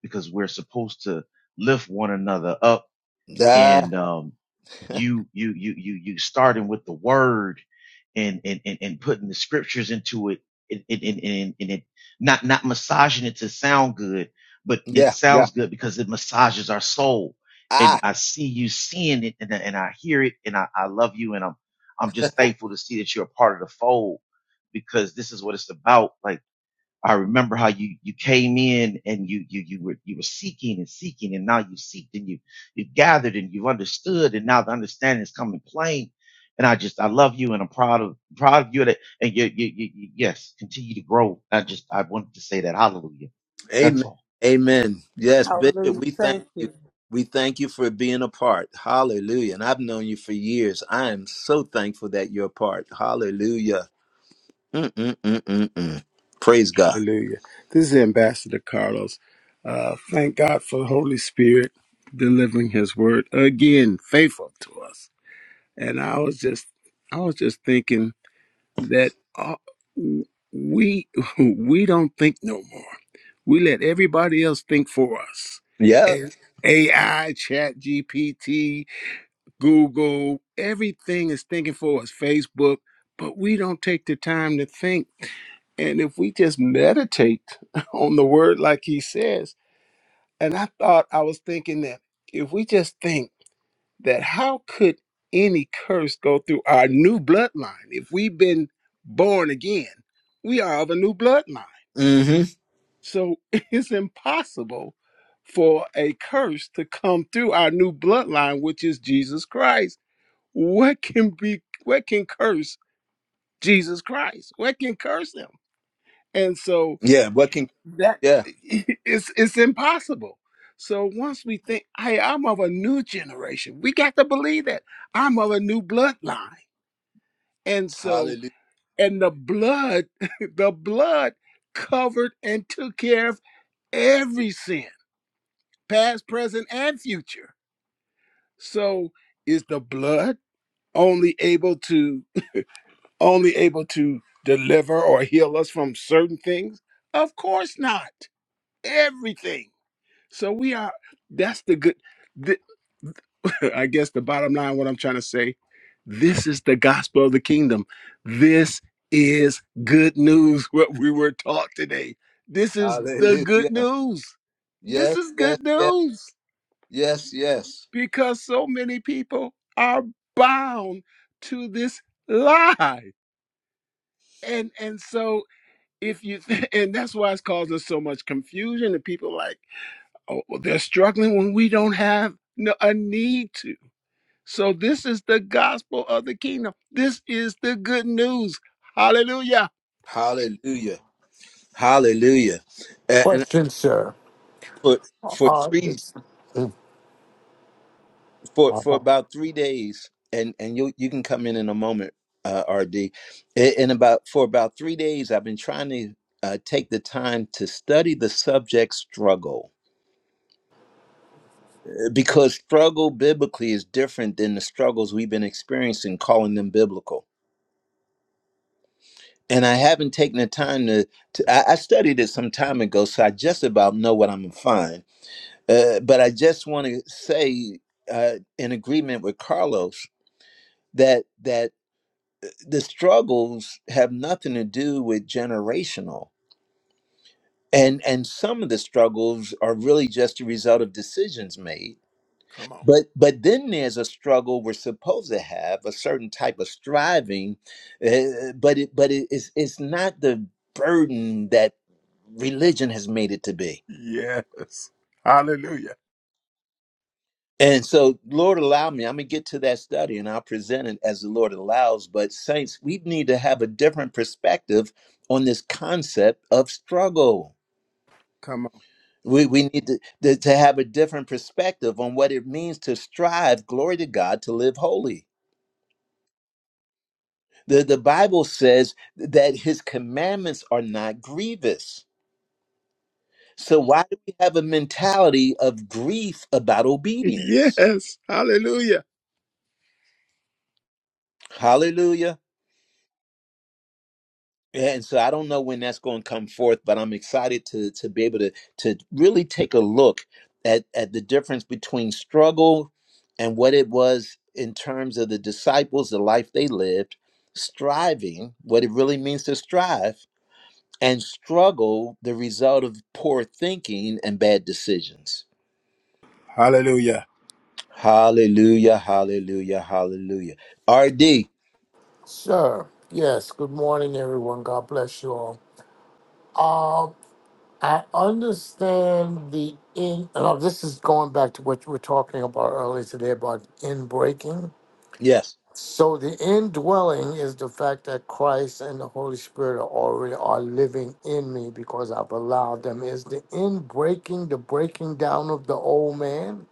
I: because we're supposed to lift one another up
A: ah,
I: and um, you you you you you starting with the word and and and, and putting the scriptures into it and and, and, and and it not not massaging it to sound good but it
A: yeah, yeah.
I: sounds good because it massages our soul and
A: Ah,
I: i see you seeing it and, I- and i hear it and I, I love you and i'm i'm just thankful to see that you're a part of the fold because this is what it's about like. I remember how you, you came in and you, you, you were, you were seeking and seeking and now you seeked and you, you gathered and you understood and now the understanding is coming plain. And I just, I love you and I'm proud of, proud of you that, and you, you, you, you- yes, continue to grow. I just, I wanted to say that. Hallelujah. That's
A: amen.
I: all.
A: Amen. Yes, Bishop,
E: Hallelujah.
A: we thank
E: Thank
A: you.
E: you.
A: We thank you for being a part. Hallelujah. And I've known you for years. I am so thankful that you're a part. Hallelujah. Mm-mm-mm-mm-mm. Praise God.
H: Hallelujah. This is Ambassador Carlos. Uh, thank God for the Holy Spirit delivering his word again, faithful to us. And I was just I was just thinking that uh, we we don't think no more. We let everybody else think for us.
A: Yeah.
H: And AI, Chat GPT, Google, everything is thinking for us. Facebook, but we don't take the time to think. And if we just meditate on the word, like he says, and I thought I was thinking that if we just think that how could any curse go through our new bloodline if we've been born again we are of a new bloodline
A: Mm-hmm.
H: so it's impossible for a curse to come through our new bloodline which is jesus christ what can be what can curse jesus christ what can curse him and so
A: Yeah. What can,
H: that
A: yeah.
H: it's it's impossible so once we think hey i'm of a new generation we got to believe that i'm of a new bloodline And so,
A: Hallelujah.
H: and the blood, the blood covered and took care of every sin, past, present, and future. So is the blood only able to only able to deliver or heal us from certain things? Of course not. Everything. So we are. That's the good. th- I guess the bottom line, what I'm trying to say, this is the gospel of the kingdom. This is good news. What we were taught today. This is the
A: Hallelujah.
H: good news. This
A: Yes,
H: is
A: yes,
H: good
A: yes,
H: news
A: yes, yes.
H: because so many people are bound to this lie. And and so if you and that's why it's causing so much confusion and people like Oh, well, they're struggling when we don't have no, a need to. So this is the gospel of the kingdom. This is the good news. Hallelujah.
A: Hallelujah. Hallelujah. And, and
F: Question, sir.
A: for for
F: Uh,
A: three
F: this, Mm,
A: for for
F: uh-huh.
A: about three days, and and you you can come in in a moment, uh, RD. In, in about for about three days, I've been trying to uh, take the time to study the subject struggle because struggle biblically is different than the struggles we've been experiencing, calling them biblical. And I haven't taken the time to, to I, I studied it some time ago, so I just about know what I'm gonna find Uh, but I just want to say, uh, in agreement with Carlos, that that the struggles have nothing to do with generational, and and some of the struggles are really just a result of decisions made.
H: Come on.
A: But but then there's a struggle we're supposed to have a certain type of striving, uh, but it but it is it's not the burden that religion has made it to be.
H: Yes. Hallelujah.
A: And so, Lord, allow me, I'm going to get to that study and I'll present it as the Lord allows. But, saints, we need to have a different perspective on this concept of struggle.
H: Come on.
A: We, we need to, to, to have a different perspective on what it means to strive, glory to God, to live holy. The, the Bible says that his commandments are not grievous. So, why do we have a mentality of grief about obedience?
H: Yes. Hallelujah.
A: Hallelujah. Yeah, and so I don't know when that's going to come forth, but I'm excited to to be able to to really take a look at at the difference between struggle and what it was in terms of the disciples, the life they lived, striving, what it really means to strive, and struggle, the result of poor thinking and bad decisions.
H: Hallelujah.
A: Hallelujah, hallelujah, hallelujah. RD,
F: sir, yes, good morning, everyone. God bless you all. Um, I understand the in, oh, this is going back to what you were talking about earlier today about in breaking.
A: yes.
F: So the indwelling is the fact that Christ and the Holy Spirit are already are living in me because I've allowed them. Is the inbreaking the breaking down of the old man?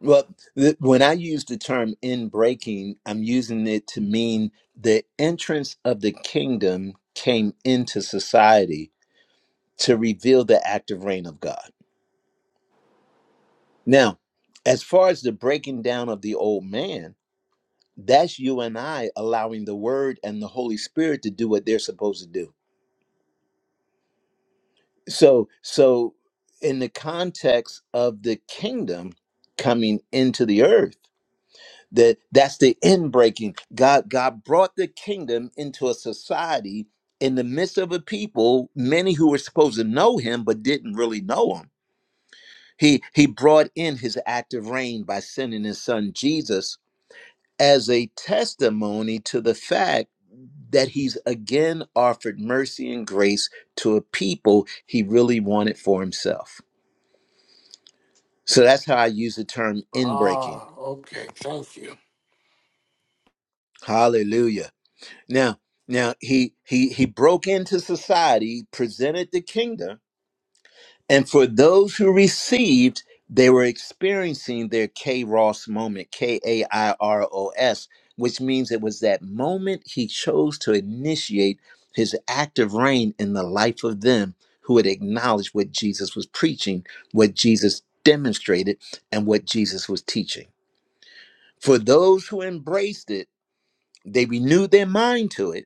A: Well, th- when I use the term in breaking, I'm using it to mean the entrance of the kingdom came into society to reveal the active reign of God. Now, as far as the breaking down of the old man, that's you and I allowing the word and the Holy Spirit to do what they're supposed to do. So, so in the context of the kingdom coming into the earth, that that's the end breaking god god brought the kingdom into a society in the midst of a people many who were supposed to know him but didn't really know him he he brought in his active reign by sending his son jesus as a testimony to the fact that he's again offered mercy and grace to a people he really wanted for himself so that's how i use the term in breaking
F: Ah, okay. Thank you.
A: hallelujah Now, now he he he broke into society, presented the kingdom, and for those who received, they were experiencing their kairos moment, K A I R O S, which means it was that moment he chose to initiate his active reign in the life of them who had acknowledged what Jesus was preaching, what Jesus demonstrated, and what Jesus was teaching. For those who embraced it, they renewed their mind to it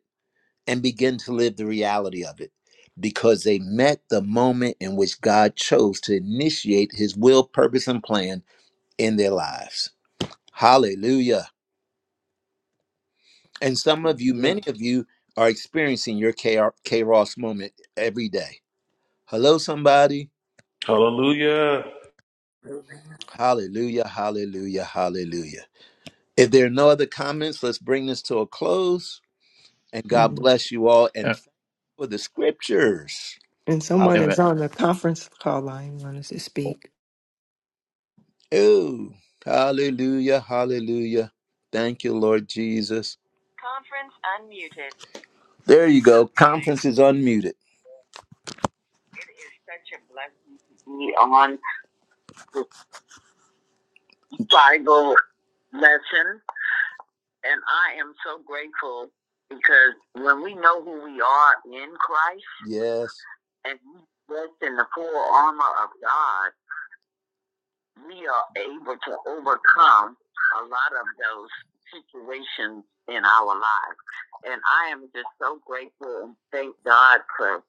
A: and begin to live the reality of it because they met the moment in which God chose to initiate his will, purpose, and plan in their lives. Hallelujah. And some of you,
F: Yeah.
A: many of you, are experiencing your Ross moment every day. Hello, somebody.
G: Hallelujah.
A: Hallelujah, hallelujah, hallelujah. If there are no other comments, let's bring this to a close. And God
B: And
A: bless you all and
I: Yeah.
A: thank you for the scriptures. Hallelujah.
B: someone
I: And
B: is
I: that-
B: on the conference call line wanted to
I: oh,
B: speak.
A: Oh, hallelujah, hallelujah. Thank you, Lord Jesus. There you go. Conference is unmuted. Bible lesson, and I am so grateful because when we know who we are in Christ Yes. and we rest in the full armor of God, we are able to overcome a lot of those situations in our lives. And I am just so grateful and thank God for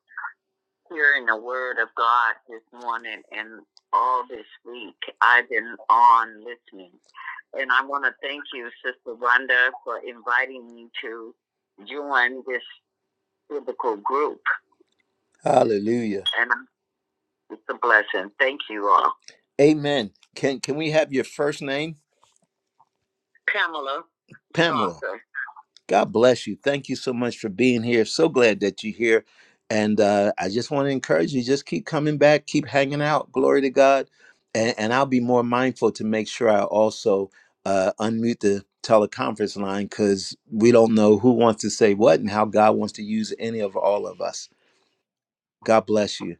A: hearing the word of God this morning and all this week. I've been on listening. And I want to thank you, Sister Rhonda, for inviting me to join this biblical group. Hallelujah. And it's a blessing. Thank you all. Amen. Can can we have your first name? Pamela Pamela. Parker. God bless you. Thank you so much for being here. So glad that you're here. And uh, I just want to encourage you just keep coming back, keep hanging out. Glory to God. And, and I'll be more mindful to make sure I also uh, unmute the teleconference line because we don't know who wants to say what and how God wants to use any of all of us. God bless you.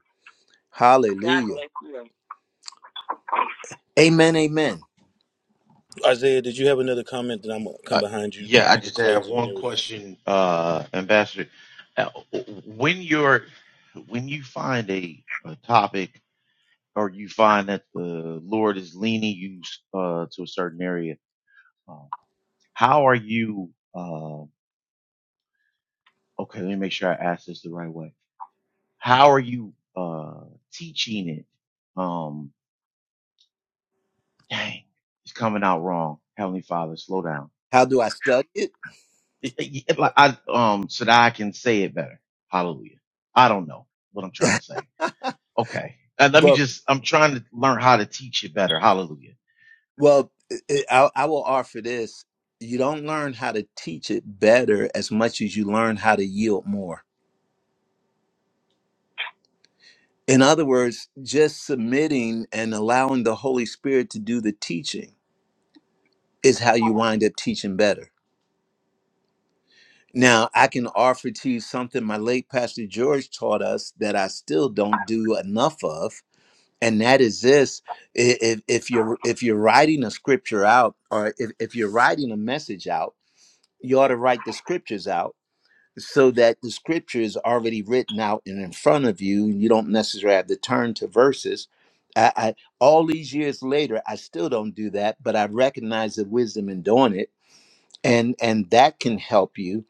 A: God Hallelujah. bless you. Amen. Amen.
G: Isaiah, did you have another comment? that I'm gonna come
I: uh,
G: behind you to
I: yeah. I
G: do the
I: just have
G: closing and
I: one
G: everything.
I: question, uh, Ambassador. Uh, when you're, when you find a, a topic or you find that the Lord is leaning you uh, to a certain area, um, how are you? Uh, okay, let me make sure I ask this the right way. How are you uh, teaching it? Um, dang, it's coming out wrong. Heavenly Father, slow down.
A: How do I study it?
I: It- it- it- like I, um, so that I can say it better. Hallelujah. I don't know what I'm trying to say. Okay. Uh, let me
A: well,
I: just, I'm trying to learn how to teach it better. Hallelujah.
A: Well, it, it- I, I will offer this. You don't learn how to teach it better as much as you learn how to yield more. In other words, just submitting and allowing the Holy Spirit to do the teaching is how you wind up teaching better. Now, I can offer to you something my late Pastor George taught us that I still don't do enough of, and that is this: i- if, if you're if you're writing a scripture out, or if, if you're writing a message out, you ought to write the scriptures out so that the scripture is already written out and in front of you and you don't necessarily have to turn to verses I, I all these years later i still don't do that but i recognize the wisdom in doing it and and that can help you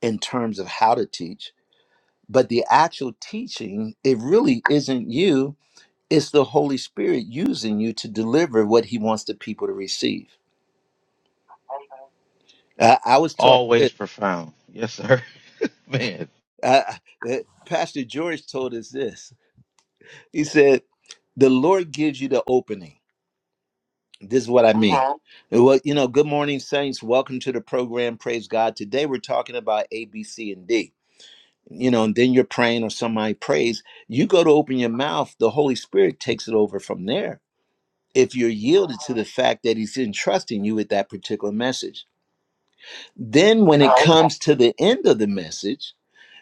A: in terms of how to teach but the actual teaching it really isn't you it's the holy spirit using you to deliver what he wants the people to receive i, I was taught this
I: Always profound. Yes, sir. Man.
A: uh, uh, pastor george told us this he said. the Lord gives you the opening. This is what I mean. Uh-huh. Well, you know, good morning, saints. Welcome to the program. Praise God. Today we're talking about A, B, C, and D. You know, and then you're praying or somebody prays. You go to open your mouth, the Holy Spirit takes it over from there. If you're yielded to the fact that He's entrusting you with that particular message, then when it Right. comes to the end of the message,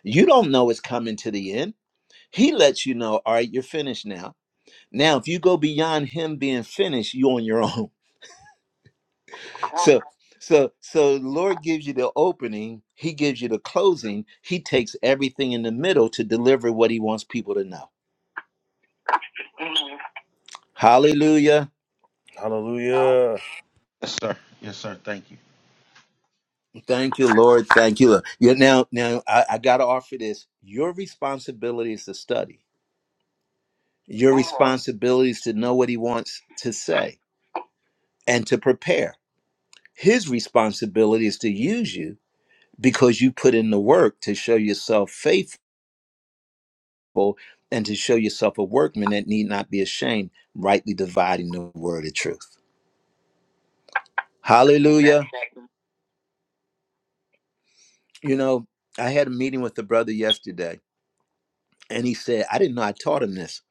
A: you don't know it's coming to the end. He lets you know, all right, you're finished now. Now, if you go beyond Him being finished, you're on your own. So so so the Lord gives you the opening, he gives you the closing, he takes everything in the middle to deliver what he wants people to know. Mhm. Hallelujah.
G: Hallelujah.
I: Yes, sir. Yes, sir. Thank you.
A: Thank you, Lord. Thank you. Lord. Yeah, now now I, I gotta offer this. Your responsibility is to study. Your Mhm. responsibility is to know what he wants to say and to prepare. His responsibility is to use you because you put in the work to show yourself people and to show yourself a workman that need not be ashamed, rightly dividing the word of truth. Hallelujah. You know, I had a meeting with the brother yesterday, and he said, I didn't know I taught him this.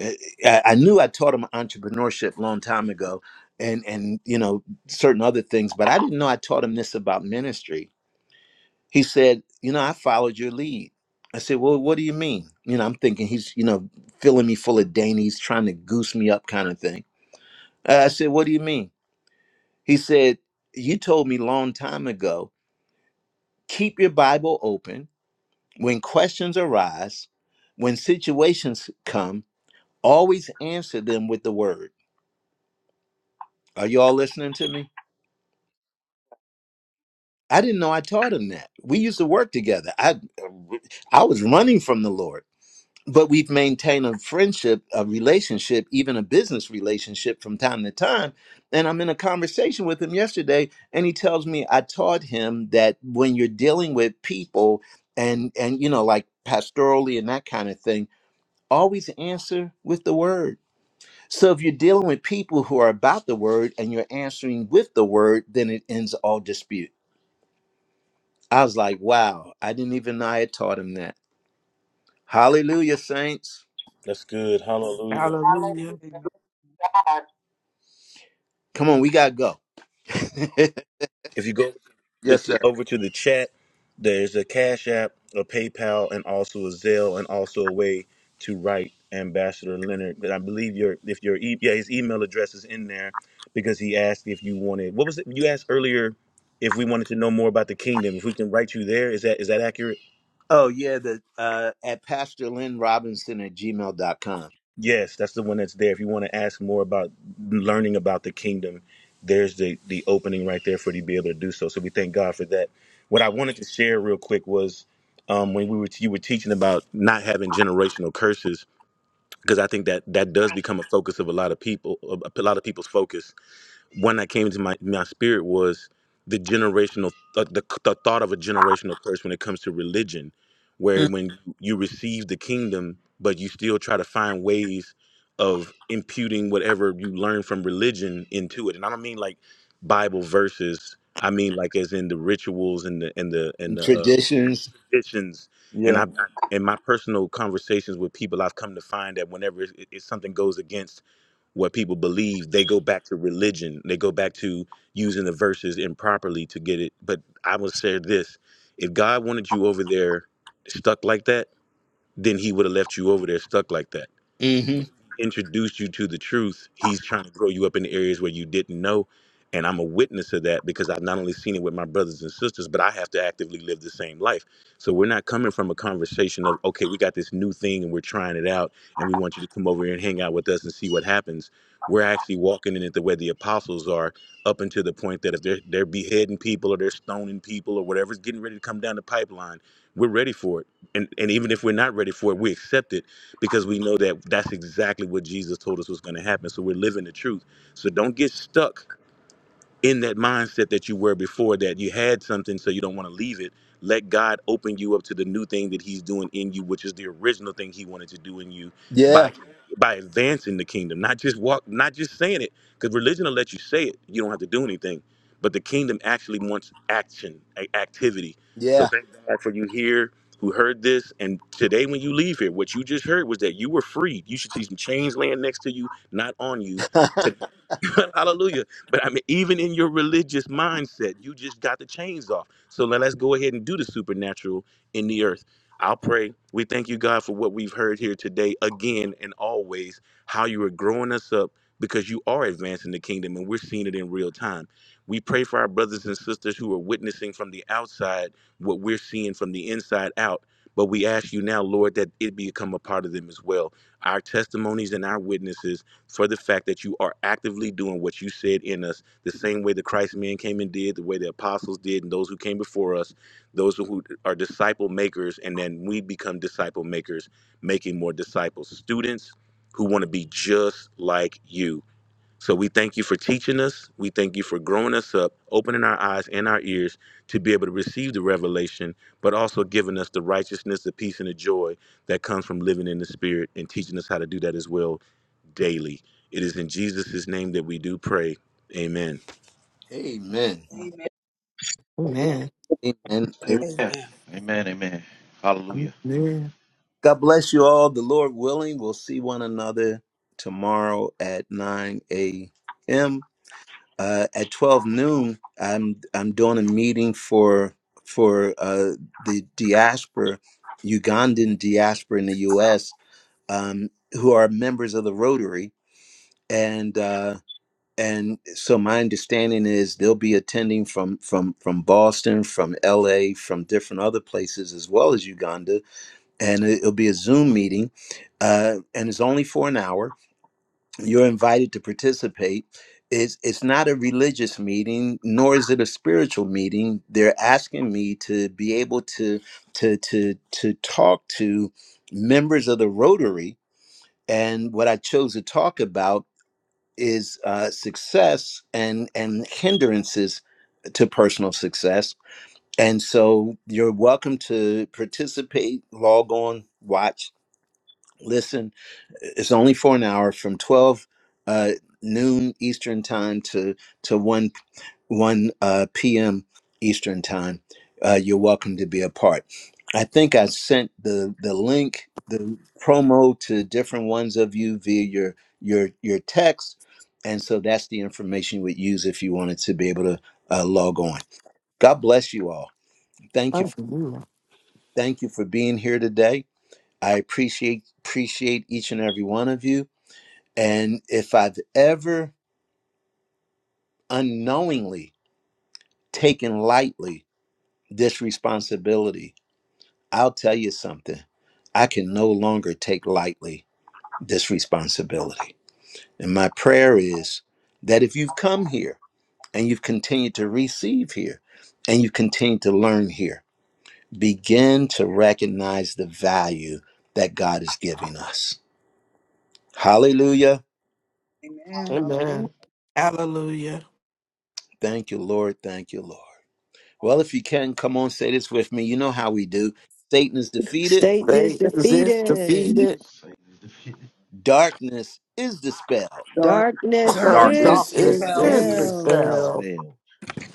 A: Uh, I, I knew I taught him entrepreneurship a long time ago and and you know certain other things, but I didn't know I taught him this about ministry. He said, you know, I followed your lead. I said, well, what do you mean? You know, I'm thinking he's, you know, filling me full of dainties, trying to goose me up kind of thing. Uh, I said, what do you mean? He said, You told me long time ago, keep your Bible open when questions arise, when situations come, always answer them with the word. Are you all listening to me? I didn't know I taught him that. We used to work together. I I was running from the Lord. but we've maintained a friendship, a relationship, even a business relationship from time to time. And I'm in a conversation with him yesterday, and he tells me I taught him that when you're dealing with people and and you know like pastorally and that kind of thing, always answer with the word. So if you're dealing with people who are about the word and you're answering with the word, then it ends all dispute. I was like, wow, I didn't even know I had taught him that. Hallelujah, saints.
G: That's good. Hallelujah.
C: Hallelujah.
D: Amen.
A: Come on, we gotta go.
G: If you go the,
A: yes,
G: the-
A: sir.
G: over to the chat, there's a Cash App, a PayPal, and also a Zelle, and also a way to write Ambassador Leonard. But I believe your if your e- yeah his email address is in there because he asked if you wanted what was it you asked earlier if we wanted to know more about the kingdom if we can write you there is that is that accurate?
A: Oh yeah, the uh at Pastor Lynn Robinson at gmail dot com.
G: Yes, that's the one that's there. If you want to ask more about learning about the kingdom, there's the the opening right there for you to be able to do so. So we thank God for that. What I wanted to share real quick was um, when we were you were teaching about not having generational curses because I think that that does become a focus of a lot of people, a a lot of people's focus one that came to my my spirit was the generational th- the, the thought of a generational curse when it comes to religion where when you receive the kingdom but you still try to find ways of imputing whatever you learn from religion into it and i don't mean like bible verses i mean like as in the rituals and the and the and the uh,
A: Traditions.
G: traditions and
A: Yeah.
G: i in my personal conversations with people i've come to find that whenever it, it, something goes against what people believe they go back to religion they go back to using the verses improperly to get it but i will say this if god wanted you over there stuck like that then he would have left you over there stuck like that
A: hmm
G: introduced you to the truth. He's trying to grow you up in the areas where you didn't know. And I'm a witness of that because I've not only seen it with my brothers and sisters, but I have to actively live the same life. So we're not coming from a conversation of, okay, we got this new thing and we're trying it out and we want you to come over here and hang out with us and see what happens. We're actually walking in it the way the apostles are, up until the point that if they're, they're beheading people or they're stoning people or whatever's getting ready to come down the pipeline, we're ready for it. And, and even if we're not ready for it, we accept it because we know that that's exactly what Jesus told us was going to happen. So we're living the truth. So don't get stuck in that mindset that you were before that you had something so you don't want to leave it let god open you up to the new thing that he's doing in you which is the original thing he wanted to do in you
A: Yeah.
G: by by advancing the kingdom not just walk not just saying it because religion will let you say it you don't have to do anything but the kingdom actually wants action a- activity so
A: Yeah.
G: thank god for you here who heard this and today when you leave here what you just heard was that you were freed you should see some chains laying next to you not on you Hallelujah. But I mean, even in your religious mindset, you just got the chains off. So let, let's go ahead and do the supernatural in the earth. I'll pray. We thank you, God, for what we've heard here today, again and always, how you are growing us up because you are advancing the kingdom and we're seeing it in real time. We pray for our brothers and sisters who are witnessing from the outside what we're seeing from the inside out. But we ask you now, Lord, that it become a part of them as well. Our testimonies and our witnesses for the fact that you are actively doing what you said in us, the same way the Christ men came and did, the way the apostles did, and those who came before us, those who are disciple makers, and then we become disciple makers, making more disciples, students who want to be just like you. So we thank you for teaching us. We thank you for growing us up, opening our eyes and our ears to be able to receive the revelation, but also giving us the righteousness, the peace, and the joy that comes from living in the Spirit and teaching us how to do that as well daily. It is in Jesus' name that we do pray. Amen.
A: Amen.
D: Amen.
B: Amen.
A: Amen. Hey,
I: Amen.
E: Amen.
I: Amen. Amen. Hallelujah.
B: Amen.
A: God bless you all. The Lord willing, we'll see one another tomorrow at 9 a.m. uh, at 12 noon i'm i'm doing a meeting for for uh, the diaspora ugandan diaspora in the us um, who are members of the rotary and uh, and so my understanding is they'll be attending from from from boston from la from different other places as well as uganda and it- it'll be a zoom meeting uh, and it's only for an hour you're invited to participate it's it's not a religious meeting nor is it a spiritual meeting they're asking me to be able to to to to talk to members of the rotary and what i chose to talk about is uh, success and and hindrances to personal success and so you're welcome to participate log on watch listen it's only for an hour from 12 uh, noon eastern time to to 1 1 uh, p.m eastern time uh, you're welcome to be a part i think i sent the the link the promo to different ones of you via your your your text and so that's the information you would use if you wanted to be able to uh, log on god bless you all thank you for,
B: Hallelujah.
A: thank you for being here today i appreciate appreciate each and every one of you and if I've ever unknowingly taken lightly this responsibility, I'll tell you something. I can no longer take lightly this responsibility. And my prayer is that if you've come here and you've continued to receive here and you continue to learn here, begin to recognize the value that God is giving us. Hallelujah.
D: Amen. Hallelujah.
C: Amen. Hallelujah.
A: Thank you, Lord. Thank you, Lord. Well, if you can, come on, say this with me. You know how we do. Satan is defeated,
B: Satan is
D: The
C: Satan is
B: defeated.
D: peace
C: defeated.
I: Satan is defeated.
A: darkness is dispelled
D: starts
B: Darkness
D: with
E: Darkness
D: the
I: Darkness
E: is
C: Darkness
B: is
C: is
F: Darkness
D: Lord,
E: dispelled
F: is
I: is
B: dispelled
F: dispelled
C: dispelled
I: dispelled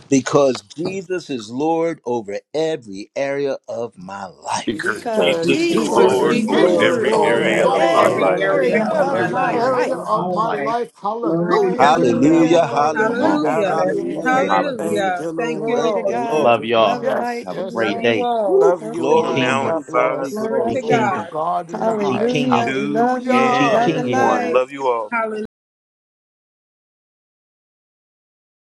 A: because Jesus is Lord over every area of my
G: Because
A: life.
B: because
C: because
G: Jesus is
D: because
B: Jesus
C: Jesus
E: because
F: because
G: Lord
B: is
I: because
C: is
G: over
E: Jesus
D: Jesus
E: is
C: Lord
B: Lord
D: is
F: Jesus
I: Jesus
F: is
C: over
E: Lord
B: over
G: area
D: Lord
I: is
G: of
E: over
C: every
G: my
F: Lord
I: Lord
E: every
D: over
B: every
G: life.
F: over
E: area
C: area
B: area
C: of
E: of
I: over
D: every
B: of
E: my
C: my
F: every
I: every
B: my
D: area
E: life.
C: life.
I: area
F: area
B: life.
I: of
D: of
F: of
I: my
D: our
F: my
D: life.
F: life.
I: life.
D: Glory to
F: Hallelujah
D: God.
F: to the Lamb
B: Hallelujah.
F: of
A: Hallelujah,
F: God.
I: Come
B: Hallelujah.
I: on.
F: Thank you,
A: hallelujah,
E: Hallelujah.
F: Jesus.
B: Amen.
C: Hallelujah.
A: hallelujah.
D: That's
C: Thank
I: Hallelujah.
E: Hallelujah.
C: you,
E: Thank you,
C: Lord.
B: Glory
A: Thank
B: to
D: right.
E: Lord.
A: you,
B: God.
C: Thank
A: Lord.
I: Love
C: you,
B: Love
I: y'all.
B: and
C: God.
F: Yes,
B: light
I: Have
B: to
I: a
F: yes,
B: you
E: Love
I: great
F: yes.
B: all.
E: you
I: day.
E: all.
A: Woo.
C: Love you
I: Be
G: Come
A: Glory,
B: Blessings
C: all.
G: now
I: kingdom.
G: in
A: glory,
C: God
G: five,
A: glory,
C: bless.
E: Glory
A: glory.
I: Be
E: to
F: Glory
B: abundantly.
F: to
G: four,
I: kingdom.
E: God.
F: God in the
G: three,
I: Keep
F: highest.
B: Hallelujah.
I: kinging.
B: We
G: two,
B: love you.
F: Hallelujah.
I: Keep
B: Love
G: and
B: and
I: kinging.
G: one.
B: light.
E: Yes.
G: Love you all.
E: Hallelujah.